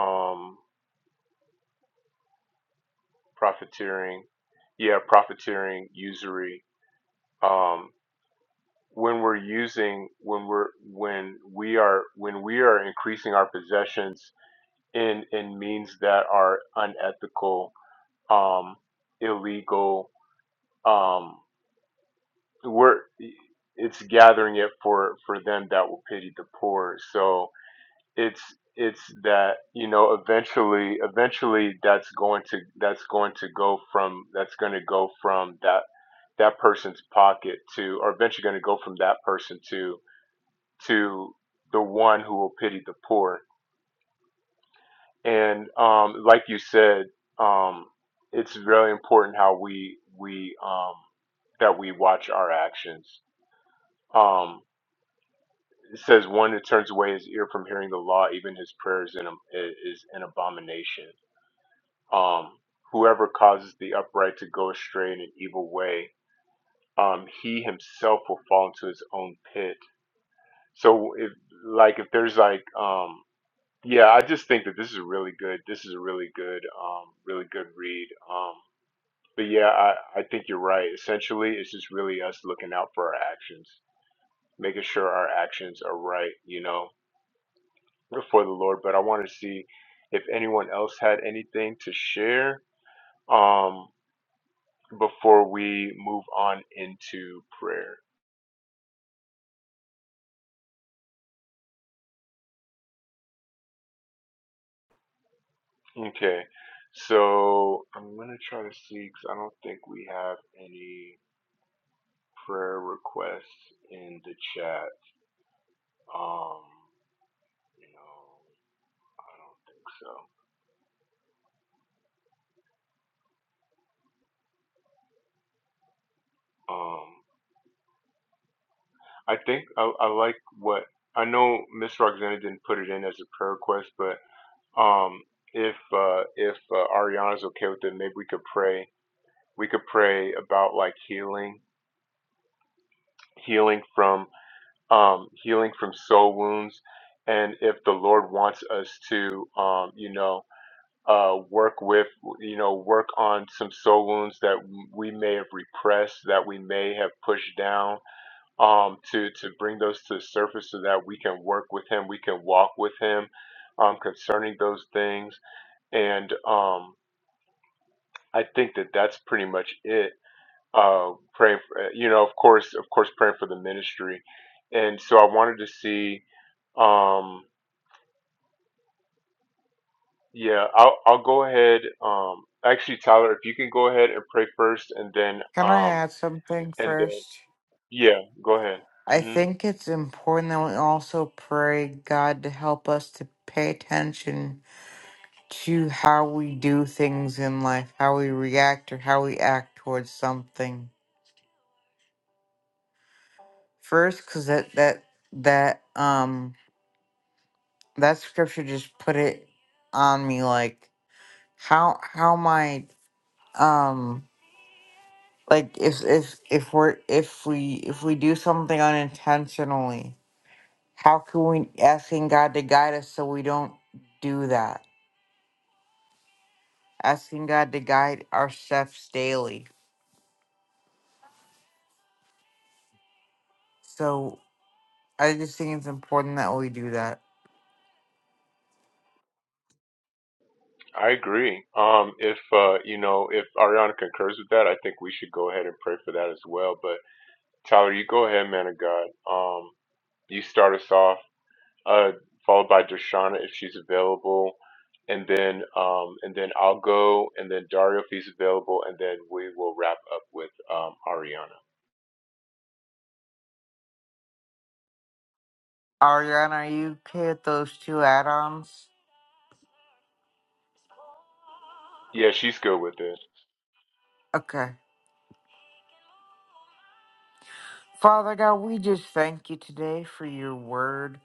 [SPEAKER 4] um, profiteering, yeah, profiteering, usury. Um, when we're using when we're when we are when we are increasing our possessions in in means that are unethical, um, illegal. Um, we're it's gathering it for for them that will pity the poor. So it's it's that you know eventually eventually that's going to that's going to go from that's going to go from that that person's pocket to or eventually going to go from that person to to the one who will pity the poor And um, like you said, um, it's really important how we we um, that we watch our actions. Um, it says one that turns away his ear from hearing the law, even his prayers in a, is an abomination. Um, whoever causes the upright to go astray in an evil way, um, he himself will fall into his own pit. So, if like if there's like um, yeah, I just think that this is a really good. This is a really good, um, really good read. Um, But yeah, I, I think you're right. Essentially, it's just really us looking out for our actions, making sure our actions are right, you know, before the Lord. But I want to see if anyone else had anything to share um, before we move on into prayer. Okay. So I'm going to try to see because I don't think we have any prayer requests in the chat. Um, no, I don't think so. Um, I think I, I like what I know. Miss Roxana didn't put it in as a prayer request, but um, if uh, if uh, Ariana's okay with it, maybe we could pray. We could pray about like healing, healing from um, healing from soul wounds, and if the Lord wants us to, um, you know, uh, work with, you know, work on some soul wounds that we may have repressed, that we may have pushed down um, to to bring those to the surface so that we can work with him, we can walk with him um, concerning those things, and um, I think that that's pretty much it. Uh, praying, for, uh, you know, of course, of course, praying for the ministry, and so I wanted to see. Um, yeah, I'll I'll go ahead. Um, actually, Tyler, if you can go ahead and pray first, and then
[SPEAKER 2] can I
[SPEAKER 4] um,
[SPEAKER 2] add something
[SPEAKER 4] and then
[SPEAKER 2] first?
[SPEAKER 4] yeah, go ahead.
[SPEAKER 2] I
[SPEAKER 4] Mm-hmm.
[SPEAKER 2] think it's important that we also pray God to help us to pay attention to how we do things in life, how we react or how we act towards something. First, cause that that that um that scripture just put it on me like how how my um like if if if we're if we if we do something unintentionally How can we asking God to guide us so we don't do that? Asking God to guide our steps daily. So I just think it's important that we do that.
[SPEAKER 4] I agree. Um, if uh, you know, if Ariana concurs with that, I think we should go ahead and pray for that as well. But Tyler, you go ahead, man of God. Um, you start us off, uh, followed by Dershana if she's available, and then um, and then I'll go, and then Dario if he's available, and then we will wrap up with um, Ariana.
[SPEAKER 2] Ariana, are you okay with those two add-ons?
[SPEAKER 4] Yeah, she's good with it.
[SPEAKER 2] Okay. Father God, we just thank you today for your word.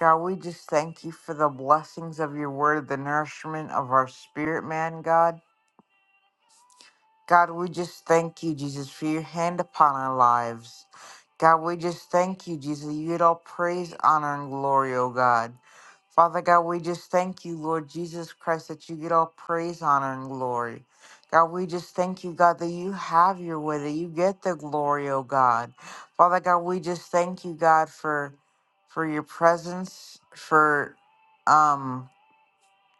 [SPEAKER 2] God, we just thank you for the blessings of your word, the nourishment of our spirit, man, God. God, we just thank you, Jesus, for your hand upon our lives. God, we just thank you, Jesus. You get all praise, honor, and glory, oh God. Father God, we just thank you, Lord Jesus Christ, that you get all praise, honor, and glory. God, we just thank you, God, that you have your way, that you get the glory, oh God. Father God, we just thank you, God, for for your presence, for um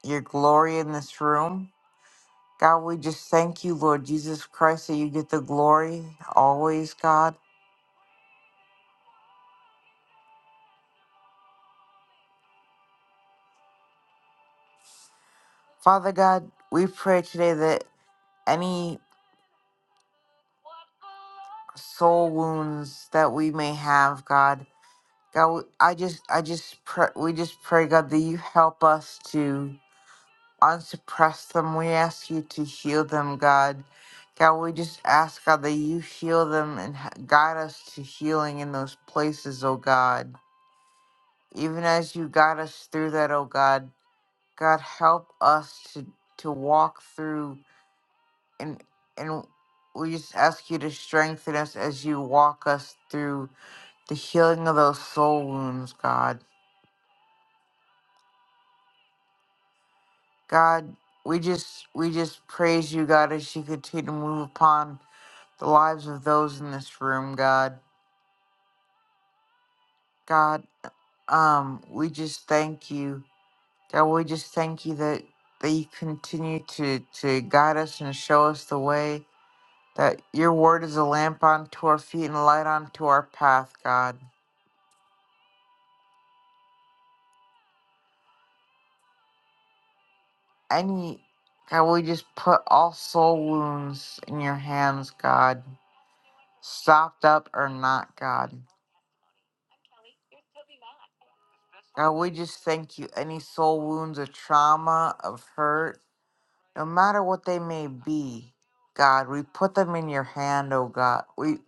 [SPEAKER 2] your glory in this room. God, we just thank you, Lord Jesus Christ, that you get the glory always, God. Father God, we pray today that any soul wounds that we may have, God, God, we- I just, I just pray, we just pray, God, that you help us to unsuppress them. We ask you to heal them, God. God, we just ask, God, that you heal them and h- guide us to healing in those places, oh God. Even as you guide us through that, oh God. God help us to to walk through and and we just ask you to strengthen us as you walk us through the healing of those soul wounds, God. God, we just we just praise you, God, as you continue to move upon the lives of those in this room, God. God, um, we just thank you. God, we just thank you that that you continue to to guide us and show us the way that your word is a lamp unto our feet and a light unto our path, God. Any, God, we just put all soul wounds in your hands, God, stopped up or not, God. God, we just thank you. Any soul wounds of trauma, of hurt, no matter what they may be, God, we put them in your hand, oh God. We,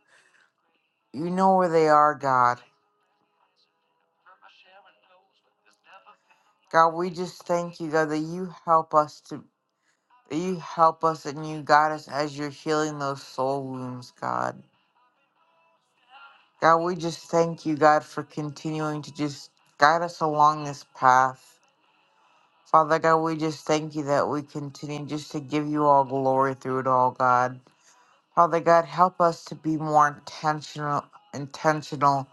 [SPEAKER 2] you know where they are, God. God, we just thank you, God, that you help us to. you help us and you guide us as you're healing those soul wounds, God. God, we just thank you, God, for continuing to just guide us along this path. Father God, we just thank you that we continue just to give you all glory through it all, God. Father God, help us to be more intentional intentional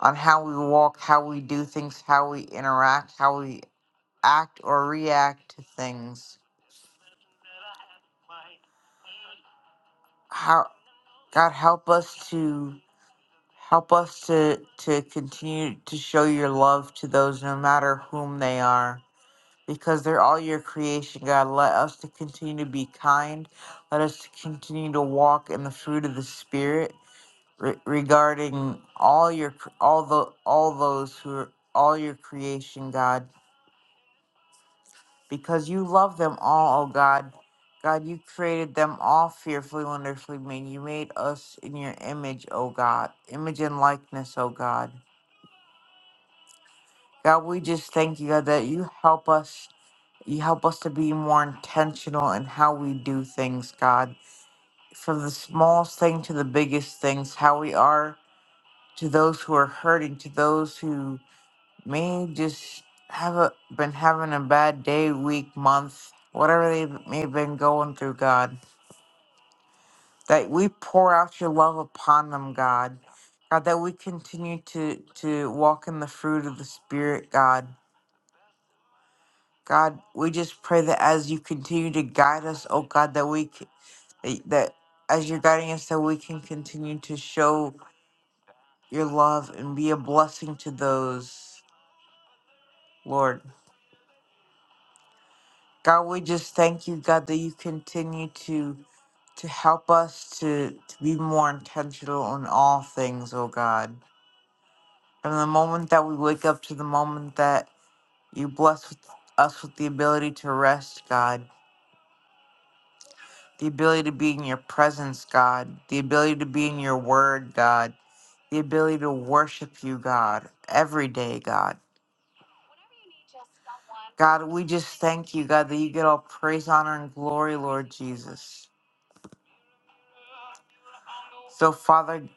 [SPEAKER 2] on how we walk, how we do things, how we interact, how we act or react to things. How God help us to Help us to, to continue to show your love to those no matter whom they are, because they're all your creation, God. Let us to continue to be kind. Let us to continue to walk in the fruit of the Spirit re- regarding all your cr- all the all those who are all your creation, God, because you love them all, oh God. God, you created them all fearfully, wonderfully made. You made us in your image, oh God, image and likeness, oh God. God, we just thank you, God, that you help us. You help us to be more intentional in how we do things, God. From the smallest thing to the biggest things, how we are to those who are hurting, to those who may just have a, been having a bad day, week, month, whatever they may have been going through, God. That we pour out your love upon them, God. God, that we continue to, to walk in the fruit of the Spirit, God God, we just pray that as you continue to guide us, oh God, that we c- that that as you're guiding us, that we can continue to show your love and be a blessing to those, Lord. God, we just thank you, God, that you continue to to help us to, to be more intentional in all things, oh God. From the moment that we wake up to the moment that you bless with, us with the ability to rest, God. the ability to be in your presence, God, the ability to be in your word, God, the ability to worship you, God, every day, God. God, we just thank you, God, that you get all praise, honor, and glory, Lord Jesus. So, Father,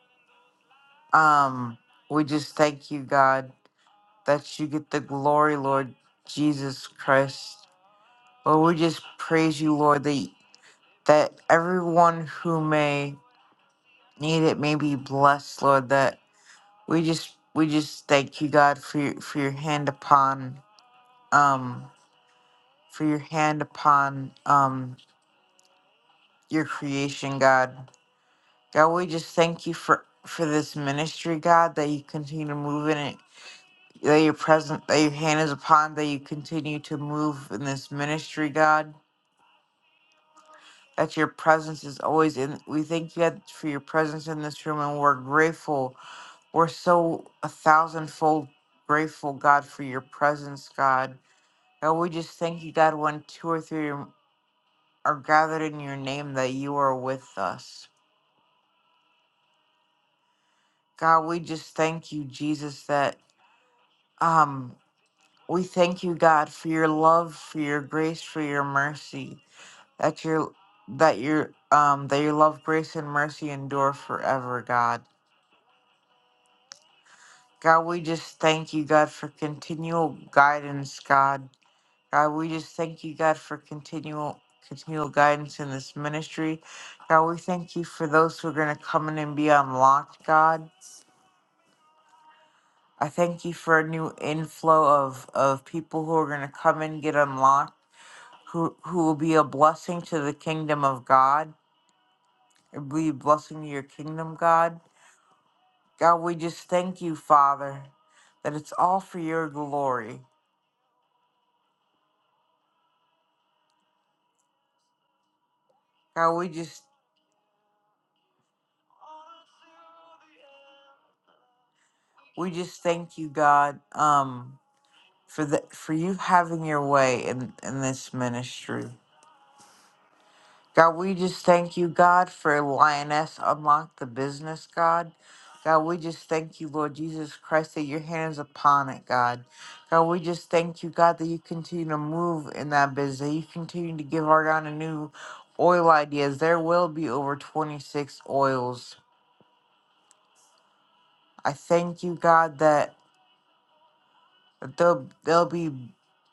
[SPEAKER 2] um, we just thank you, God, that you get the glory, Lord Jesus Christ. Lord, we just praise you, Lord, that, that everyone who may need it may be blessed, Lord, that We just we just thank you, God, for your for your hand upon um for your hand upon um your creation, God. God, we just thank you for for this ministry, God, that you continue to move in it. That your present that your hand is upon, that you continue to move in this ministry, God. That your presence is always in we thank you God, for your presence in this room and we're grateful. We're so a thousandfold grateful, God, for your presence, God. And we just thank you, God, when two or three are gathered in your name, that you are with us. God, we just thank you, Jesus, that um we thank you, God, for your love, for your grace, for your mercy. That your that your um that your love, grace, and mercy endure forever, God. God, we just thank you, God, for continual guidance, God. God, we just thank you, God, for continual continual guidance in this ministry. God, we thank you for those who are going to come in and be unlocked, God. I thank you for a new inflow of, of people who are going to come in, get unlocked, who, who will be a blessing to the kingdom of God, and be a blessing to your kingdom, God. God, we just thank you, Father, that it's all for your glory. God, we just we just thank you, God. Um, for the for you having your way in in this ministry. God, we just thank you, God, for Lioness Unlock the Business, God. God, we just thank you, Lord Jesus Christ, that your hand is upon it, God. God, we just thank you, God, that you continue to move in that business, that you continue to give our God a new oil ideas. There will be over 26 oils. I thank you, God, that there'll, there'll be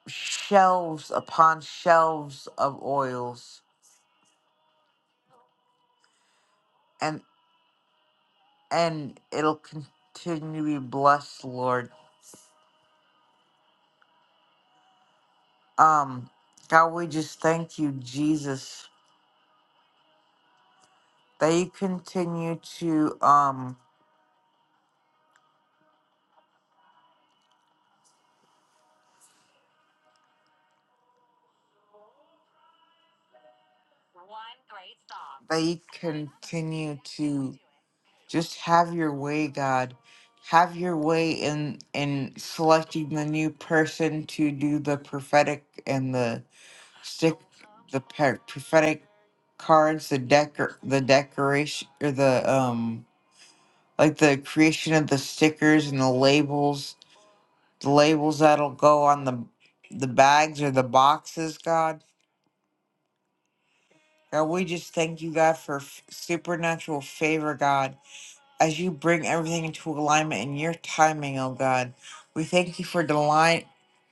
[SPEAKER 2] shelves upon shelves of oils. and and it'll continue to be blessed, Lord. Um, God, we just thank you, Jesus, that you continue to um that you continue to just have your way, God. Have your way in in selecting the new person to do the prophetic and the stick the pe- prophetic cards, the decor the decoration or the um like the creation of the stickers and the labels, the labels that'll go on the the bags or the boxes, God. God, we just thank you, God, for f- supernatural favor, God, as you bring everything into alignment in your timing, oh God. We thank you for delight,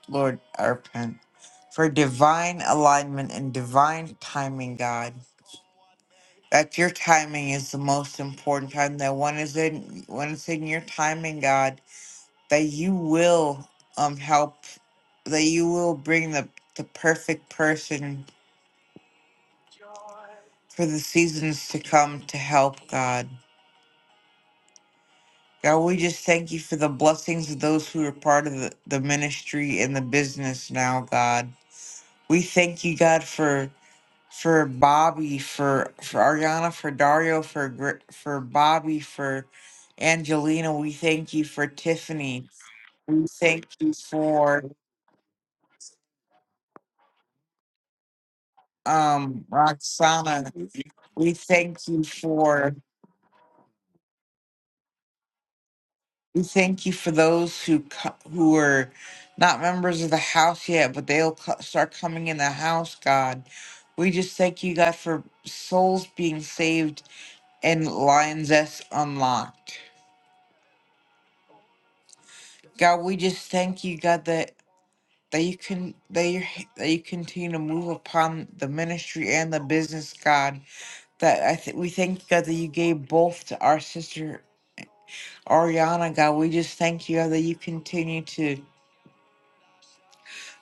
[SPEAKER 2] Lord, I repent, for divine alignment and divine timing, God. That your timing is the most important time. That when it's in when it's in your timing, God. that you will um help that you will bring the the perfect person for the seasons to come to help God. God, we just thank you for the blessings of those who are part of the, the ministry and the business now, God. We thank you, God, for for Bobby, for for Ariana, for Dario, for Gr- for Bobby, for Angelina. We thank you for Tiffany. We thank you for um, Roxana, we thank you for we thank you for those who co- who are not members of the house yet, but they'll co- start coming in the house. God, we just thank you, God, for souls being saved and Lions S unlocked. God, we just thank you, God, that that you can that you that you continue to move upon the ministry and the business, God. That I think we thank you, God, that you gave both to our sister Ariana, God, we just thank you God, that you continue to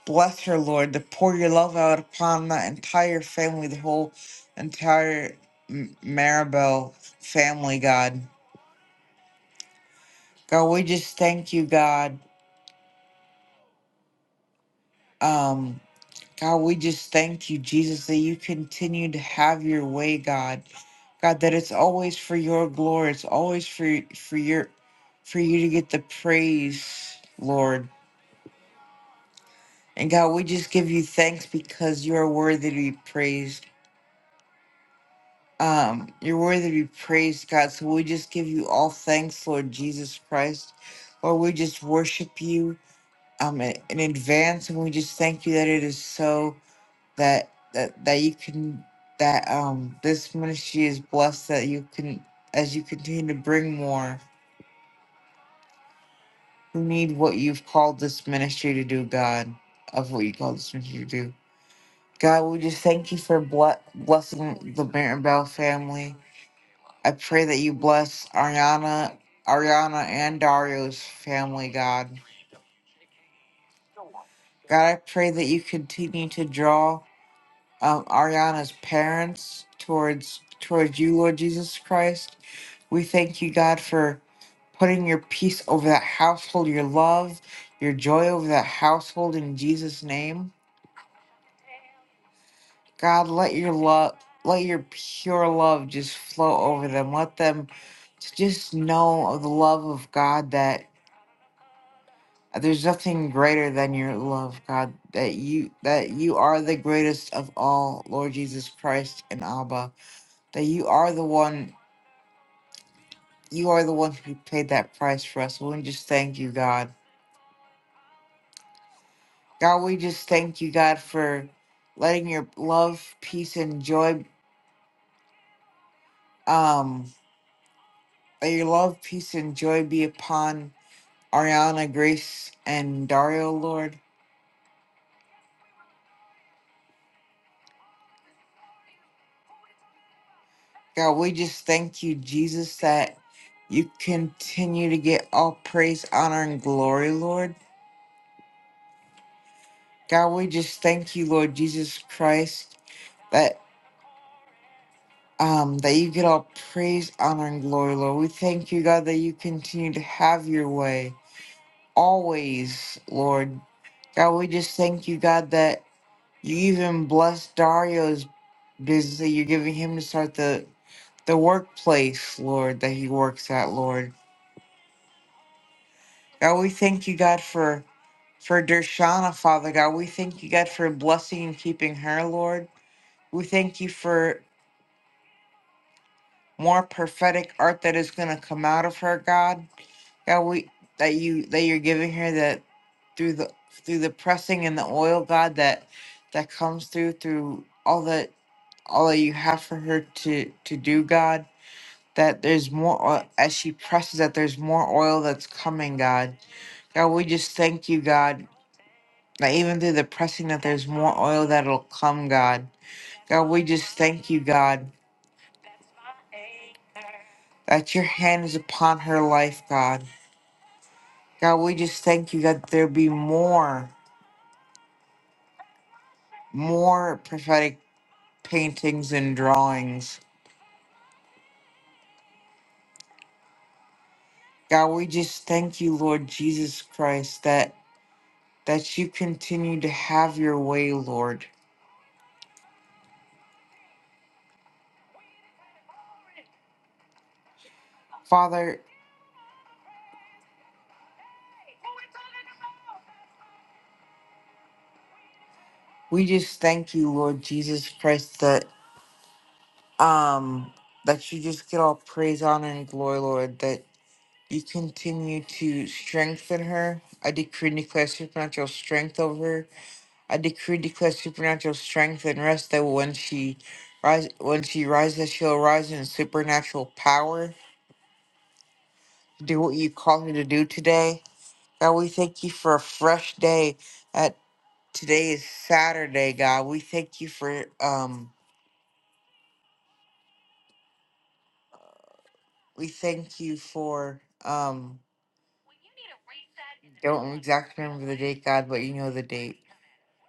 [SPEAKER 2] bless her, Lord, to pour your love out upon the entire family, the whole entire M- Maribel family, God. God, we just thank you, God. Um, God, we just thank you, Jesus, that you continue to have your way, God. God, that it's always for your glory. It's always for for your for you to get the praise, Lord. And God, we just give you thanks because you are worthy to be praised. Um, you're worthy to be praised, God. So we just give you all thanks, Lord Jesus Christ. Lord, we just worship you um in, in advance and we just thank you that it is so that that that you can that um this ministry is blessed that you can as you continue to bring more who need what you've called this ministry to do, God, of what you called this ministry to do. God, we just thank you for ble- blessing the Mirabelle family. I pray that you bless Ariana, Ariana and Dario's family, God. God, I pray that you continue to draw um, Ariana's parents towards towards you, Lord Jesus Christ. We thank you, God, for putting your peace over that household, your love, your joy over that household in Jesus' name. God, let your love, let your pure love just flow over them. Let them to just know of the love of God that there's nothing greater than your love, God, that you that you are the greatest of all, Lord Jesus Christ and Abba. That you are the one you are the one who paid that price for us. We just thank you, God. God, we just thank you, God, for letting your love, peace, and joy um let your love, peace, and joy be upon Ariana Grace and Dario Lord. God, we just thank you, Jesus, that you continue to get all praise, honor, and glory, Lord. God, we just thank you, Lord Jesus Christ, that um that you get all praise, honor, and glory, Lord. We thank you, God, that you continue to have your way always, Lord. God, we just thank you, God, that you even bless Dario's Because you're giving him to start the the workplace, Lord, that he works at, Lord. God, we thank you, God, for for Dershana, Father God. We thank you, God, for blessing and keeping her, Lord. We thank you for more prophetic art that is gonna come out of her, God. God, we that you that you're giving her that through the through the pressing and the oil, God, that that comes through through all that all that you have for her to to do, God. that there's more oil, as she presses that there's more oil that's coming, God. God, we just thank you, God, that even through the pressing that there's more oil that'll come, God. God, we just thank you, God, that your hand is upon her life, God. God, we just thank you that there be more, more prophetic paintings and drawings. God, we just thank you, Lord Jesus Christ, that that you continue to have your way, Lord. Father, We just thank you, Lord Jesus Christ, that um that you just get all praise, honor, and glory, Lord, that you continue to strengthen her. I decree and declare supernatural strength over her. I decree and declare supernatural strength and rest that when she rise when she rises, she'll rise in supernatural power. to Do what you called her to do today. God, we thank you for a fresh day. At today is Saturday, God. We thank you for um We thank you for um don't exactly remember the date, God, but you know the date.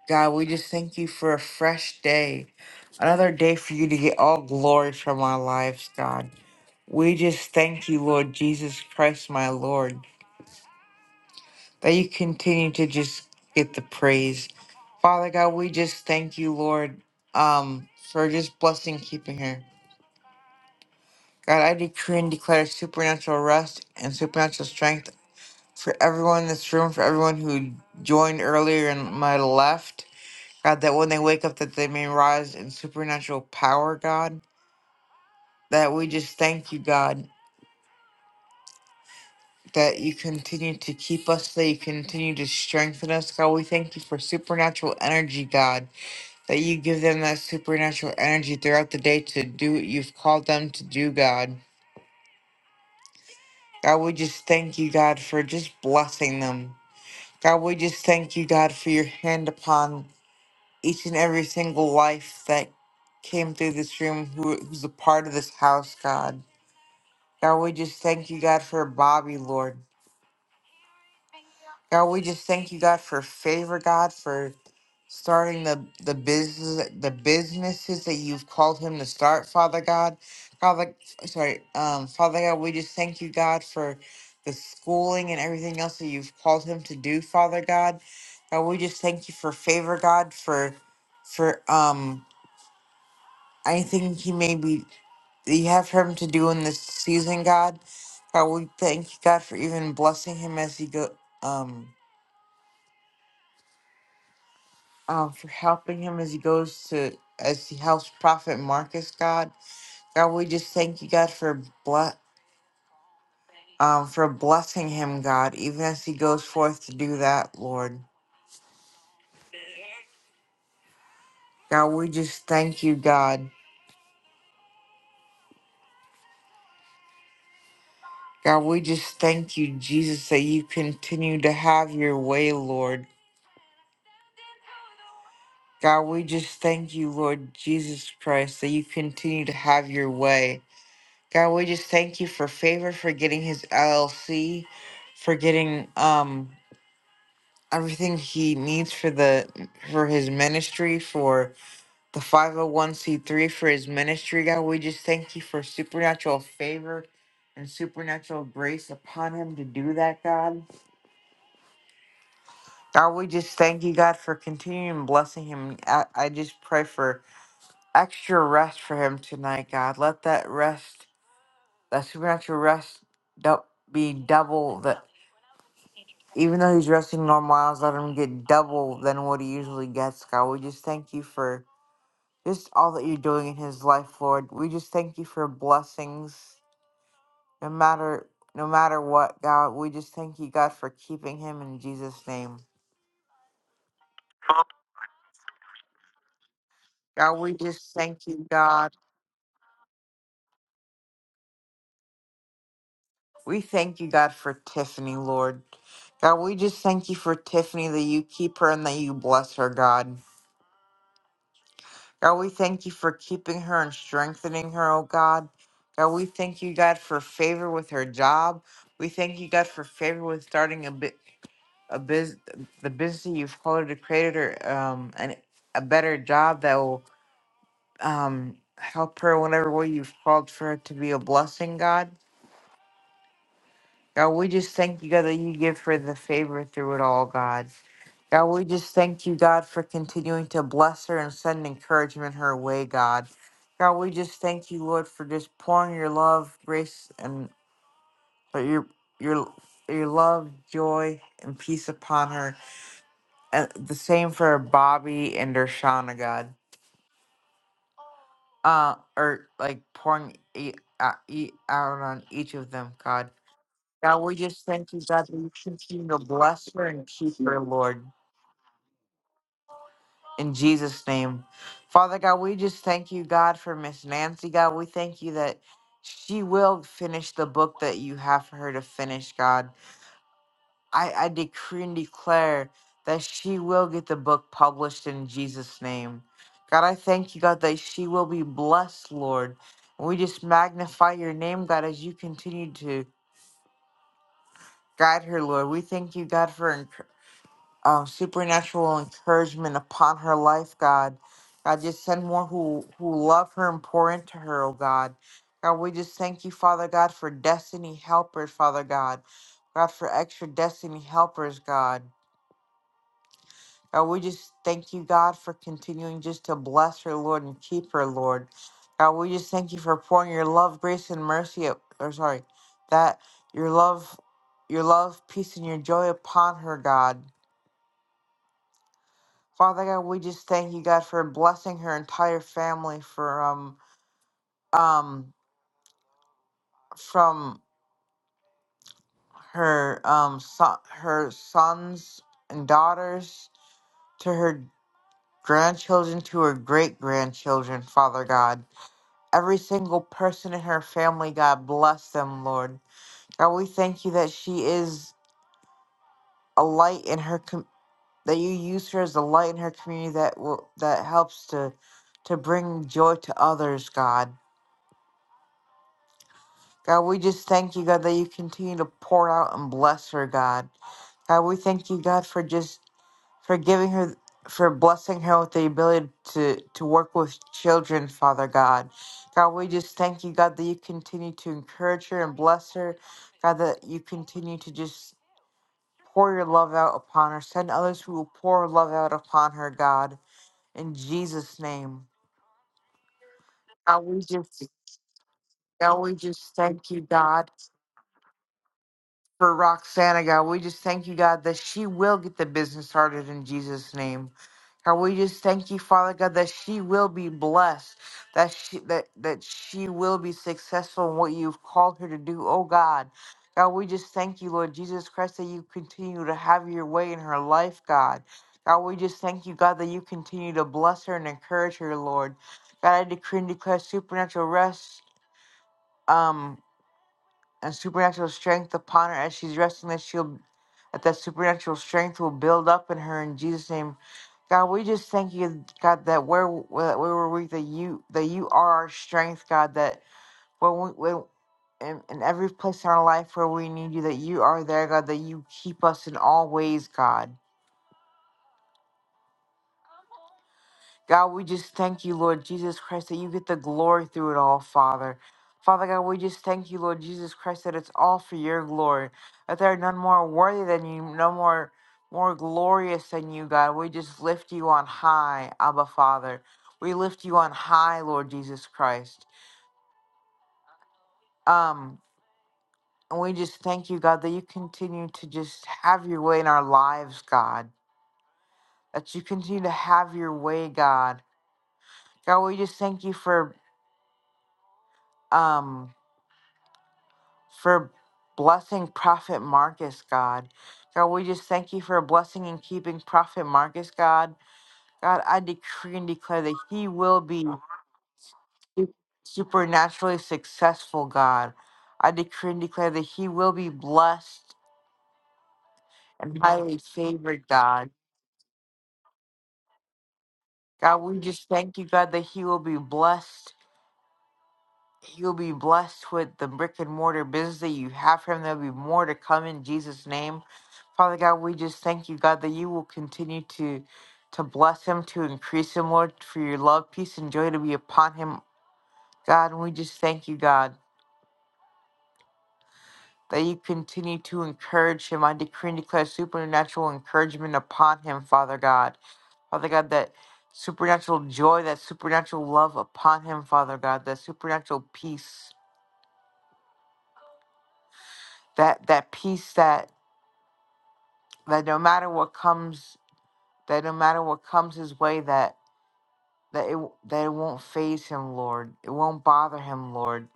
[SPEAKER 2] God, we just thank you for a fresh day. Another day for you to get all glory from our lives, God. We just thank you, Lord Jesus Christ, my Lord, that you continue to just get the praise. Father God, we just thank you, Lord, um, for just blessing keeping her. God, I decree and declare supernatural rest and supernatural strength for everyone in this room, for everyone who joined earlier and might have left. God, that when they wake up, that they may rise in supernatural power, God. That we just thank you, God, that you continue to keep us, that you continue to strengthen us, God. We thank you for supernatural energy, God, that you give them that supernatural energy throughout the day to do what you've called them to do, God. God, we just thank you, God, for just blessing them. God, we just thank you, God, for your hand upon each and every single life that came through this room who, who's a part of this house, God. God, we just thank you, God, for Bobby, Lord. God, we just thank you, God, for favor, God, for starting the, the business the businesses that you've called him to start, Father God. Father sorry, um, Father God, we just thank you, God, for the schooling and everything else that you've called him to do, Father God. God, we just thank you for favor, God, for for um I think he may be you have for him to do in this season, God. God, we thank you, God, for even blessing him as he go um uh, for helping him as he goes to as he helps Prophet Marcus, God. God, we just thank you, God, for ble- um for blessing him, God, even as he goes forth to do that, Lord. God, we just thank you, God. God, we just thank you, Jesus, that you continue to have your way, Lord. God, we just thank you, Lord Jesus Christ, that you continue to have your way. God, we just thank you for favor for getting his LLC, for getting um everything he needs for the for his ministry, for the 501c3 for his ministry. God, we just thank you for supernatural favor and supernatural grace upon him to do that, God. God, we just thank you, God, for continuing blessing him. I, I just pray for extra rest for him tonight, God. Let that rest, that supernatural rest, dou- be double that. Even though he's resting normal miles, let him get double than what he usually gets, God. We just thank you for just all that you're doing in his life, Lord. We just thank you for blessings, no matter no matter what, God. We just thank you, God, for keeping him in Jesus' name. God, we just thank you, God. We thank you, God, for Tiffany, Lord. God, we just thank you for Tiffany, that you keep her and that you bless her, God. God, we thank you for keeping her and strengthening her, oh God. God, we thank you, God, for favor with her job. We thank you, God, for favor with starting a bit a biz the business that you've called her to create her um and a better job that will um help her in whatever way you've called for her to be a blessing, God. God, we just thank you, God, that you give her the favor through it all, God. God, we just thank you, God, for continuing to bless her and send encouragement her way, God. God, we just thank you, Lord, for just pouring your love, grace, and uh, your your your love, joy, and peace upon her. And the same for Bobby and Dershana, God. Uh, or like pouring e- uh, e- out on each of them, God. God, we just thank you, God, that you continue to bless her and keep her, Lord, in Jesus' name. Father God, we just thank you, God, for Miss Nancy, God. We thank you that she will finish the book that you have for her to finish, God. I, I decree and declare that she will get the book published in Jesus' name. God, I thank you, God, that she will be blessed, Lord. And we just magnify your name, God, as you continue to guide her, Lord. We thank you, God, for encouragement uh, supernatural encouragement upon her life, God. God, just send more who who love her and pour into her, oh God. God, we just thank you, Father God, for destiny helpers, Father God. God, for extra destiny helpers, God. God, we just thank you, God, for continuing just to bless her, Lord, and keep her, Lord. God, we just thank you for pouring your love, grace, and mercy, up- or sorry, that your love, your love, peace, and your joy upon her, God. Father God, we just thank you, God, for blessing her entire family for um um from her um son, her sons and daughters to her grandchildren to her great grandchildren, Father God. Every single person in her family, God bless them, Lord. God, we thank you that she is a light in her com- that you use her as a light in her community that will that helps to to bring joy to others, God. God, we just thank you, God, that you continue to pour out and bless her, God. God, we thank you, God, for just for giving her for blessing her with the ability to to work with children, Father God. God, we just thank you, God, that you continue to encourage her and bless her. God, that you continue to just pour your love out upon her. Send others who will pour love out upon her, God. In Jesus' name. God, we just God, we just thank you, God. for Roxana, God. We just thank you, God, that she will get the business started in Jesus' name. God, we just thank you, Father God, that she will be blessed, that she that that she will be successful in what you've called her to do, oh God. God, we just thank you, Lord Jesus Christ, that you continue to have your way in her life, God. God, we just thank you, God, that you continue to bless her and encourage her, Lord. God, I decree and declare supernatural rest. Um, and supernatural strength upon her as she's resting that she'll that that supernatural strength will build up in her in Jesus name. God, we just thank you, God, that where that we were weak, that you that you are our strength, God. That when we when in, in every place in our life where we need you, that you are there, God. That you keep us in all ways, God. God, we just thank you, Lord Jesus Christ, that you get the glory through it all, Father. Father God, we just thank you, Lord Jesus Christ, that it's all for your glory. That there are none more worthy than you, no more more glorious than you, God. We just lift you on high, Abba Father. We lift you on high, Lord Jesus Christ. Um, and we just thank you, God, that you continue to just have your way in our lives, God. That you continue to have your way, God. God, we just thank you for um for blessing Prophet Marcus, God. God, we just thank you for blessing and keeping Prophet Marcus, God. God, I decree and declare that he will be su- supernaturally successful, God. I decree and declare that he will be blessed and highly favored, God. God, we just thank you, God, that he will be blessed You'll be blessed with the brick and mortar business that you have for him. There'll be more to come in Jesus' name. Father God, we just thank you, God, that you will continue to to bless him, to increase him, Lord, for your love, peace, and joy to be upon him. God, and we just thank you, God, that you continue to encourage him. I decree and declare supernatural encouragement upon him, Father God. Father God, that supernatural joy, that supernatural love upon him, Father God, that supernatural peace, that that peace that that no matter what comes that no matter what comes his way that that it that it won't phase him lord it won't bother him lord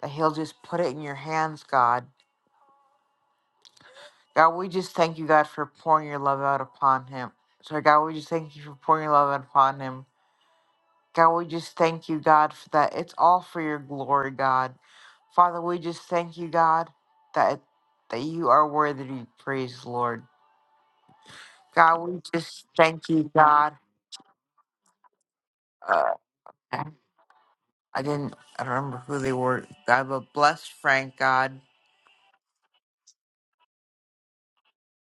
[SPEAKER 2] that he'll just put it in your hands god god we just thank you god for pouring your love out upon him so god we just thank you for pouring your love out upon him god we just thank you god for that it's all for your glory god father we just thank you god that that you are worthy to be praised lord god we just thank you god Uh, I didn't I don't remember who they were. God, but bless Frank, God.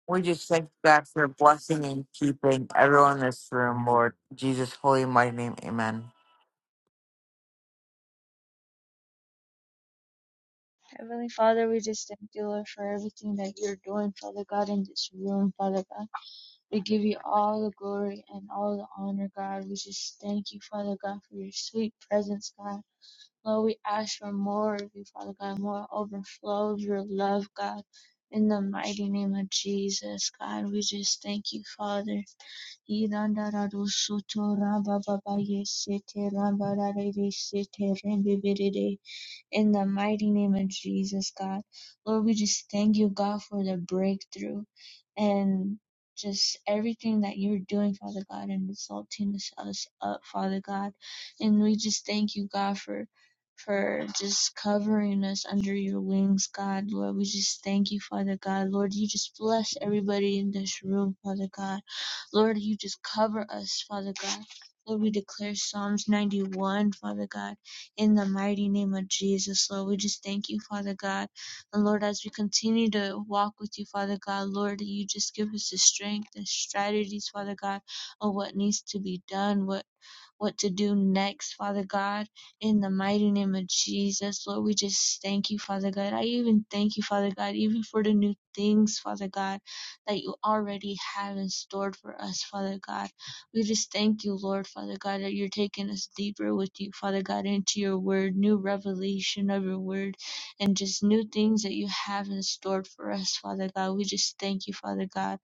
[SPEAKER 2] We just thank God for blessing and keeping everyone in this room, Lord. In Jesus' holy mighty name, amen.
[SPEAKER 7] Heavenly Father, we just thank you, Lord, for everything that you're doing, Father God, in this room, Father God. We give you all the glory and all the honor, God. We just thank you, Father God, for your sweet presence, God. Lord, we ask for more of you, Father God, more overflow of your love, God. In the mighty name of Jesus, God, we just thank you, Father. Irandaradosotho rabababayesete rambararerese in the mighty name of Jesus, God. Lord, we just thank you, God, for the breakthrough and just everything that you're doing, Father God, and exalting us us up, Father God. And we just thank you, God, for for just covering us under your wings, God. Lord, we just thank you, Father God. Lord, you just bless everybody in this room, Father God. Lord, you just cover us, Father God. Lord, we declare Psalms 91, Father God. In the mighty name of Jesus, Lord, we just thank you, Father God. And Lord, as we continue to walk with you, Father God, Lord, you just give us the strength and strategies, Father God, of what needs to be done, what what to do next, Father God, in the mighty name of Jesus. Lord, we just thank you, Father God. I even thank you, Father God, even for the new things, Father God, that you already have in store for us, Father God. We just thank you, Lord, Father God, that you're taking us deeper with you, Father God, into your word, new revelation of your word, and just new things that you have in store for us, Father God. We just thank you, Father God.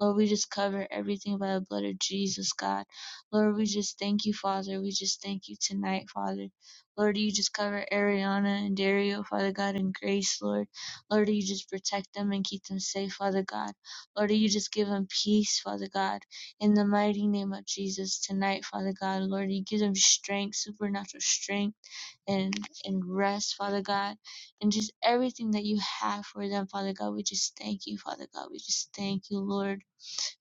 [SPEAKER 7] Lord, we just cover everything by the blood of Jesus, God. Lord, we just thank you, Father. We just thank you tonight, Father. Lord, you just cover Ariana and Dario, Father God, and Grace, Lord. Lord, you just protect them and keep them safe, Father God. Lord, you just give them peace, Father God. In the mighty name of Jesus tonight, Father God. Lord, you give them strength, supernatural strength and, and rest, Father God. And just everything that you have for them, Father God. We just thank you, Father God. We just thank you, Lord.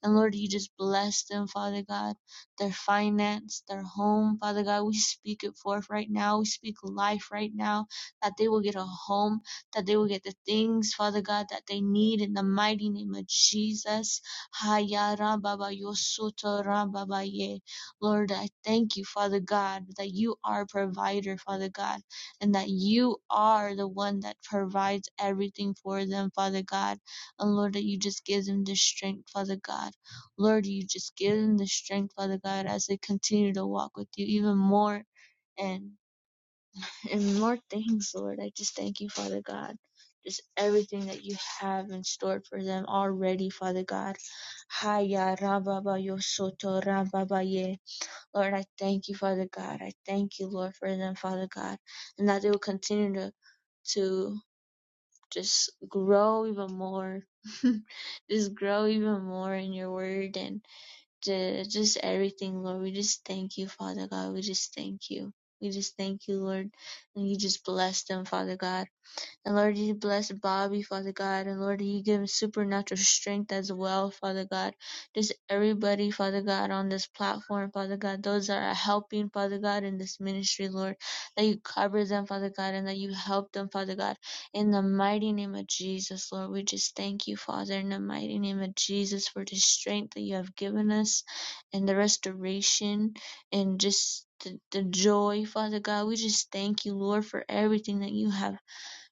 [SPEAKER 7] And Lord, you just bless them, Father God, their finance, their home, Father God. We speak it forth right now. We speak life right now, that they will get a home, that they will get the things, Father God, that they need in the mighty name of Jesus. Haya Rababa Yosuto Rababa Ye. Lord, I thank you, Father God, that you are a provider, Father God, and that you are the one that provides everything for them, Father God. And Lord, that you just give them the strength, Father God Lord, you just give them the strength, Father God, as they continue to walk with you even more and and more things, Lord. I just thank you, Father God. Just everything that you have in store for them already, Father God. Haya rababa yosoto rababa ye. Lord, I thank you, Father God. I thank you, Lord, for them, Father God. And that they will continue to to just grow even more. just grow even more in your word and ju- just everything, Lord. We just thank you, Father God. We just thank you. We just thank you, Lord. And you just bless them, Father God. And Lord, you bless Bobby, Father God. And Lord, you give him supernatural strength as well, Father God. Just everybody, Father God, on this platform, Father God, those that are helping, Father God, in this ministry, Lord, that you cover them, Father God, and that you help them, Father God. In the mighty name of Jesus, Lord, we just thank you, Father, in the mighty name of Jesus, for the strength that you have given us and the restoration and just the, the joy, Father God. We just thank you, Lord, for everything that you have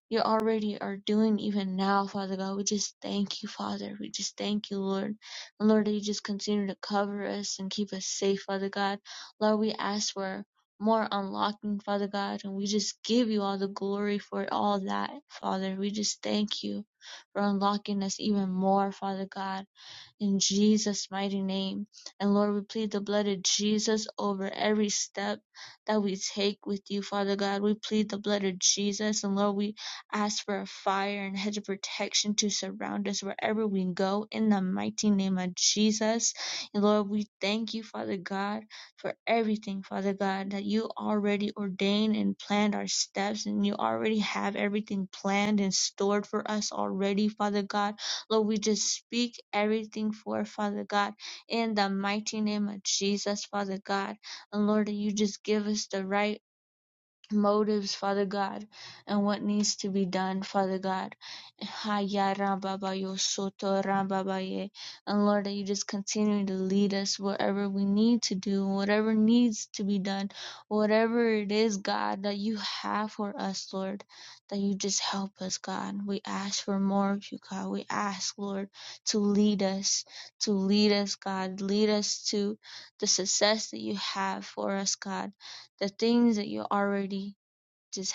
[SPEAKER 7] you already are doing even now, Father God. We just thank you, Father. We just thank you, Lord. And Lord, that you just continue to cover us and keep us safe, Father God. Lord, we ask for more unlocking, Father God, and we just give you all the glory for all that, Father. We just thank you for unlocking us even more, Father God in Jesus' mighty name. And Lord, we plead the blood of Jesus over every step that we take with you, Father God. We plead the blood of Jesus. And Lord, we ask for a fire and hedge of protection to surround us wherever we go in the mighty name of Jesus. And Lord, we thank you, Father God, for everything, Father God, that you already ordained and planned our steps, and you already have everything planned and stored for us already, Father God. Lord, we just speak everything for Father God in the mighty name of Jesus, Father God. And Lord, you just give us the right motives, Father God, and what needs to be done, Father God. Ha ya ram ba yo so ram ba ye. And Lord, that you just continue to lead us wherever we need to do, whatever needs to be done, whatever it is, God, that you have for us, Lord, that you just help us, God. We ask for more of you, God. We ask, Lord, to lead us, to lead us, God. Lead us to the success that you have for us, God the things that you already just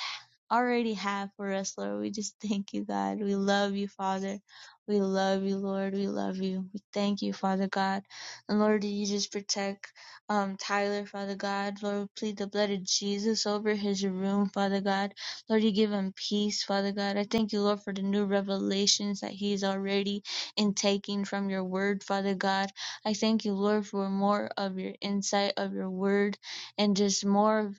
[SPEAKER 7] already have for us, Lord. We just thank you, God. We love you, Father. We love you, Lord. We love you. We thank you, Father God. And Lord, you just protect um Tyler, Father God. Lord, plead the blood of Jesus over his room, Father God. Lord, you give him peace, Father God. I thank you, Lord, for the new revelations that he's already intaking from your word, Father God. I thank you, Lord, for more of your insight of your word and just more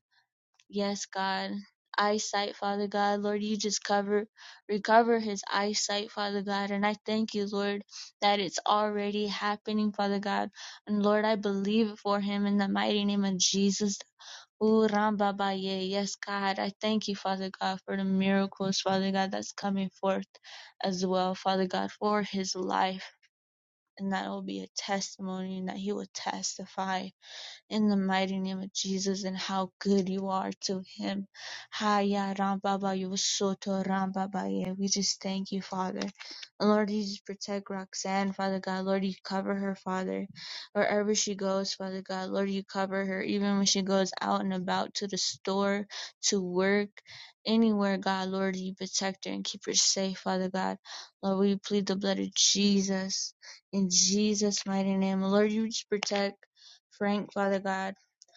[SPEAKER 7] Yes, God. Eyesight, Father God. Lord, you just cover, recover his eyesight, Father God. And I thank you, Lord, that it's already happening, Father God. And Lord, I believe it for him in the mighty name of Jesus. Ooh, Rambabaye. Yes, God. I thank you, Father God, for the miracles, Father God, that's coming forth as well, Father God, for his life. And that will be a testimony and that he will testify in the mighty name of Jesus and how good you are to him. Haya Ram Baba, Rambabayo Soto Rambabaye. We just thank you, Father. And Lord, you just protect Roxanne, Father God. Lord, you cover her, Father. Wherever she goes, Father God, Lord, you cover her. Even when she goes out and about to the store, to work, anywhere, God, Lord, you protect her and keep her safe, Father God. Lord, we plead the blood of Jesus in Jesus' mighty name. Lord, you just protect. Frank Hildegard.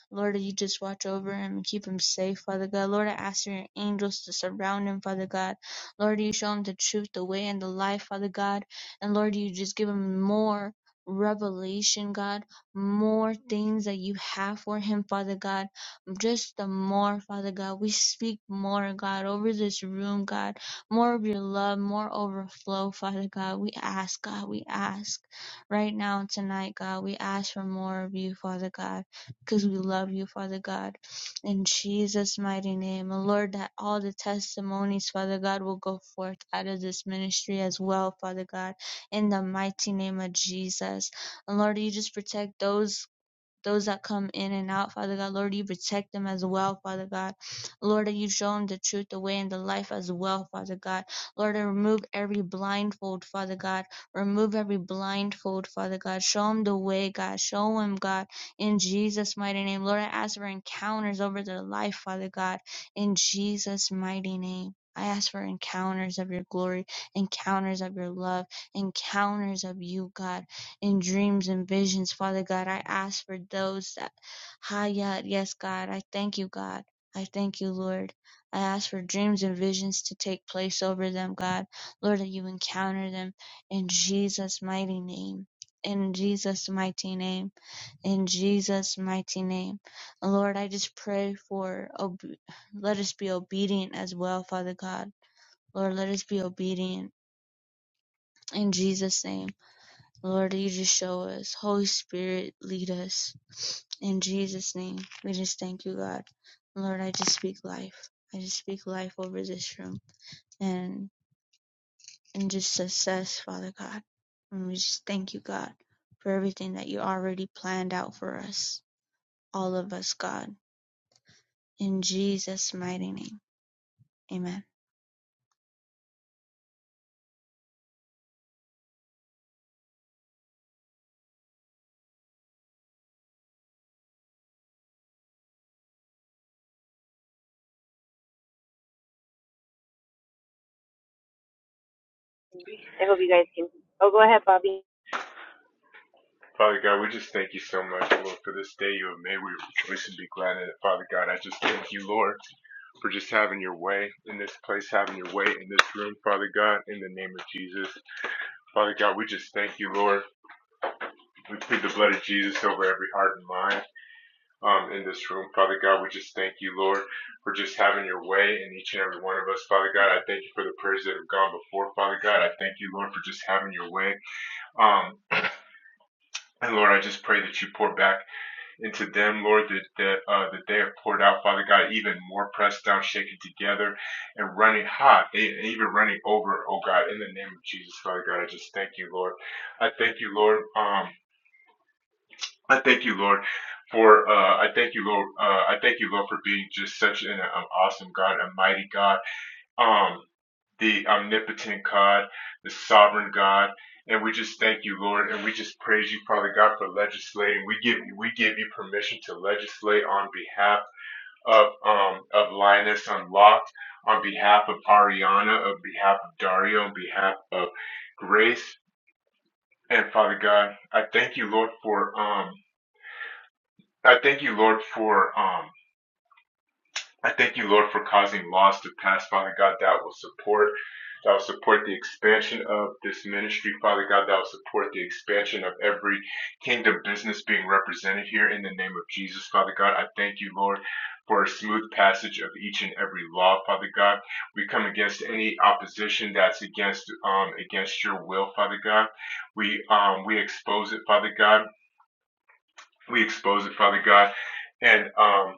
[SPEAKER 7] Lord, you just watch over him and keep him safe, Father God. Lord, I ask for your angels to surround him, Father God. Lord, you show him the truth, the way, and the life, Father God. And Lord, you just give him more revelation, God, more things that you have for him, Father God. Just the more, Father God. We speak more, God, over this room, God. More of your love, more overflow, Father God. We ask, God, we ask right now and tonight, God. We ask for more of you, Father God because we love you, Father God. In Jesus' mighty name. And Lord, that all the testimonies, Father God, will go forth out of this ministry as well, Father God, in the mighty name of Jesus. And Lord, you just protect those those that come in and out, Father God. Lord, you protect them as well, Father God. Lord, that you show them the truth, the way, and the life as well, Father God. Lord, remove every blindfold, Father God. Remove every blindfold, Father God. Show them the way, God. Show them, God, in Jesus' mighty name. Lord, I ask for encounters over their life, Father God, in Jesus' mighty name. I ask for encounters of your glory, encounters of your love, encounters of you, God in dreams and visions, Father God. I ask for those that, Hayat, yes, God. I thank you, God. I thank you, Lord. I ask for dreams and visions to take place over them, God. Lord, that you encounter them in Jesus' mighty name. In Jesus' mighty name. In Jesus' mighty name. Lord, I just pray for, ob- let us be obedient as well, Father God. Lord, let us be obedient. In Jesus' name. Lord, you just show us. Holy Spirit, lead us. In Jesus' name, we just thank you, God. Lord, I just speak life. I just speak life over this room and and just success, Father God. And we just thank you, God, for everything that you already planned out for us, all of us, God. In Jesus' mighty name, Amen.
[SPEAKER 4] Father God, we just thank you so much, Lord, for this day you have made. We rejoice and be glad in it, Father God. I just thank you, Lord, for just having your way in this place, having your way in this room, Father God, in the name of Jesus. Father God, we just thank you, Lord. We plead the blood of Jesus over every heart and mind um, in this room, Father God. We just thank you, Lord, for just having your way in each and every one of us, Father God. I thank you for the prayers that have gone before, Father God. I thank you, Lord, for just having your way. Um, and Lord, I just pray that you pour back. into them, Lord, that, that, uh, that they have poured out, Father God, even more pressed down, shaken together, and running hot, and even running over, oh God, in the name of Jesus, Father God, I just thank you, Lord. I thank you, Lord. Um, I thank you, Lord, for uh, I thank you, Lord. Uh, I thank you, Lord, for being just such an, an awesome God, a mighty God um, the omnipotent God, the sovereign God. And we just thank you, Lord, and we just praise you, Father God, for legislating. We give you, we give you permission to legislate on behalf of um of Linus Unlocked, on behalf of Ariana, on behalf of Dario, on behalf of Grace. And Father God, I thank you, Lord, for um I thank you, Lord, for um I thank you, Lord, for causing laws to pass, Father God, that will support that will support the expansion of this ministry, Father God, that will support the expansion of every kingdom business being represented here in the name of Jesus, Father God. I thank you, Lord, for a smooth passage of each and every law, Father God. We come against any opposition that's against um against your will, Father God. We um we expose it, Father God. We expose it, Father God and um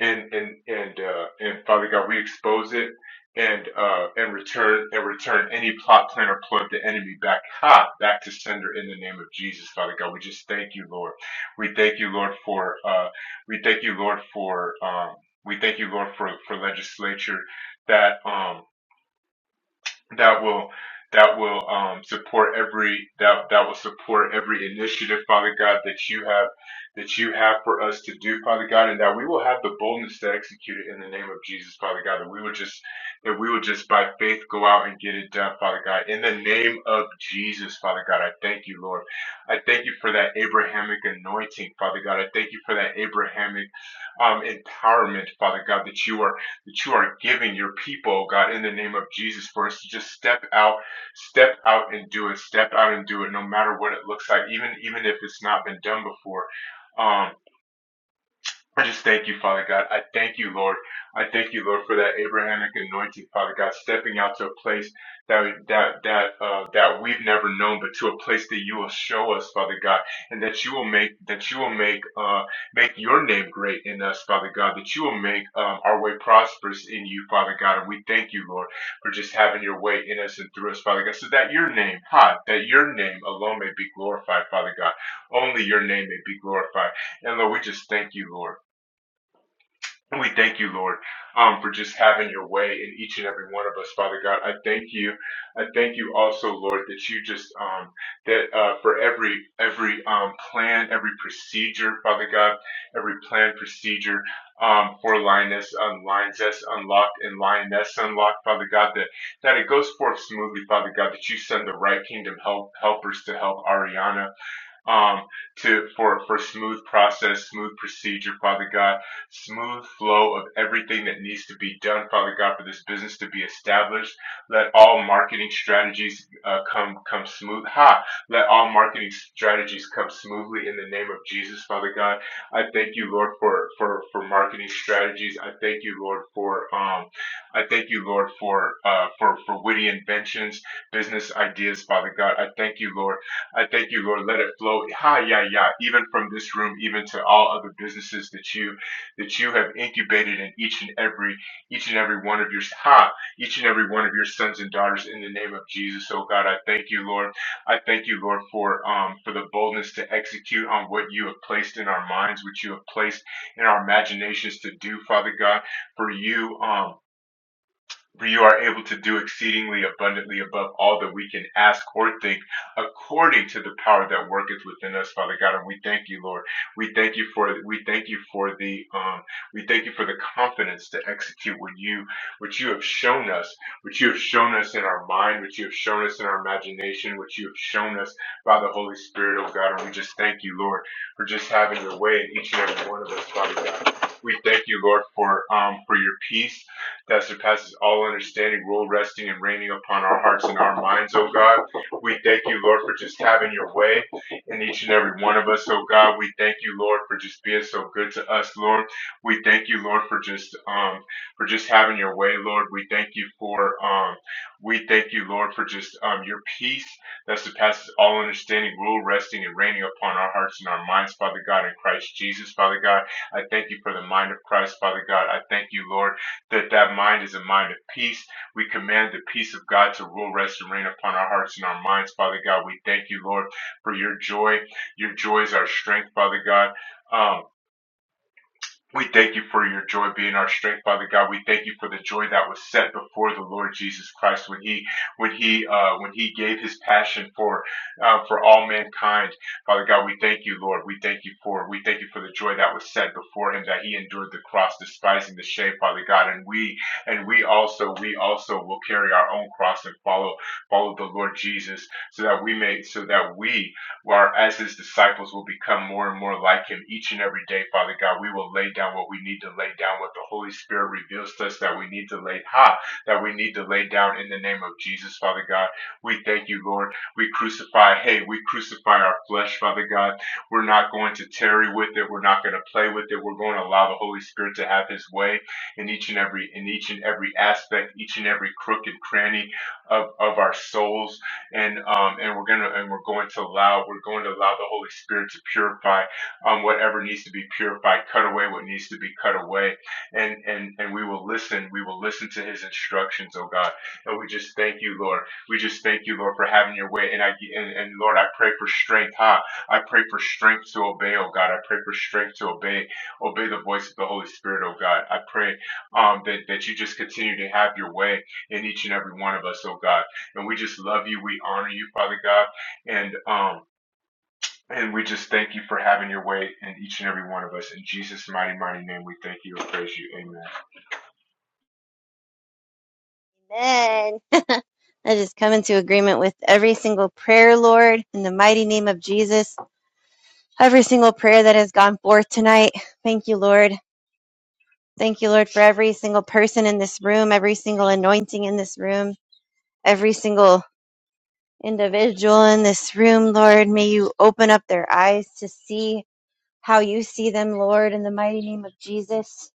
[SPEAKER 4] and and and uh and Father God, we expose it and uh and return and return any plot plan or plug the enemy back ha back to sender in the name of Jesus, Father God. We just thank you, Lord. We thank you, Lord, for uh we thank you, Lord, for um we thank you, Lord, for for legislature that um that will that will um, support every that that will support every initiative, Father God, that you have that you have for us to do, Father God, and that we will have the boldness to execute it in the name of Jesus, Father God. That we will just that we will just by faith go out and get it done, Father God, in the name of Jesus, Father God. I thank you, Lord. I thank you for that Abrahamic anointing, Father God. I thank you for that Abrahamic um, empowerment, Father God, that you are that you are giving your people, oh God, in the name of Jesus, for us to just step out, step out and do it, step out and do it, no matter what it looks like, even even if it's not been done before. Um, I just thank you, Father God. I thank you, Lord. I thank you, Lord, for that Abrahamic anointing, Father God, stepping out to a place that that that uh, that we've never known, but to a place that you will show us, Father God, and that you will make that you will make uh, make your name great in us, Father God. That you will make um, our way prosperous in you, Father God. And we thank you, Lord, for just having your way in us and through us, Father God, so that your name, ha, that your name alone may be glorified, Father God. Only your name may be glorified, and Lord, we just thank you, Lord. And We thank you, Lord, um, for just having your way in each and every one of us, Father God. I thank you. I thank you also, Lord, that you just um, that uh, for every every um, plan, every procedure, Father God, every plan procedure um, for lioness, unlines us, unlocked, and lioness unlocked, Father God, that that it goes forth smoothly, Father God, that you send the right kingdom help helpers to help Ariana um, to for for smooth process, smooth procedure, Father God, smooth flow of everything that needs to be done, Father God, for this business to be established. Let all marketing strategies uh, come come smooth. Ha! Let all marketing strategies come smoothly in the name of Jesus, Father God. I thank you, Lord, for for for marketing strategies. I thank you, Lord, for um, I thank you, Lord, for uh, for for witty inventions, business ideas, Father God. I thank you, Lord I thank you, Lord. Let it flow. Ha! yeah, yeah. Even from this room, even to all other businesses that you that you have incubated in each and every each and every one of your ha, each and every one of your sons and daughters in the name of Jesus. Oh God, I thank you, Lord. I thank you, Lord, for um for the boldness to execute on what you have placed in our minds, what you have placed in our imaginations to do, Father God. For you, um but you are able to do exceedingly abundantly above all that we can ask or think according to the power that worketh within us, Father God. And we thank you, Lord. We thank you for we thank you for the um we thank you for the confidence to execute what you what you have shown us, what you have shown us in our mind, what you have shown us in our imagination, what you have shown us by the Holy Spirit, oh God. And we just thank you, Lord, for just having your way in each and every one of us, Father God. We thank you, Lord, for um for your peace that surpasses all understanding, rule resting and reigning upon our hearts and our minds, O God. We thank you, Lord, for just having your way in each and every one of us, O God. We thank you, Lord, for just being so good to us, Lord. We thank you, Lord, for just um for just having your way, Lord. We thank you for um we thank you, Lord, for just um your peace that surpasses all understanding, rule resting and reigning upon our hearts and our minds, Father God, in Christ Jesus, Father God. I thank you for the mind of Christ, Father God. I thank you, Lord that that mind is a mind of peace. We command the peace of God to rule, rest, and reign upon our hearts and our minds, Father God. We thank you, Lord, for your joy. Your joy is our strength, Father God. Um, we thank you for your joy being our strength, Father God. We thank you for the joy that was set before the Lord Jesus Christ when he when he uh, when he gave his passion for uh, for all mankind, Father God. We thank you, Lord. We thank you for we thank you for the joy that was set before him that he endured the cross, despising the shame, Father God. And we and we also we also will carry our own cross and follow follow the Lord Jesus, so that we may so that we where as his disciples will become more and more like him each and every day, Father God, we will lay down what we need to lay down, what the Holy Spirit reveals to us that we need to lay ha, that we need to lay down in the name of Jesus, Father God. We thank you, Lord. We crucify, hey, we crucify our flesh, Father God. We're not going to tarry with it. We're not going to play with it. We're going to allow the Holy Spirit to have his way in each and every in each and every aspect, each and every crook and cranny of, of our souls and um, and we're gonna and we're going to allow we're going to allow the Holy Spirit to purify um, whatever needs to be purified, cut away what needs to be cut away, and and and we will listen. We will listen to His instructions, oh God, and we just thank you, Lord. We just thank you, Lord, for having Your way, and I and, and Lord, I pray for strength, ha. I pray for strength to obey, oh God. I pray for strength to obey, obey the voice of the Holy Spirit, oh God. I pray um, that that you just continue to have Your way in each and every one of us, oh God. And we just love you. We honor you, Father God. And um and we just thank you for having your way in each and every one of us. In Jesus' mighty, mighty name, we thank you and praise you. Amen.
[SPEAKER 1] Amen. I just come into agreement with every single prayer, Lord, in the mighty name of Jesus. Every single prayer that has gone forth tonight. Thank you, Lord. Thank you, Lord, for every single person in this room, every single anointing in this room, every single individual in this room, Lord. May you open up their eyes to see how you see them, Lord, in the mighty name of Jesus.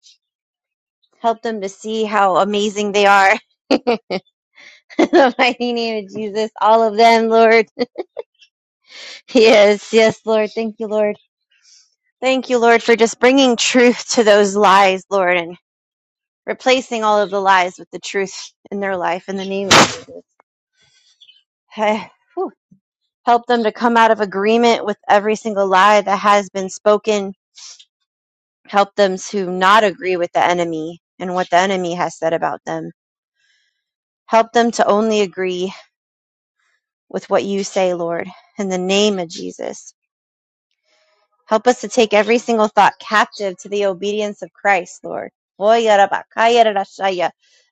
[SPEAKER 1] Help them to see how amazing they are. in the mighty name of Jesus, all of them, Lord. Yes, yes, Lord. Thank you, Lord. Thank you, Lord, for just bringing truth to those lies, Lord, and replacing all of the lies with the truth in their life in the name of Jesus. whew. Help them to come out of agreement with every single lie that has been spoken help them to not agree with the enemy and what the enemy has said about them. Help them to only agree with what you say, Lord, in the name of Jesus. Help us to take every single thought captive to the obedience of Christ, Lord.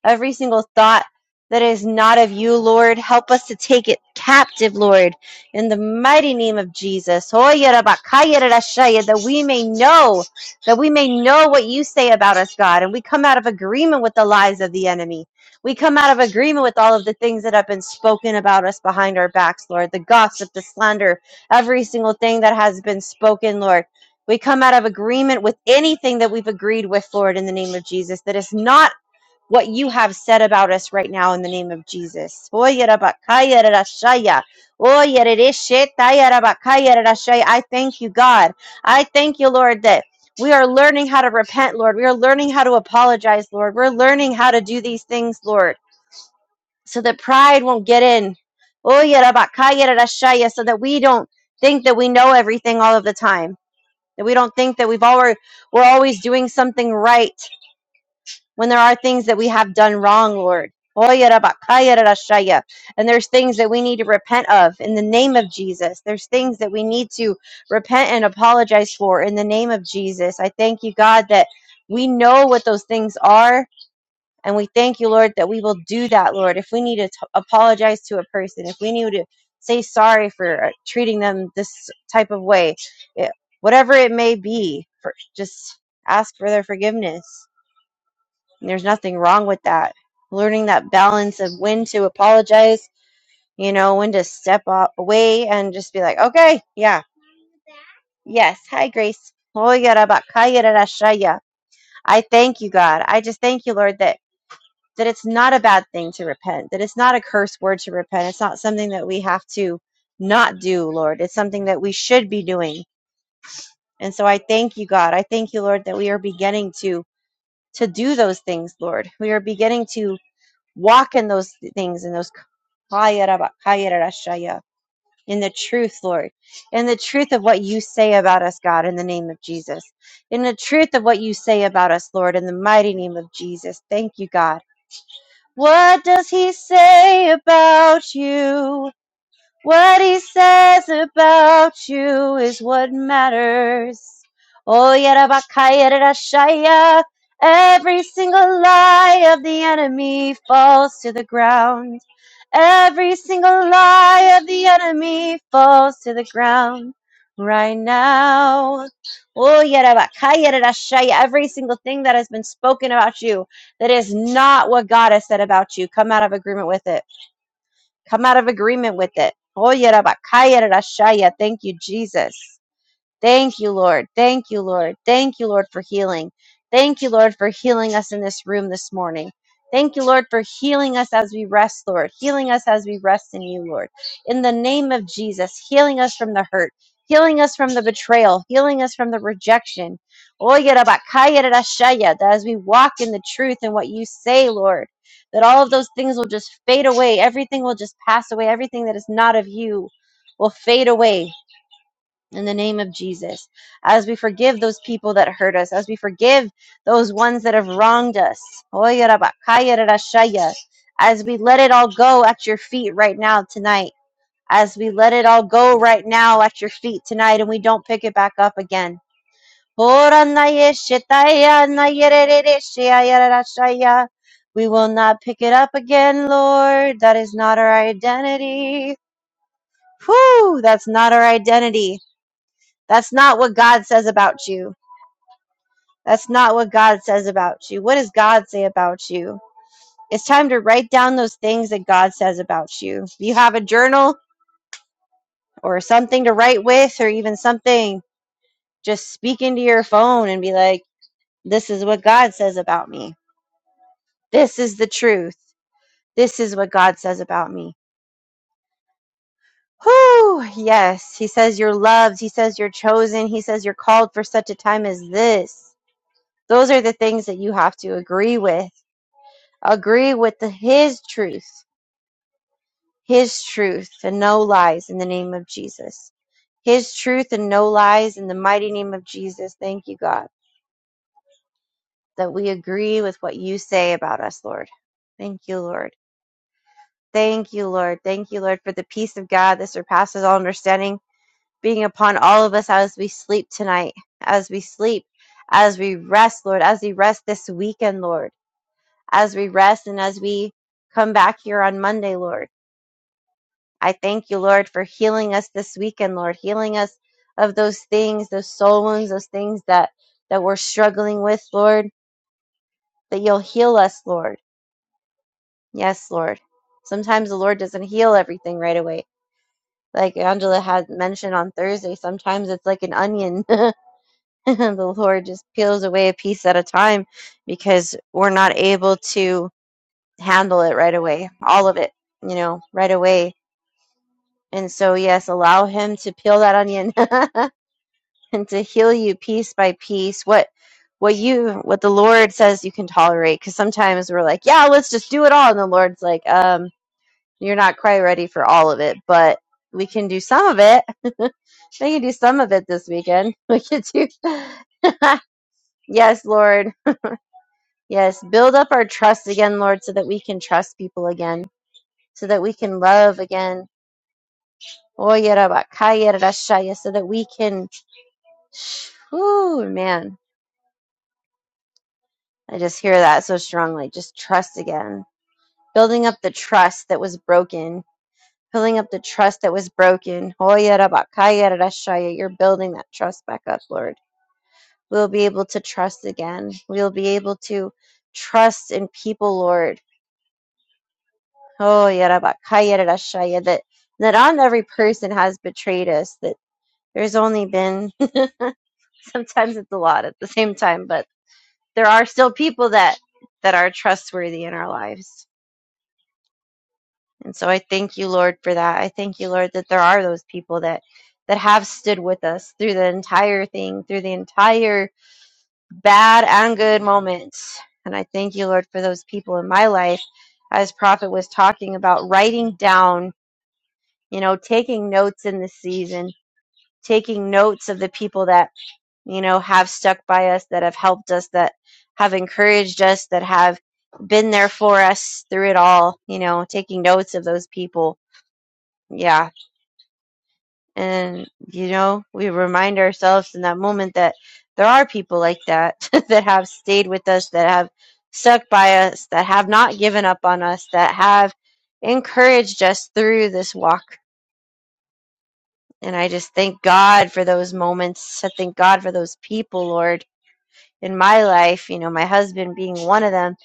[SPEAKER 1] Every single thought that is not of you, Lord, help us to take it captive, Lord, in the mighty name of Jesus. That we may know, that we may know what you say about us, God. And we come out of agreement with the lies of the enemy. We come out of agreement with all of the things that have been spoken about us behind our backs, Lord, the gossip, the slander, every single thing that has been spoken, Lord. We come out of agreement with anything that we've agreed with, Lord, in the name of Jesus, that is not what you have said about us right now in the name of Jesus. Oyerabakayerashaya. Oyerereshetayerabakayerashaya. I thank you, God. I thank you, Lord, that we are learning how to repent, Lord. We are learning how to apologize, Lord. We're learning how to do these things, Lord so that pride won't get in. Oh, So that we don't think that we know everything all of the time. That we don't think that we've always we're always doing something right when there are things that we have done wrong, Lord. Oh, And there's things that we need to repent of in the name of Jesus. There's things that we need to repent and apologize for in the name of Jesus. I thank you, God, that we know what those things are and we thank you, Lord, that we will do that, Lord. If we need to t- apologize to a person, if we need to say sorry for uh, treating them this type of way, it, whatever it may be, for, just ask for their forgiveness. And there's nothing wrong with that. Learning that balance of when to apologize, you know, when to step a- away and just be like, okay, yeah, yes, hi, Grace. I thank you, God. I just thank you, Lord, that that it's not a bad thing to repent, that it's not a curse word to repent. It's not something that we have to not do, Lord. It's something that we should be doing. And so I thank you, God. I thank you, Lord, that we are beginning to to do those things, Lord. We are beginning to walk in those things in those in the truth, Lord, in the truth of what you say about us, God, in the name of Jesus, in the truth of what you say about us, Lord, in the mighty name of Jesus. Thank you, God. What does he say about you? What he says about you is what matters. Oh, Yerabakayerashaya. Every single lie of the enemy falls to the ground. Every single lie of the enemy falls to the ground right now. Oh, Yerabakayerashaya. Every single thing that has been spoken about you that is not what God has said about you, come out of agreement with it Come out of agreement with it. Oyerabakayerashaya. Thank you, Jesus. Thank you, Lord. Thank you, Lord. Thank you, Lord, for healing. Thank you, Lord, for healing us in this room this morning. Thank you, Lord, for healing us as we rest, Lord. Healing us as we rest in you, Lord. In the name of Jesus, healing us from the hurt, healing us from the betrayal, healing us from the rejection. Oyerabakayerashaya, That as we walk in the truth and what you say, Lord, that all of those things will just fade away. Everything will just pass away. Everything that is not of you will fade away in the name of Jesus. As we forgive those people that hurt us, as we forgive those ones that have wronged us, as we let it all go at your feet right now tonight, as we let it all go right now at your feet tonight and we don't pick it back up again. We will not pick it up again, Lord. That is not our identity. Whew, that's not our identity. That's not what God says about you. That's not what God says about you. What does God say about you? It's time to write down those things that God says about you. If you have a journal or something to write with, or even something, just speak into your phone and be like, This is what God says about me. This is the truth. This is what God says about me. Whew, yes. He says you're loved. He says you're chosen. He says you're called for such a time as this. Those are the things that you have to agree with agree with the, his truth, his truth, and no lies in the name of Jesus. His truth and no lies in the mighty name of Jesus. Thank you, God, that we agree with what you say about us, Lord. Thank you, Lord. Thank you, Lord. Thank you, Lord, for the peace of God that surpasses all understanding being upon all of us as we sleep tonight, as we sleep, as we rest, Lord, as we rest this weekend, Lord, as we rest and as we come back here on Monday, Lord. I thank you, Lord, for healing us this weekend, Lord, healing us of those things, those soul wounds, those things that that we're struggling with, Lord, that you'll heal us, Lord. Yes, Lord. Sometimes the Lord doesn't heal everything right away. Like Angela had mentioned on Thursday, sometimes it's like an onion. the Lord just peels away a piece at a time because we're not able to handle it right away, all of it, you know, right away. And so, yes, allow Him to peel that onion and to heal you piece by piece what what you what the lord says you can tolerate because sometimes we're like yeah let's just do it all and the lord's like um you're not quite ready for all of it but we can do some of it we can do some of it this weekend we can do yes lord yes build up our trust again lord so that we can trust people again so that we can love again Oh, yeah, Rabbi, Kaya, Rashaya, so that we can Ooh, man I just hear that so strongly. Just trust again. Building up the trust that was broken. Building up the trust that was broken. Hoya rabakaya rarashaya. You're building that trust back up, Lord. We'll be able to trust again. We'll be able to trust in people, Lord. Oh, yarabakaya rarashaya, that that on every person has betrayed us. That there's only been sometimes it's a lot at the same time, but there are still people that that are trustworthy in our lives. And so I thank you, Lord, for that. I thank you, Lord, that there are those people that that have stood with us through the entire thing, through the entire bad and good moments. And I thank you, Lord, for those people in my life. As Prophet was talking about writing down, you know, taking notes in this season, taking notes of the people that, you know, have stuck by us, that have helped us, that have encouraged us, that have been there for us through it all, you know, taking notes of those people yeah And, you know, we remind ourselves in that moment that there are people like that that have stayed with us, that have stuck by us, that have not given up on us, that have encouraged us through this walk. And I just thank God for those moments. I thank God for those people, Lord, in my life, you know, my husband being one of them,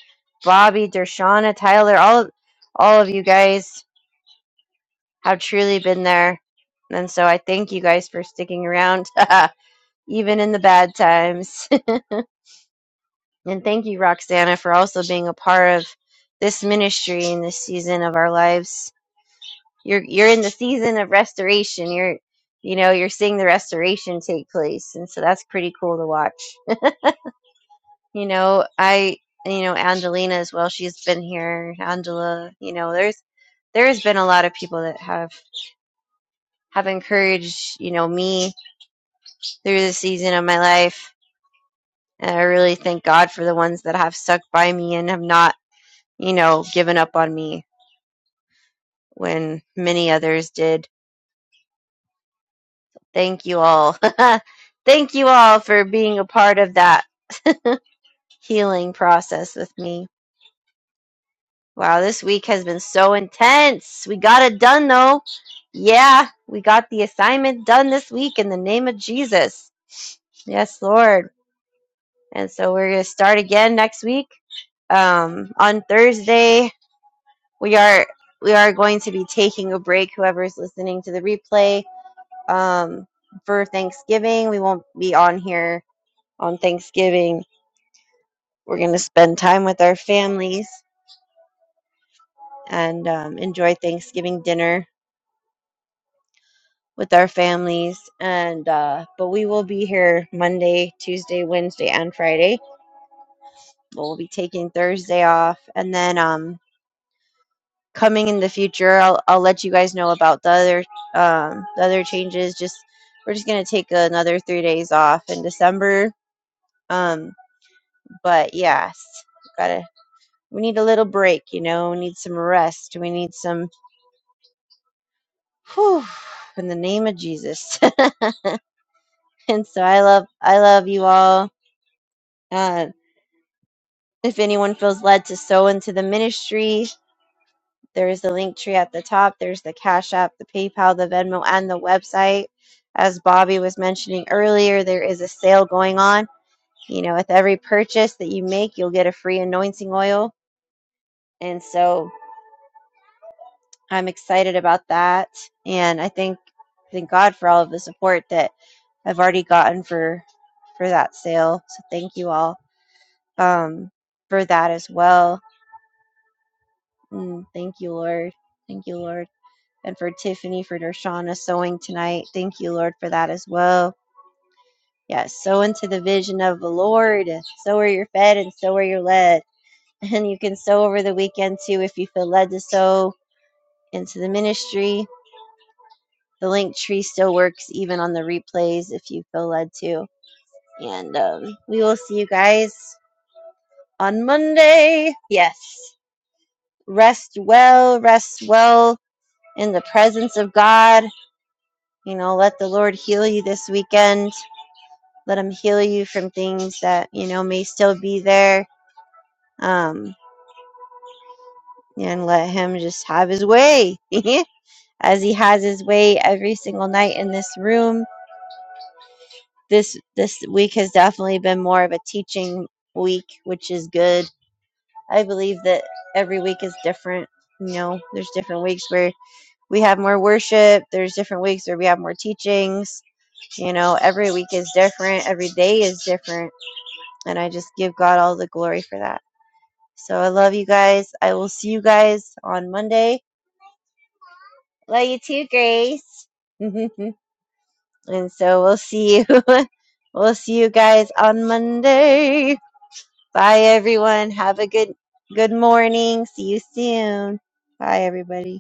[SPEAKER 1] Bobby, Dershana, Tyler, all all of you guys have truly been there. And so I thank you guys for sticking around. even in the bad times. and thank you, Roxana, for also being a part of this ministry in this season of our lives. You're you're in the season of restoration. You're you know, you're seeing the restoration take place. And so that's pretty cool to watch. You know, I you know, Angelina as well, she's been here. Angela, you know, there's there's been a lot of people that have have encouraged, you know, me through this season of my life. And I really thank God for the ones that have stuck by me and have not you know, given up on me when many others did. Thank you all. Thank you all for being a part of that healing process with me. Wow, this week has been so intense. We got it done though. Yeah, we got the assignment done this week in the name of Jesus. Yes, Lord. And so we're going to start again next week. Um on Thursday, we are we are going to be taking a break whoever's listening to the replay um, for Thanksgiving. We won't be on here on Thanksgiving. We're going to spend time with our families and um, enjoy Thanksgiving dinner with our families. And uh, but we will be here Monday, Tuesday, Wednesday, and Friday. We'll be taking Thursday off, and then um, coming in the future, I'll I'll let you guys know about the other um, the other changes. Just we're just gonna take another three days off in December. Um, but yes, gotta. We need a little break, you know, we need some rest. We need some whew in the name of Jesus. and so I love I love you all. Uh, if anyone feels led to sow into the ministry, there is the link tree at the top. There's the Cash App, the PayPal, the Venmo, and the website. As Bobby was mentioning earlier, there is a sale going on. You know, with every purchase that you make, you'll get a free anointing oil. And so I'm excited about that. And I think thank God for all of the support that I've already gotten for for that sale. So thank you all um for that as well. Mm, thank you, Lord. Thank you, Lord. And for Tiffany for Dershana sewing tonight. Thank you, Lord, for that as well. Yes, sow into the vision of the Lord. So are you're fed and so are you're led. And you can sow over the weekend too if you feel led to sow into the ministry The link tree still works even on the replays if you feel led to. And um, we will see you guys on Monday. Yes. Rest well, rest well in the presence of God. You know, let the Lord heal you this weekend. Let Him heal you from things that, you know, may still be there. Um, and let Him just have His way as He has His way every single night in this room this this week has definitely been more of a teaching week, which is good. I believe that every week is different. You know, there's different weeks where we have more worship. There's different weeks where we have more teachings. You know, every week is different. Every day is different, and I just give God all the glory for that. So I love you guys. I will see you guys on Monday. Love you too, Grace. and so we'll see you. we'll see you guys on Monday. Bye everyone. Have a good good morning. See you soon. Bye everybody.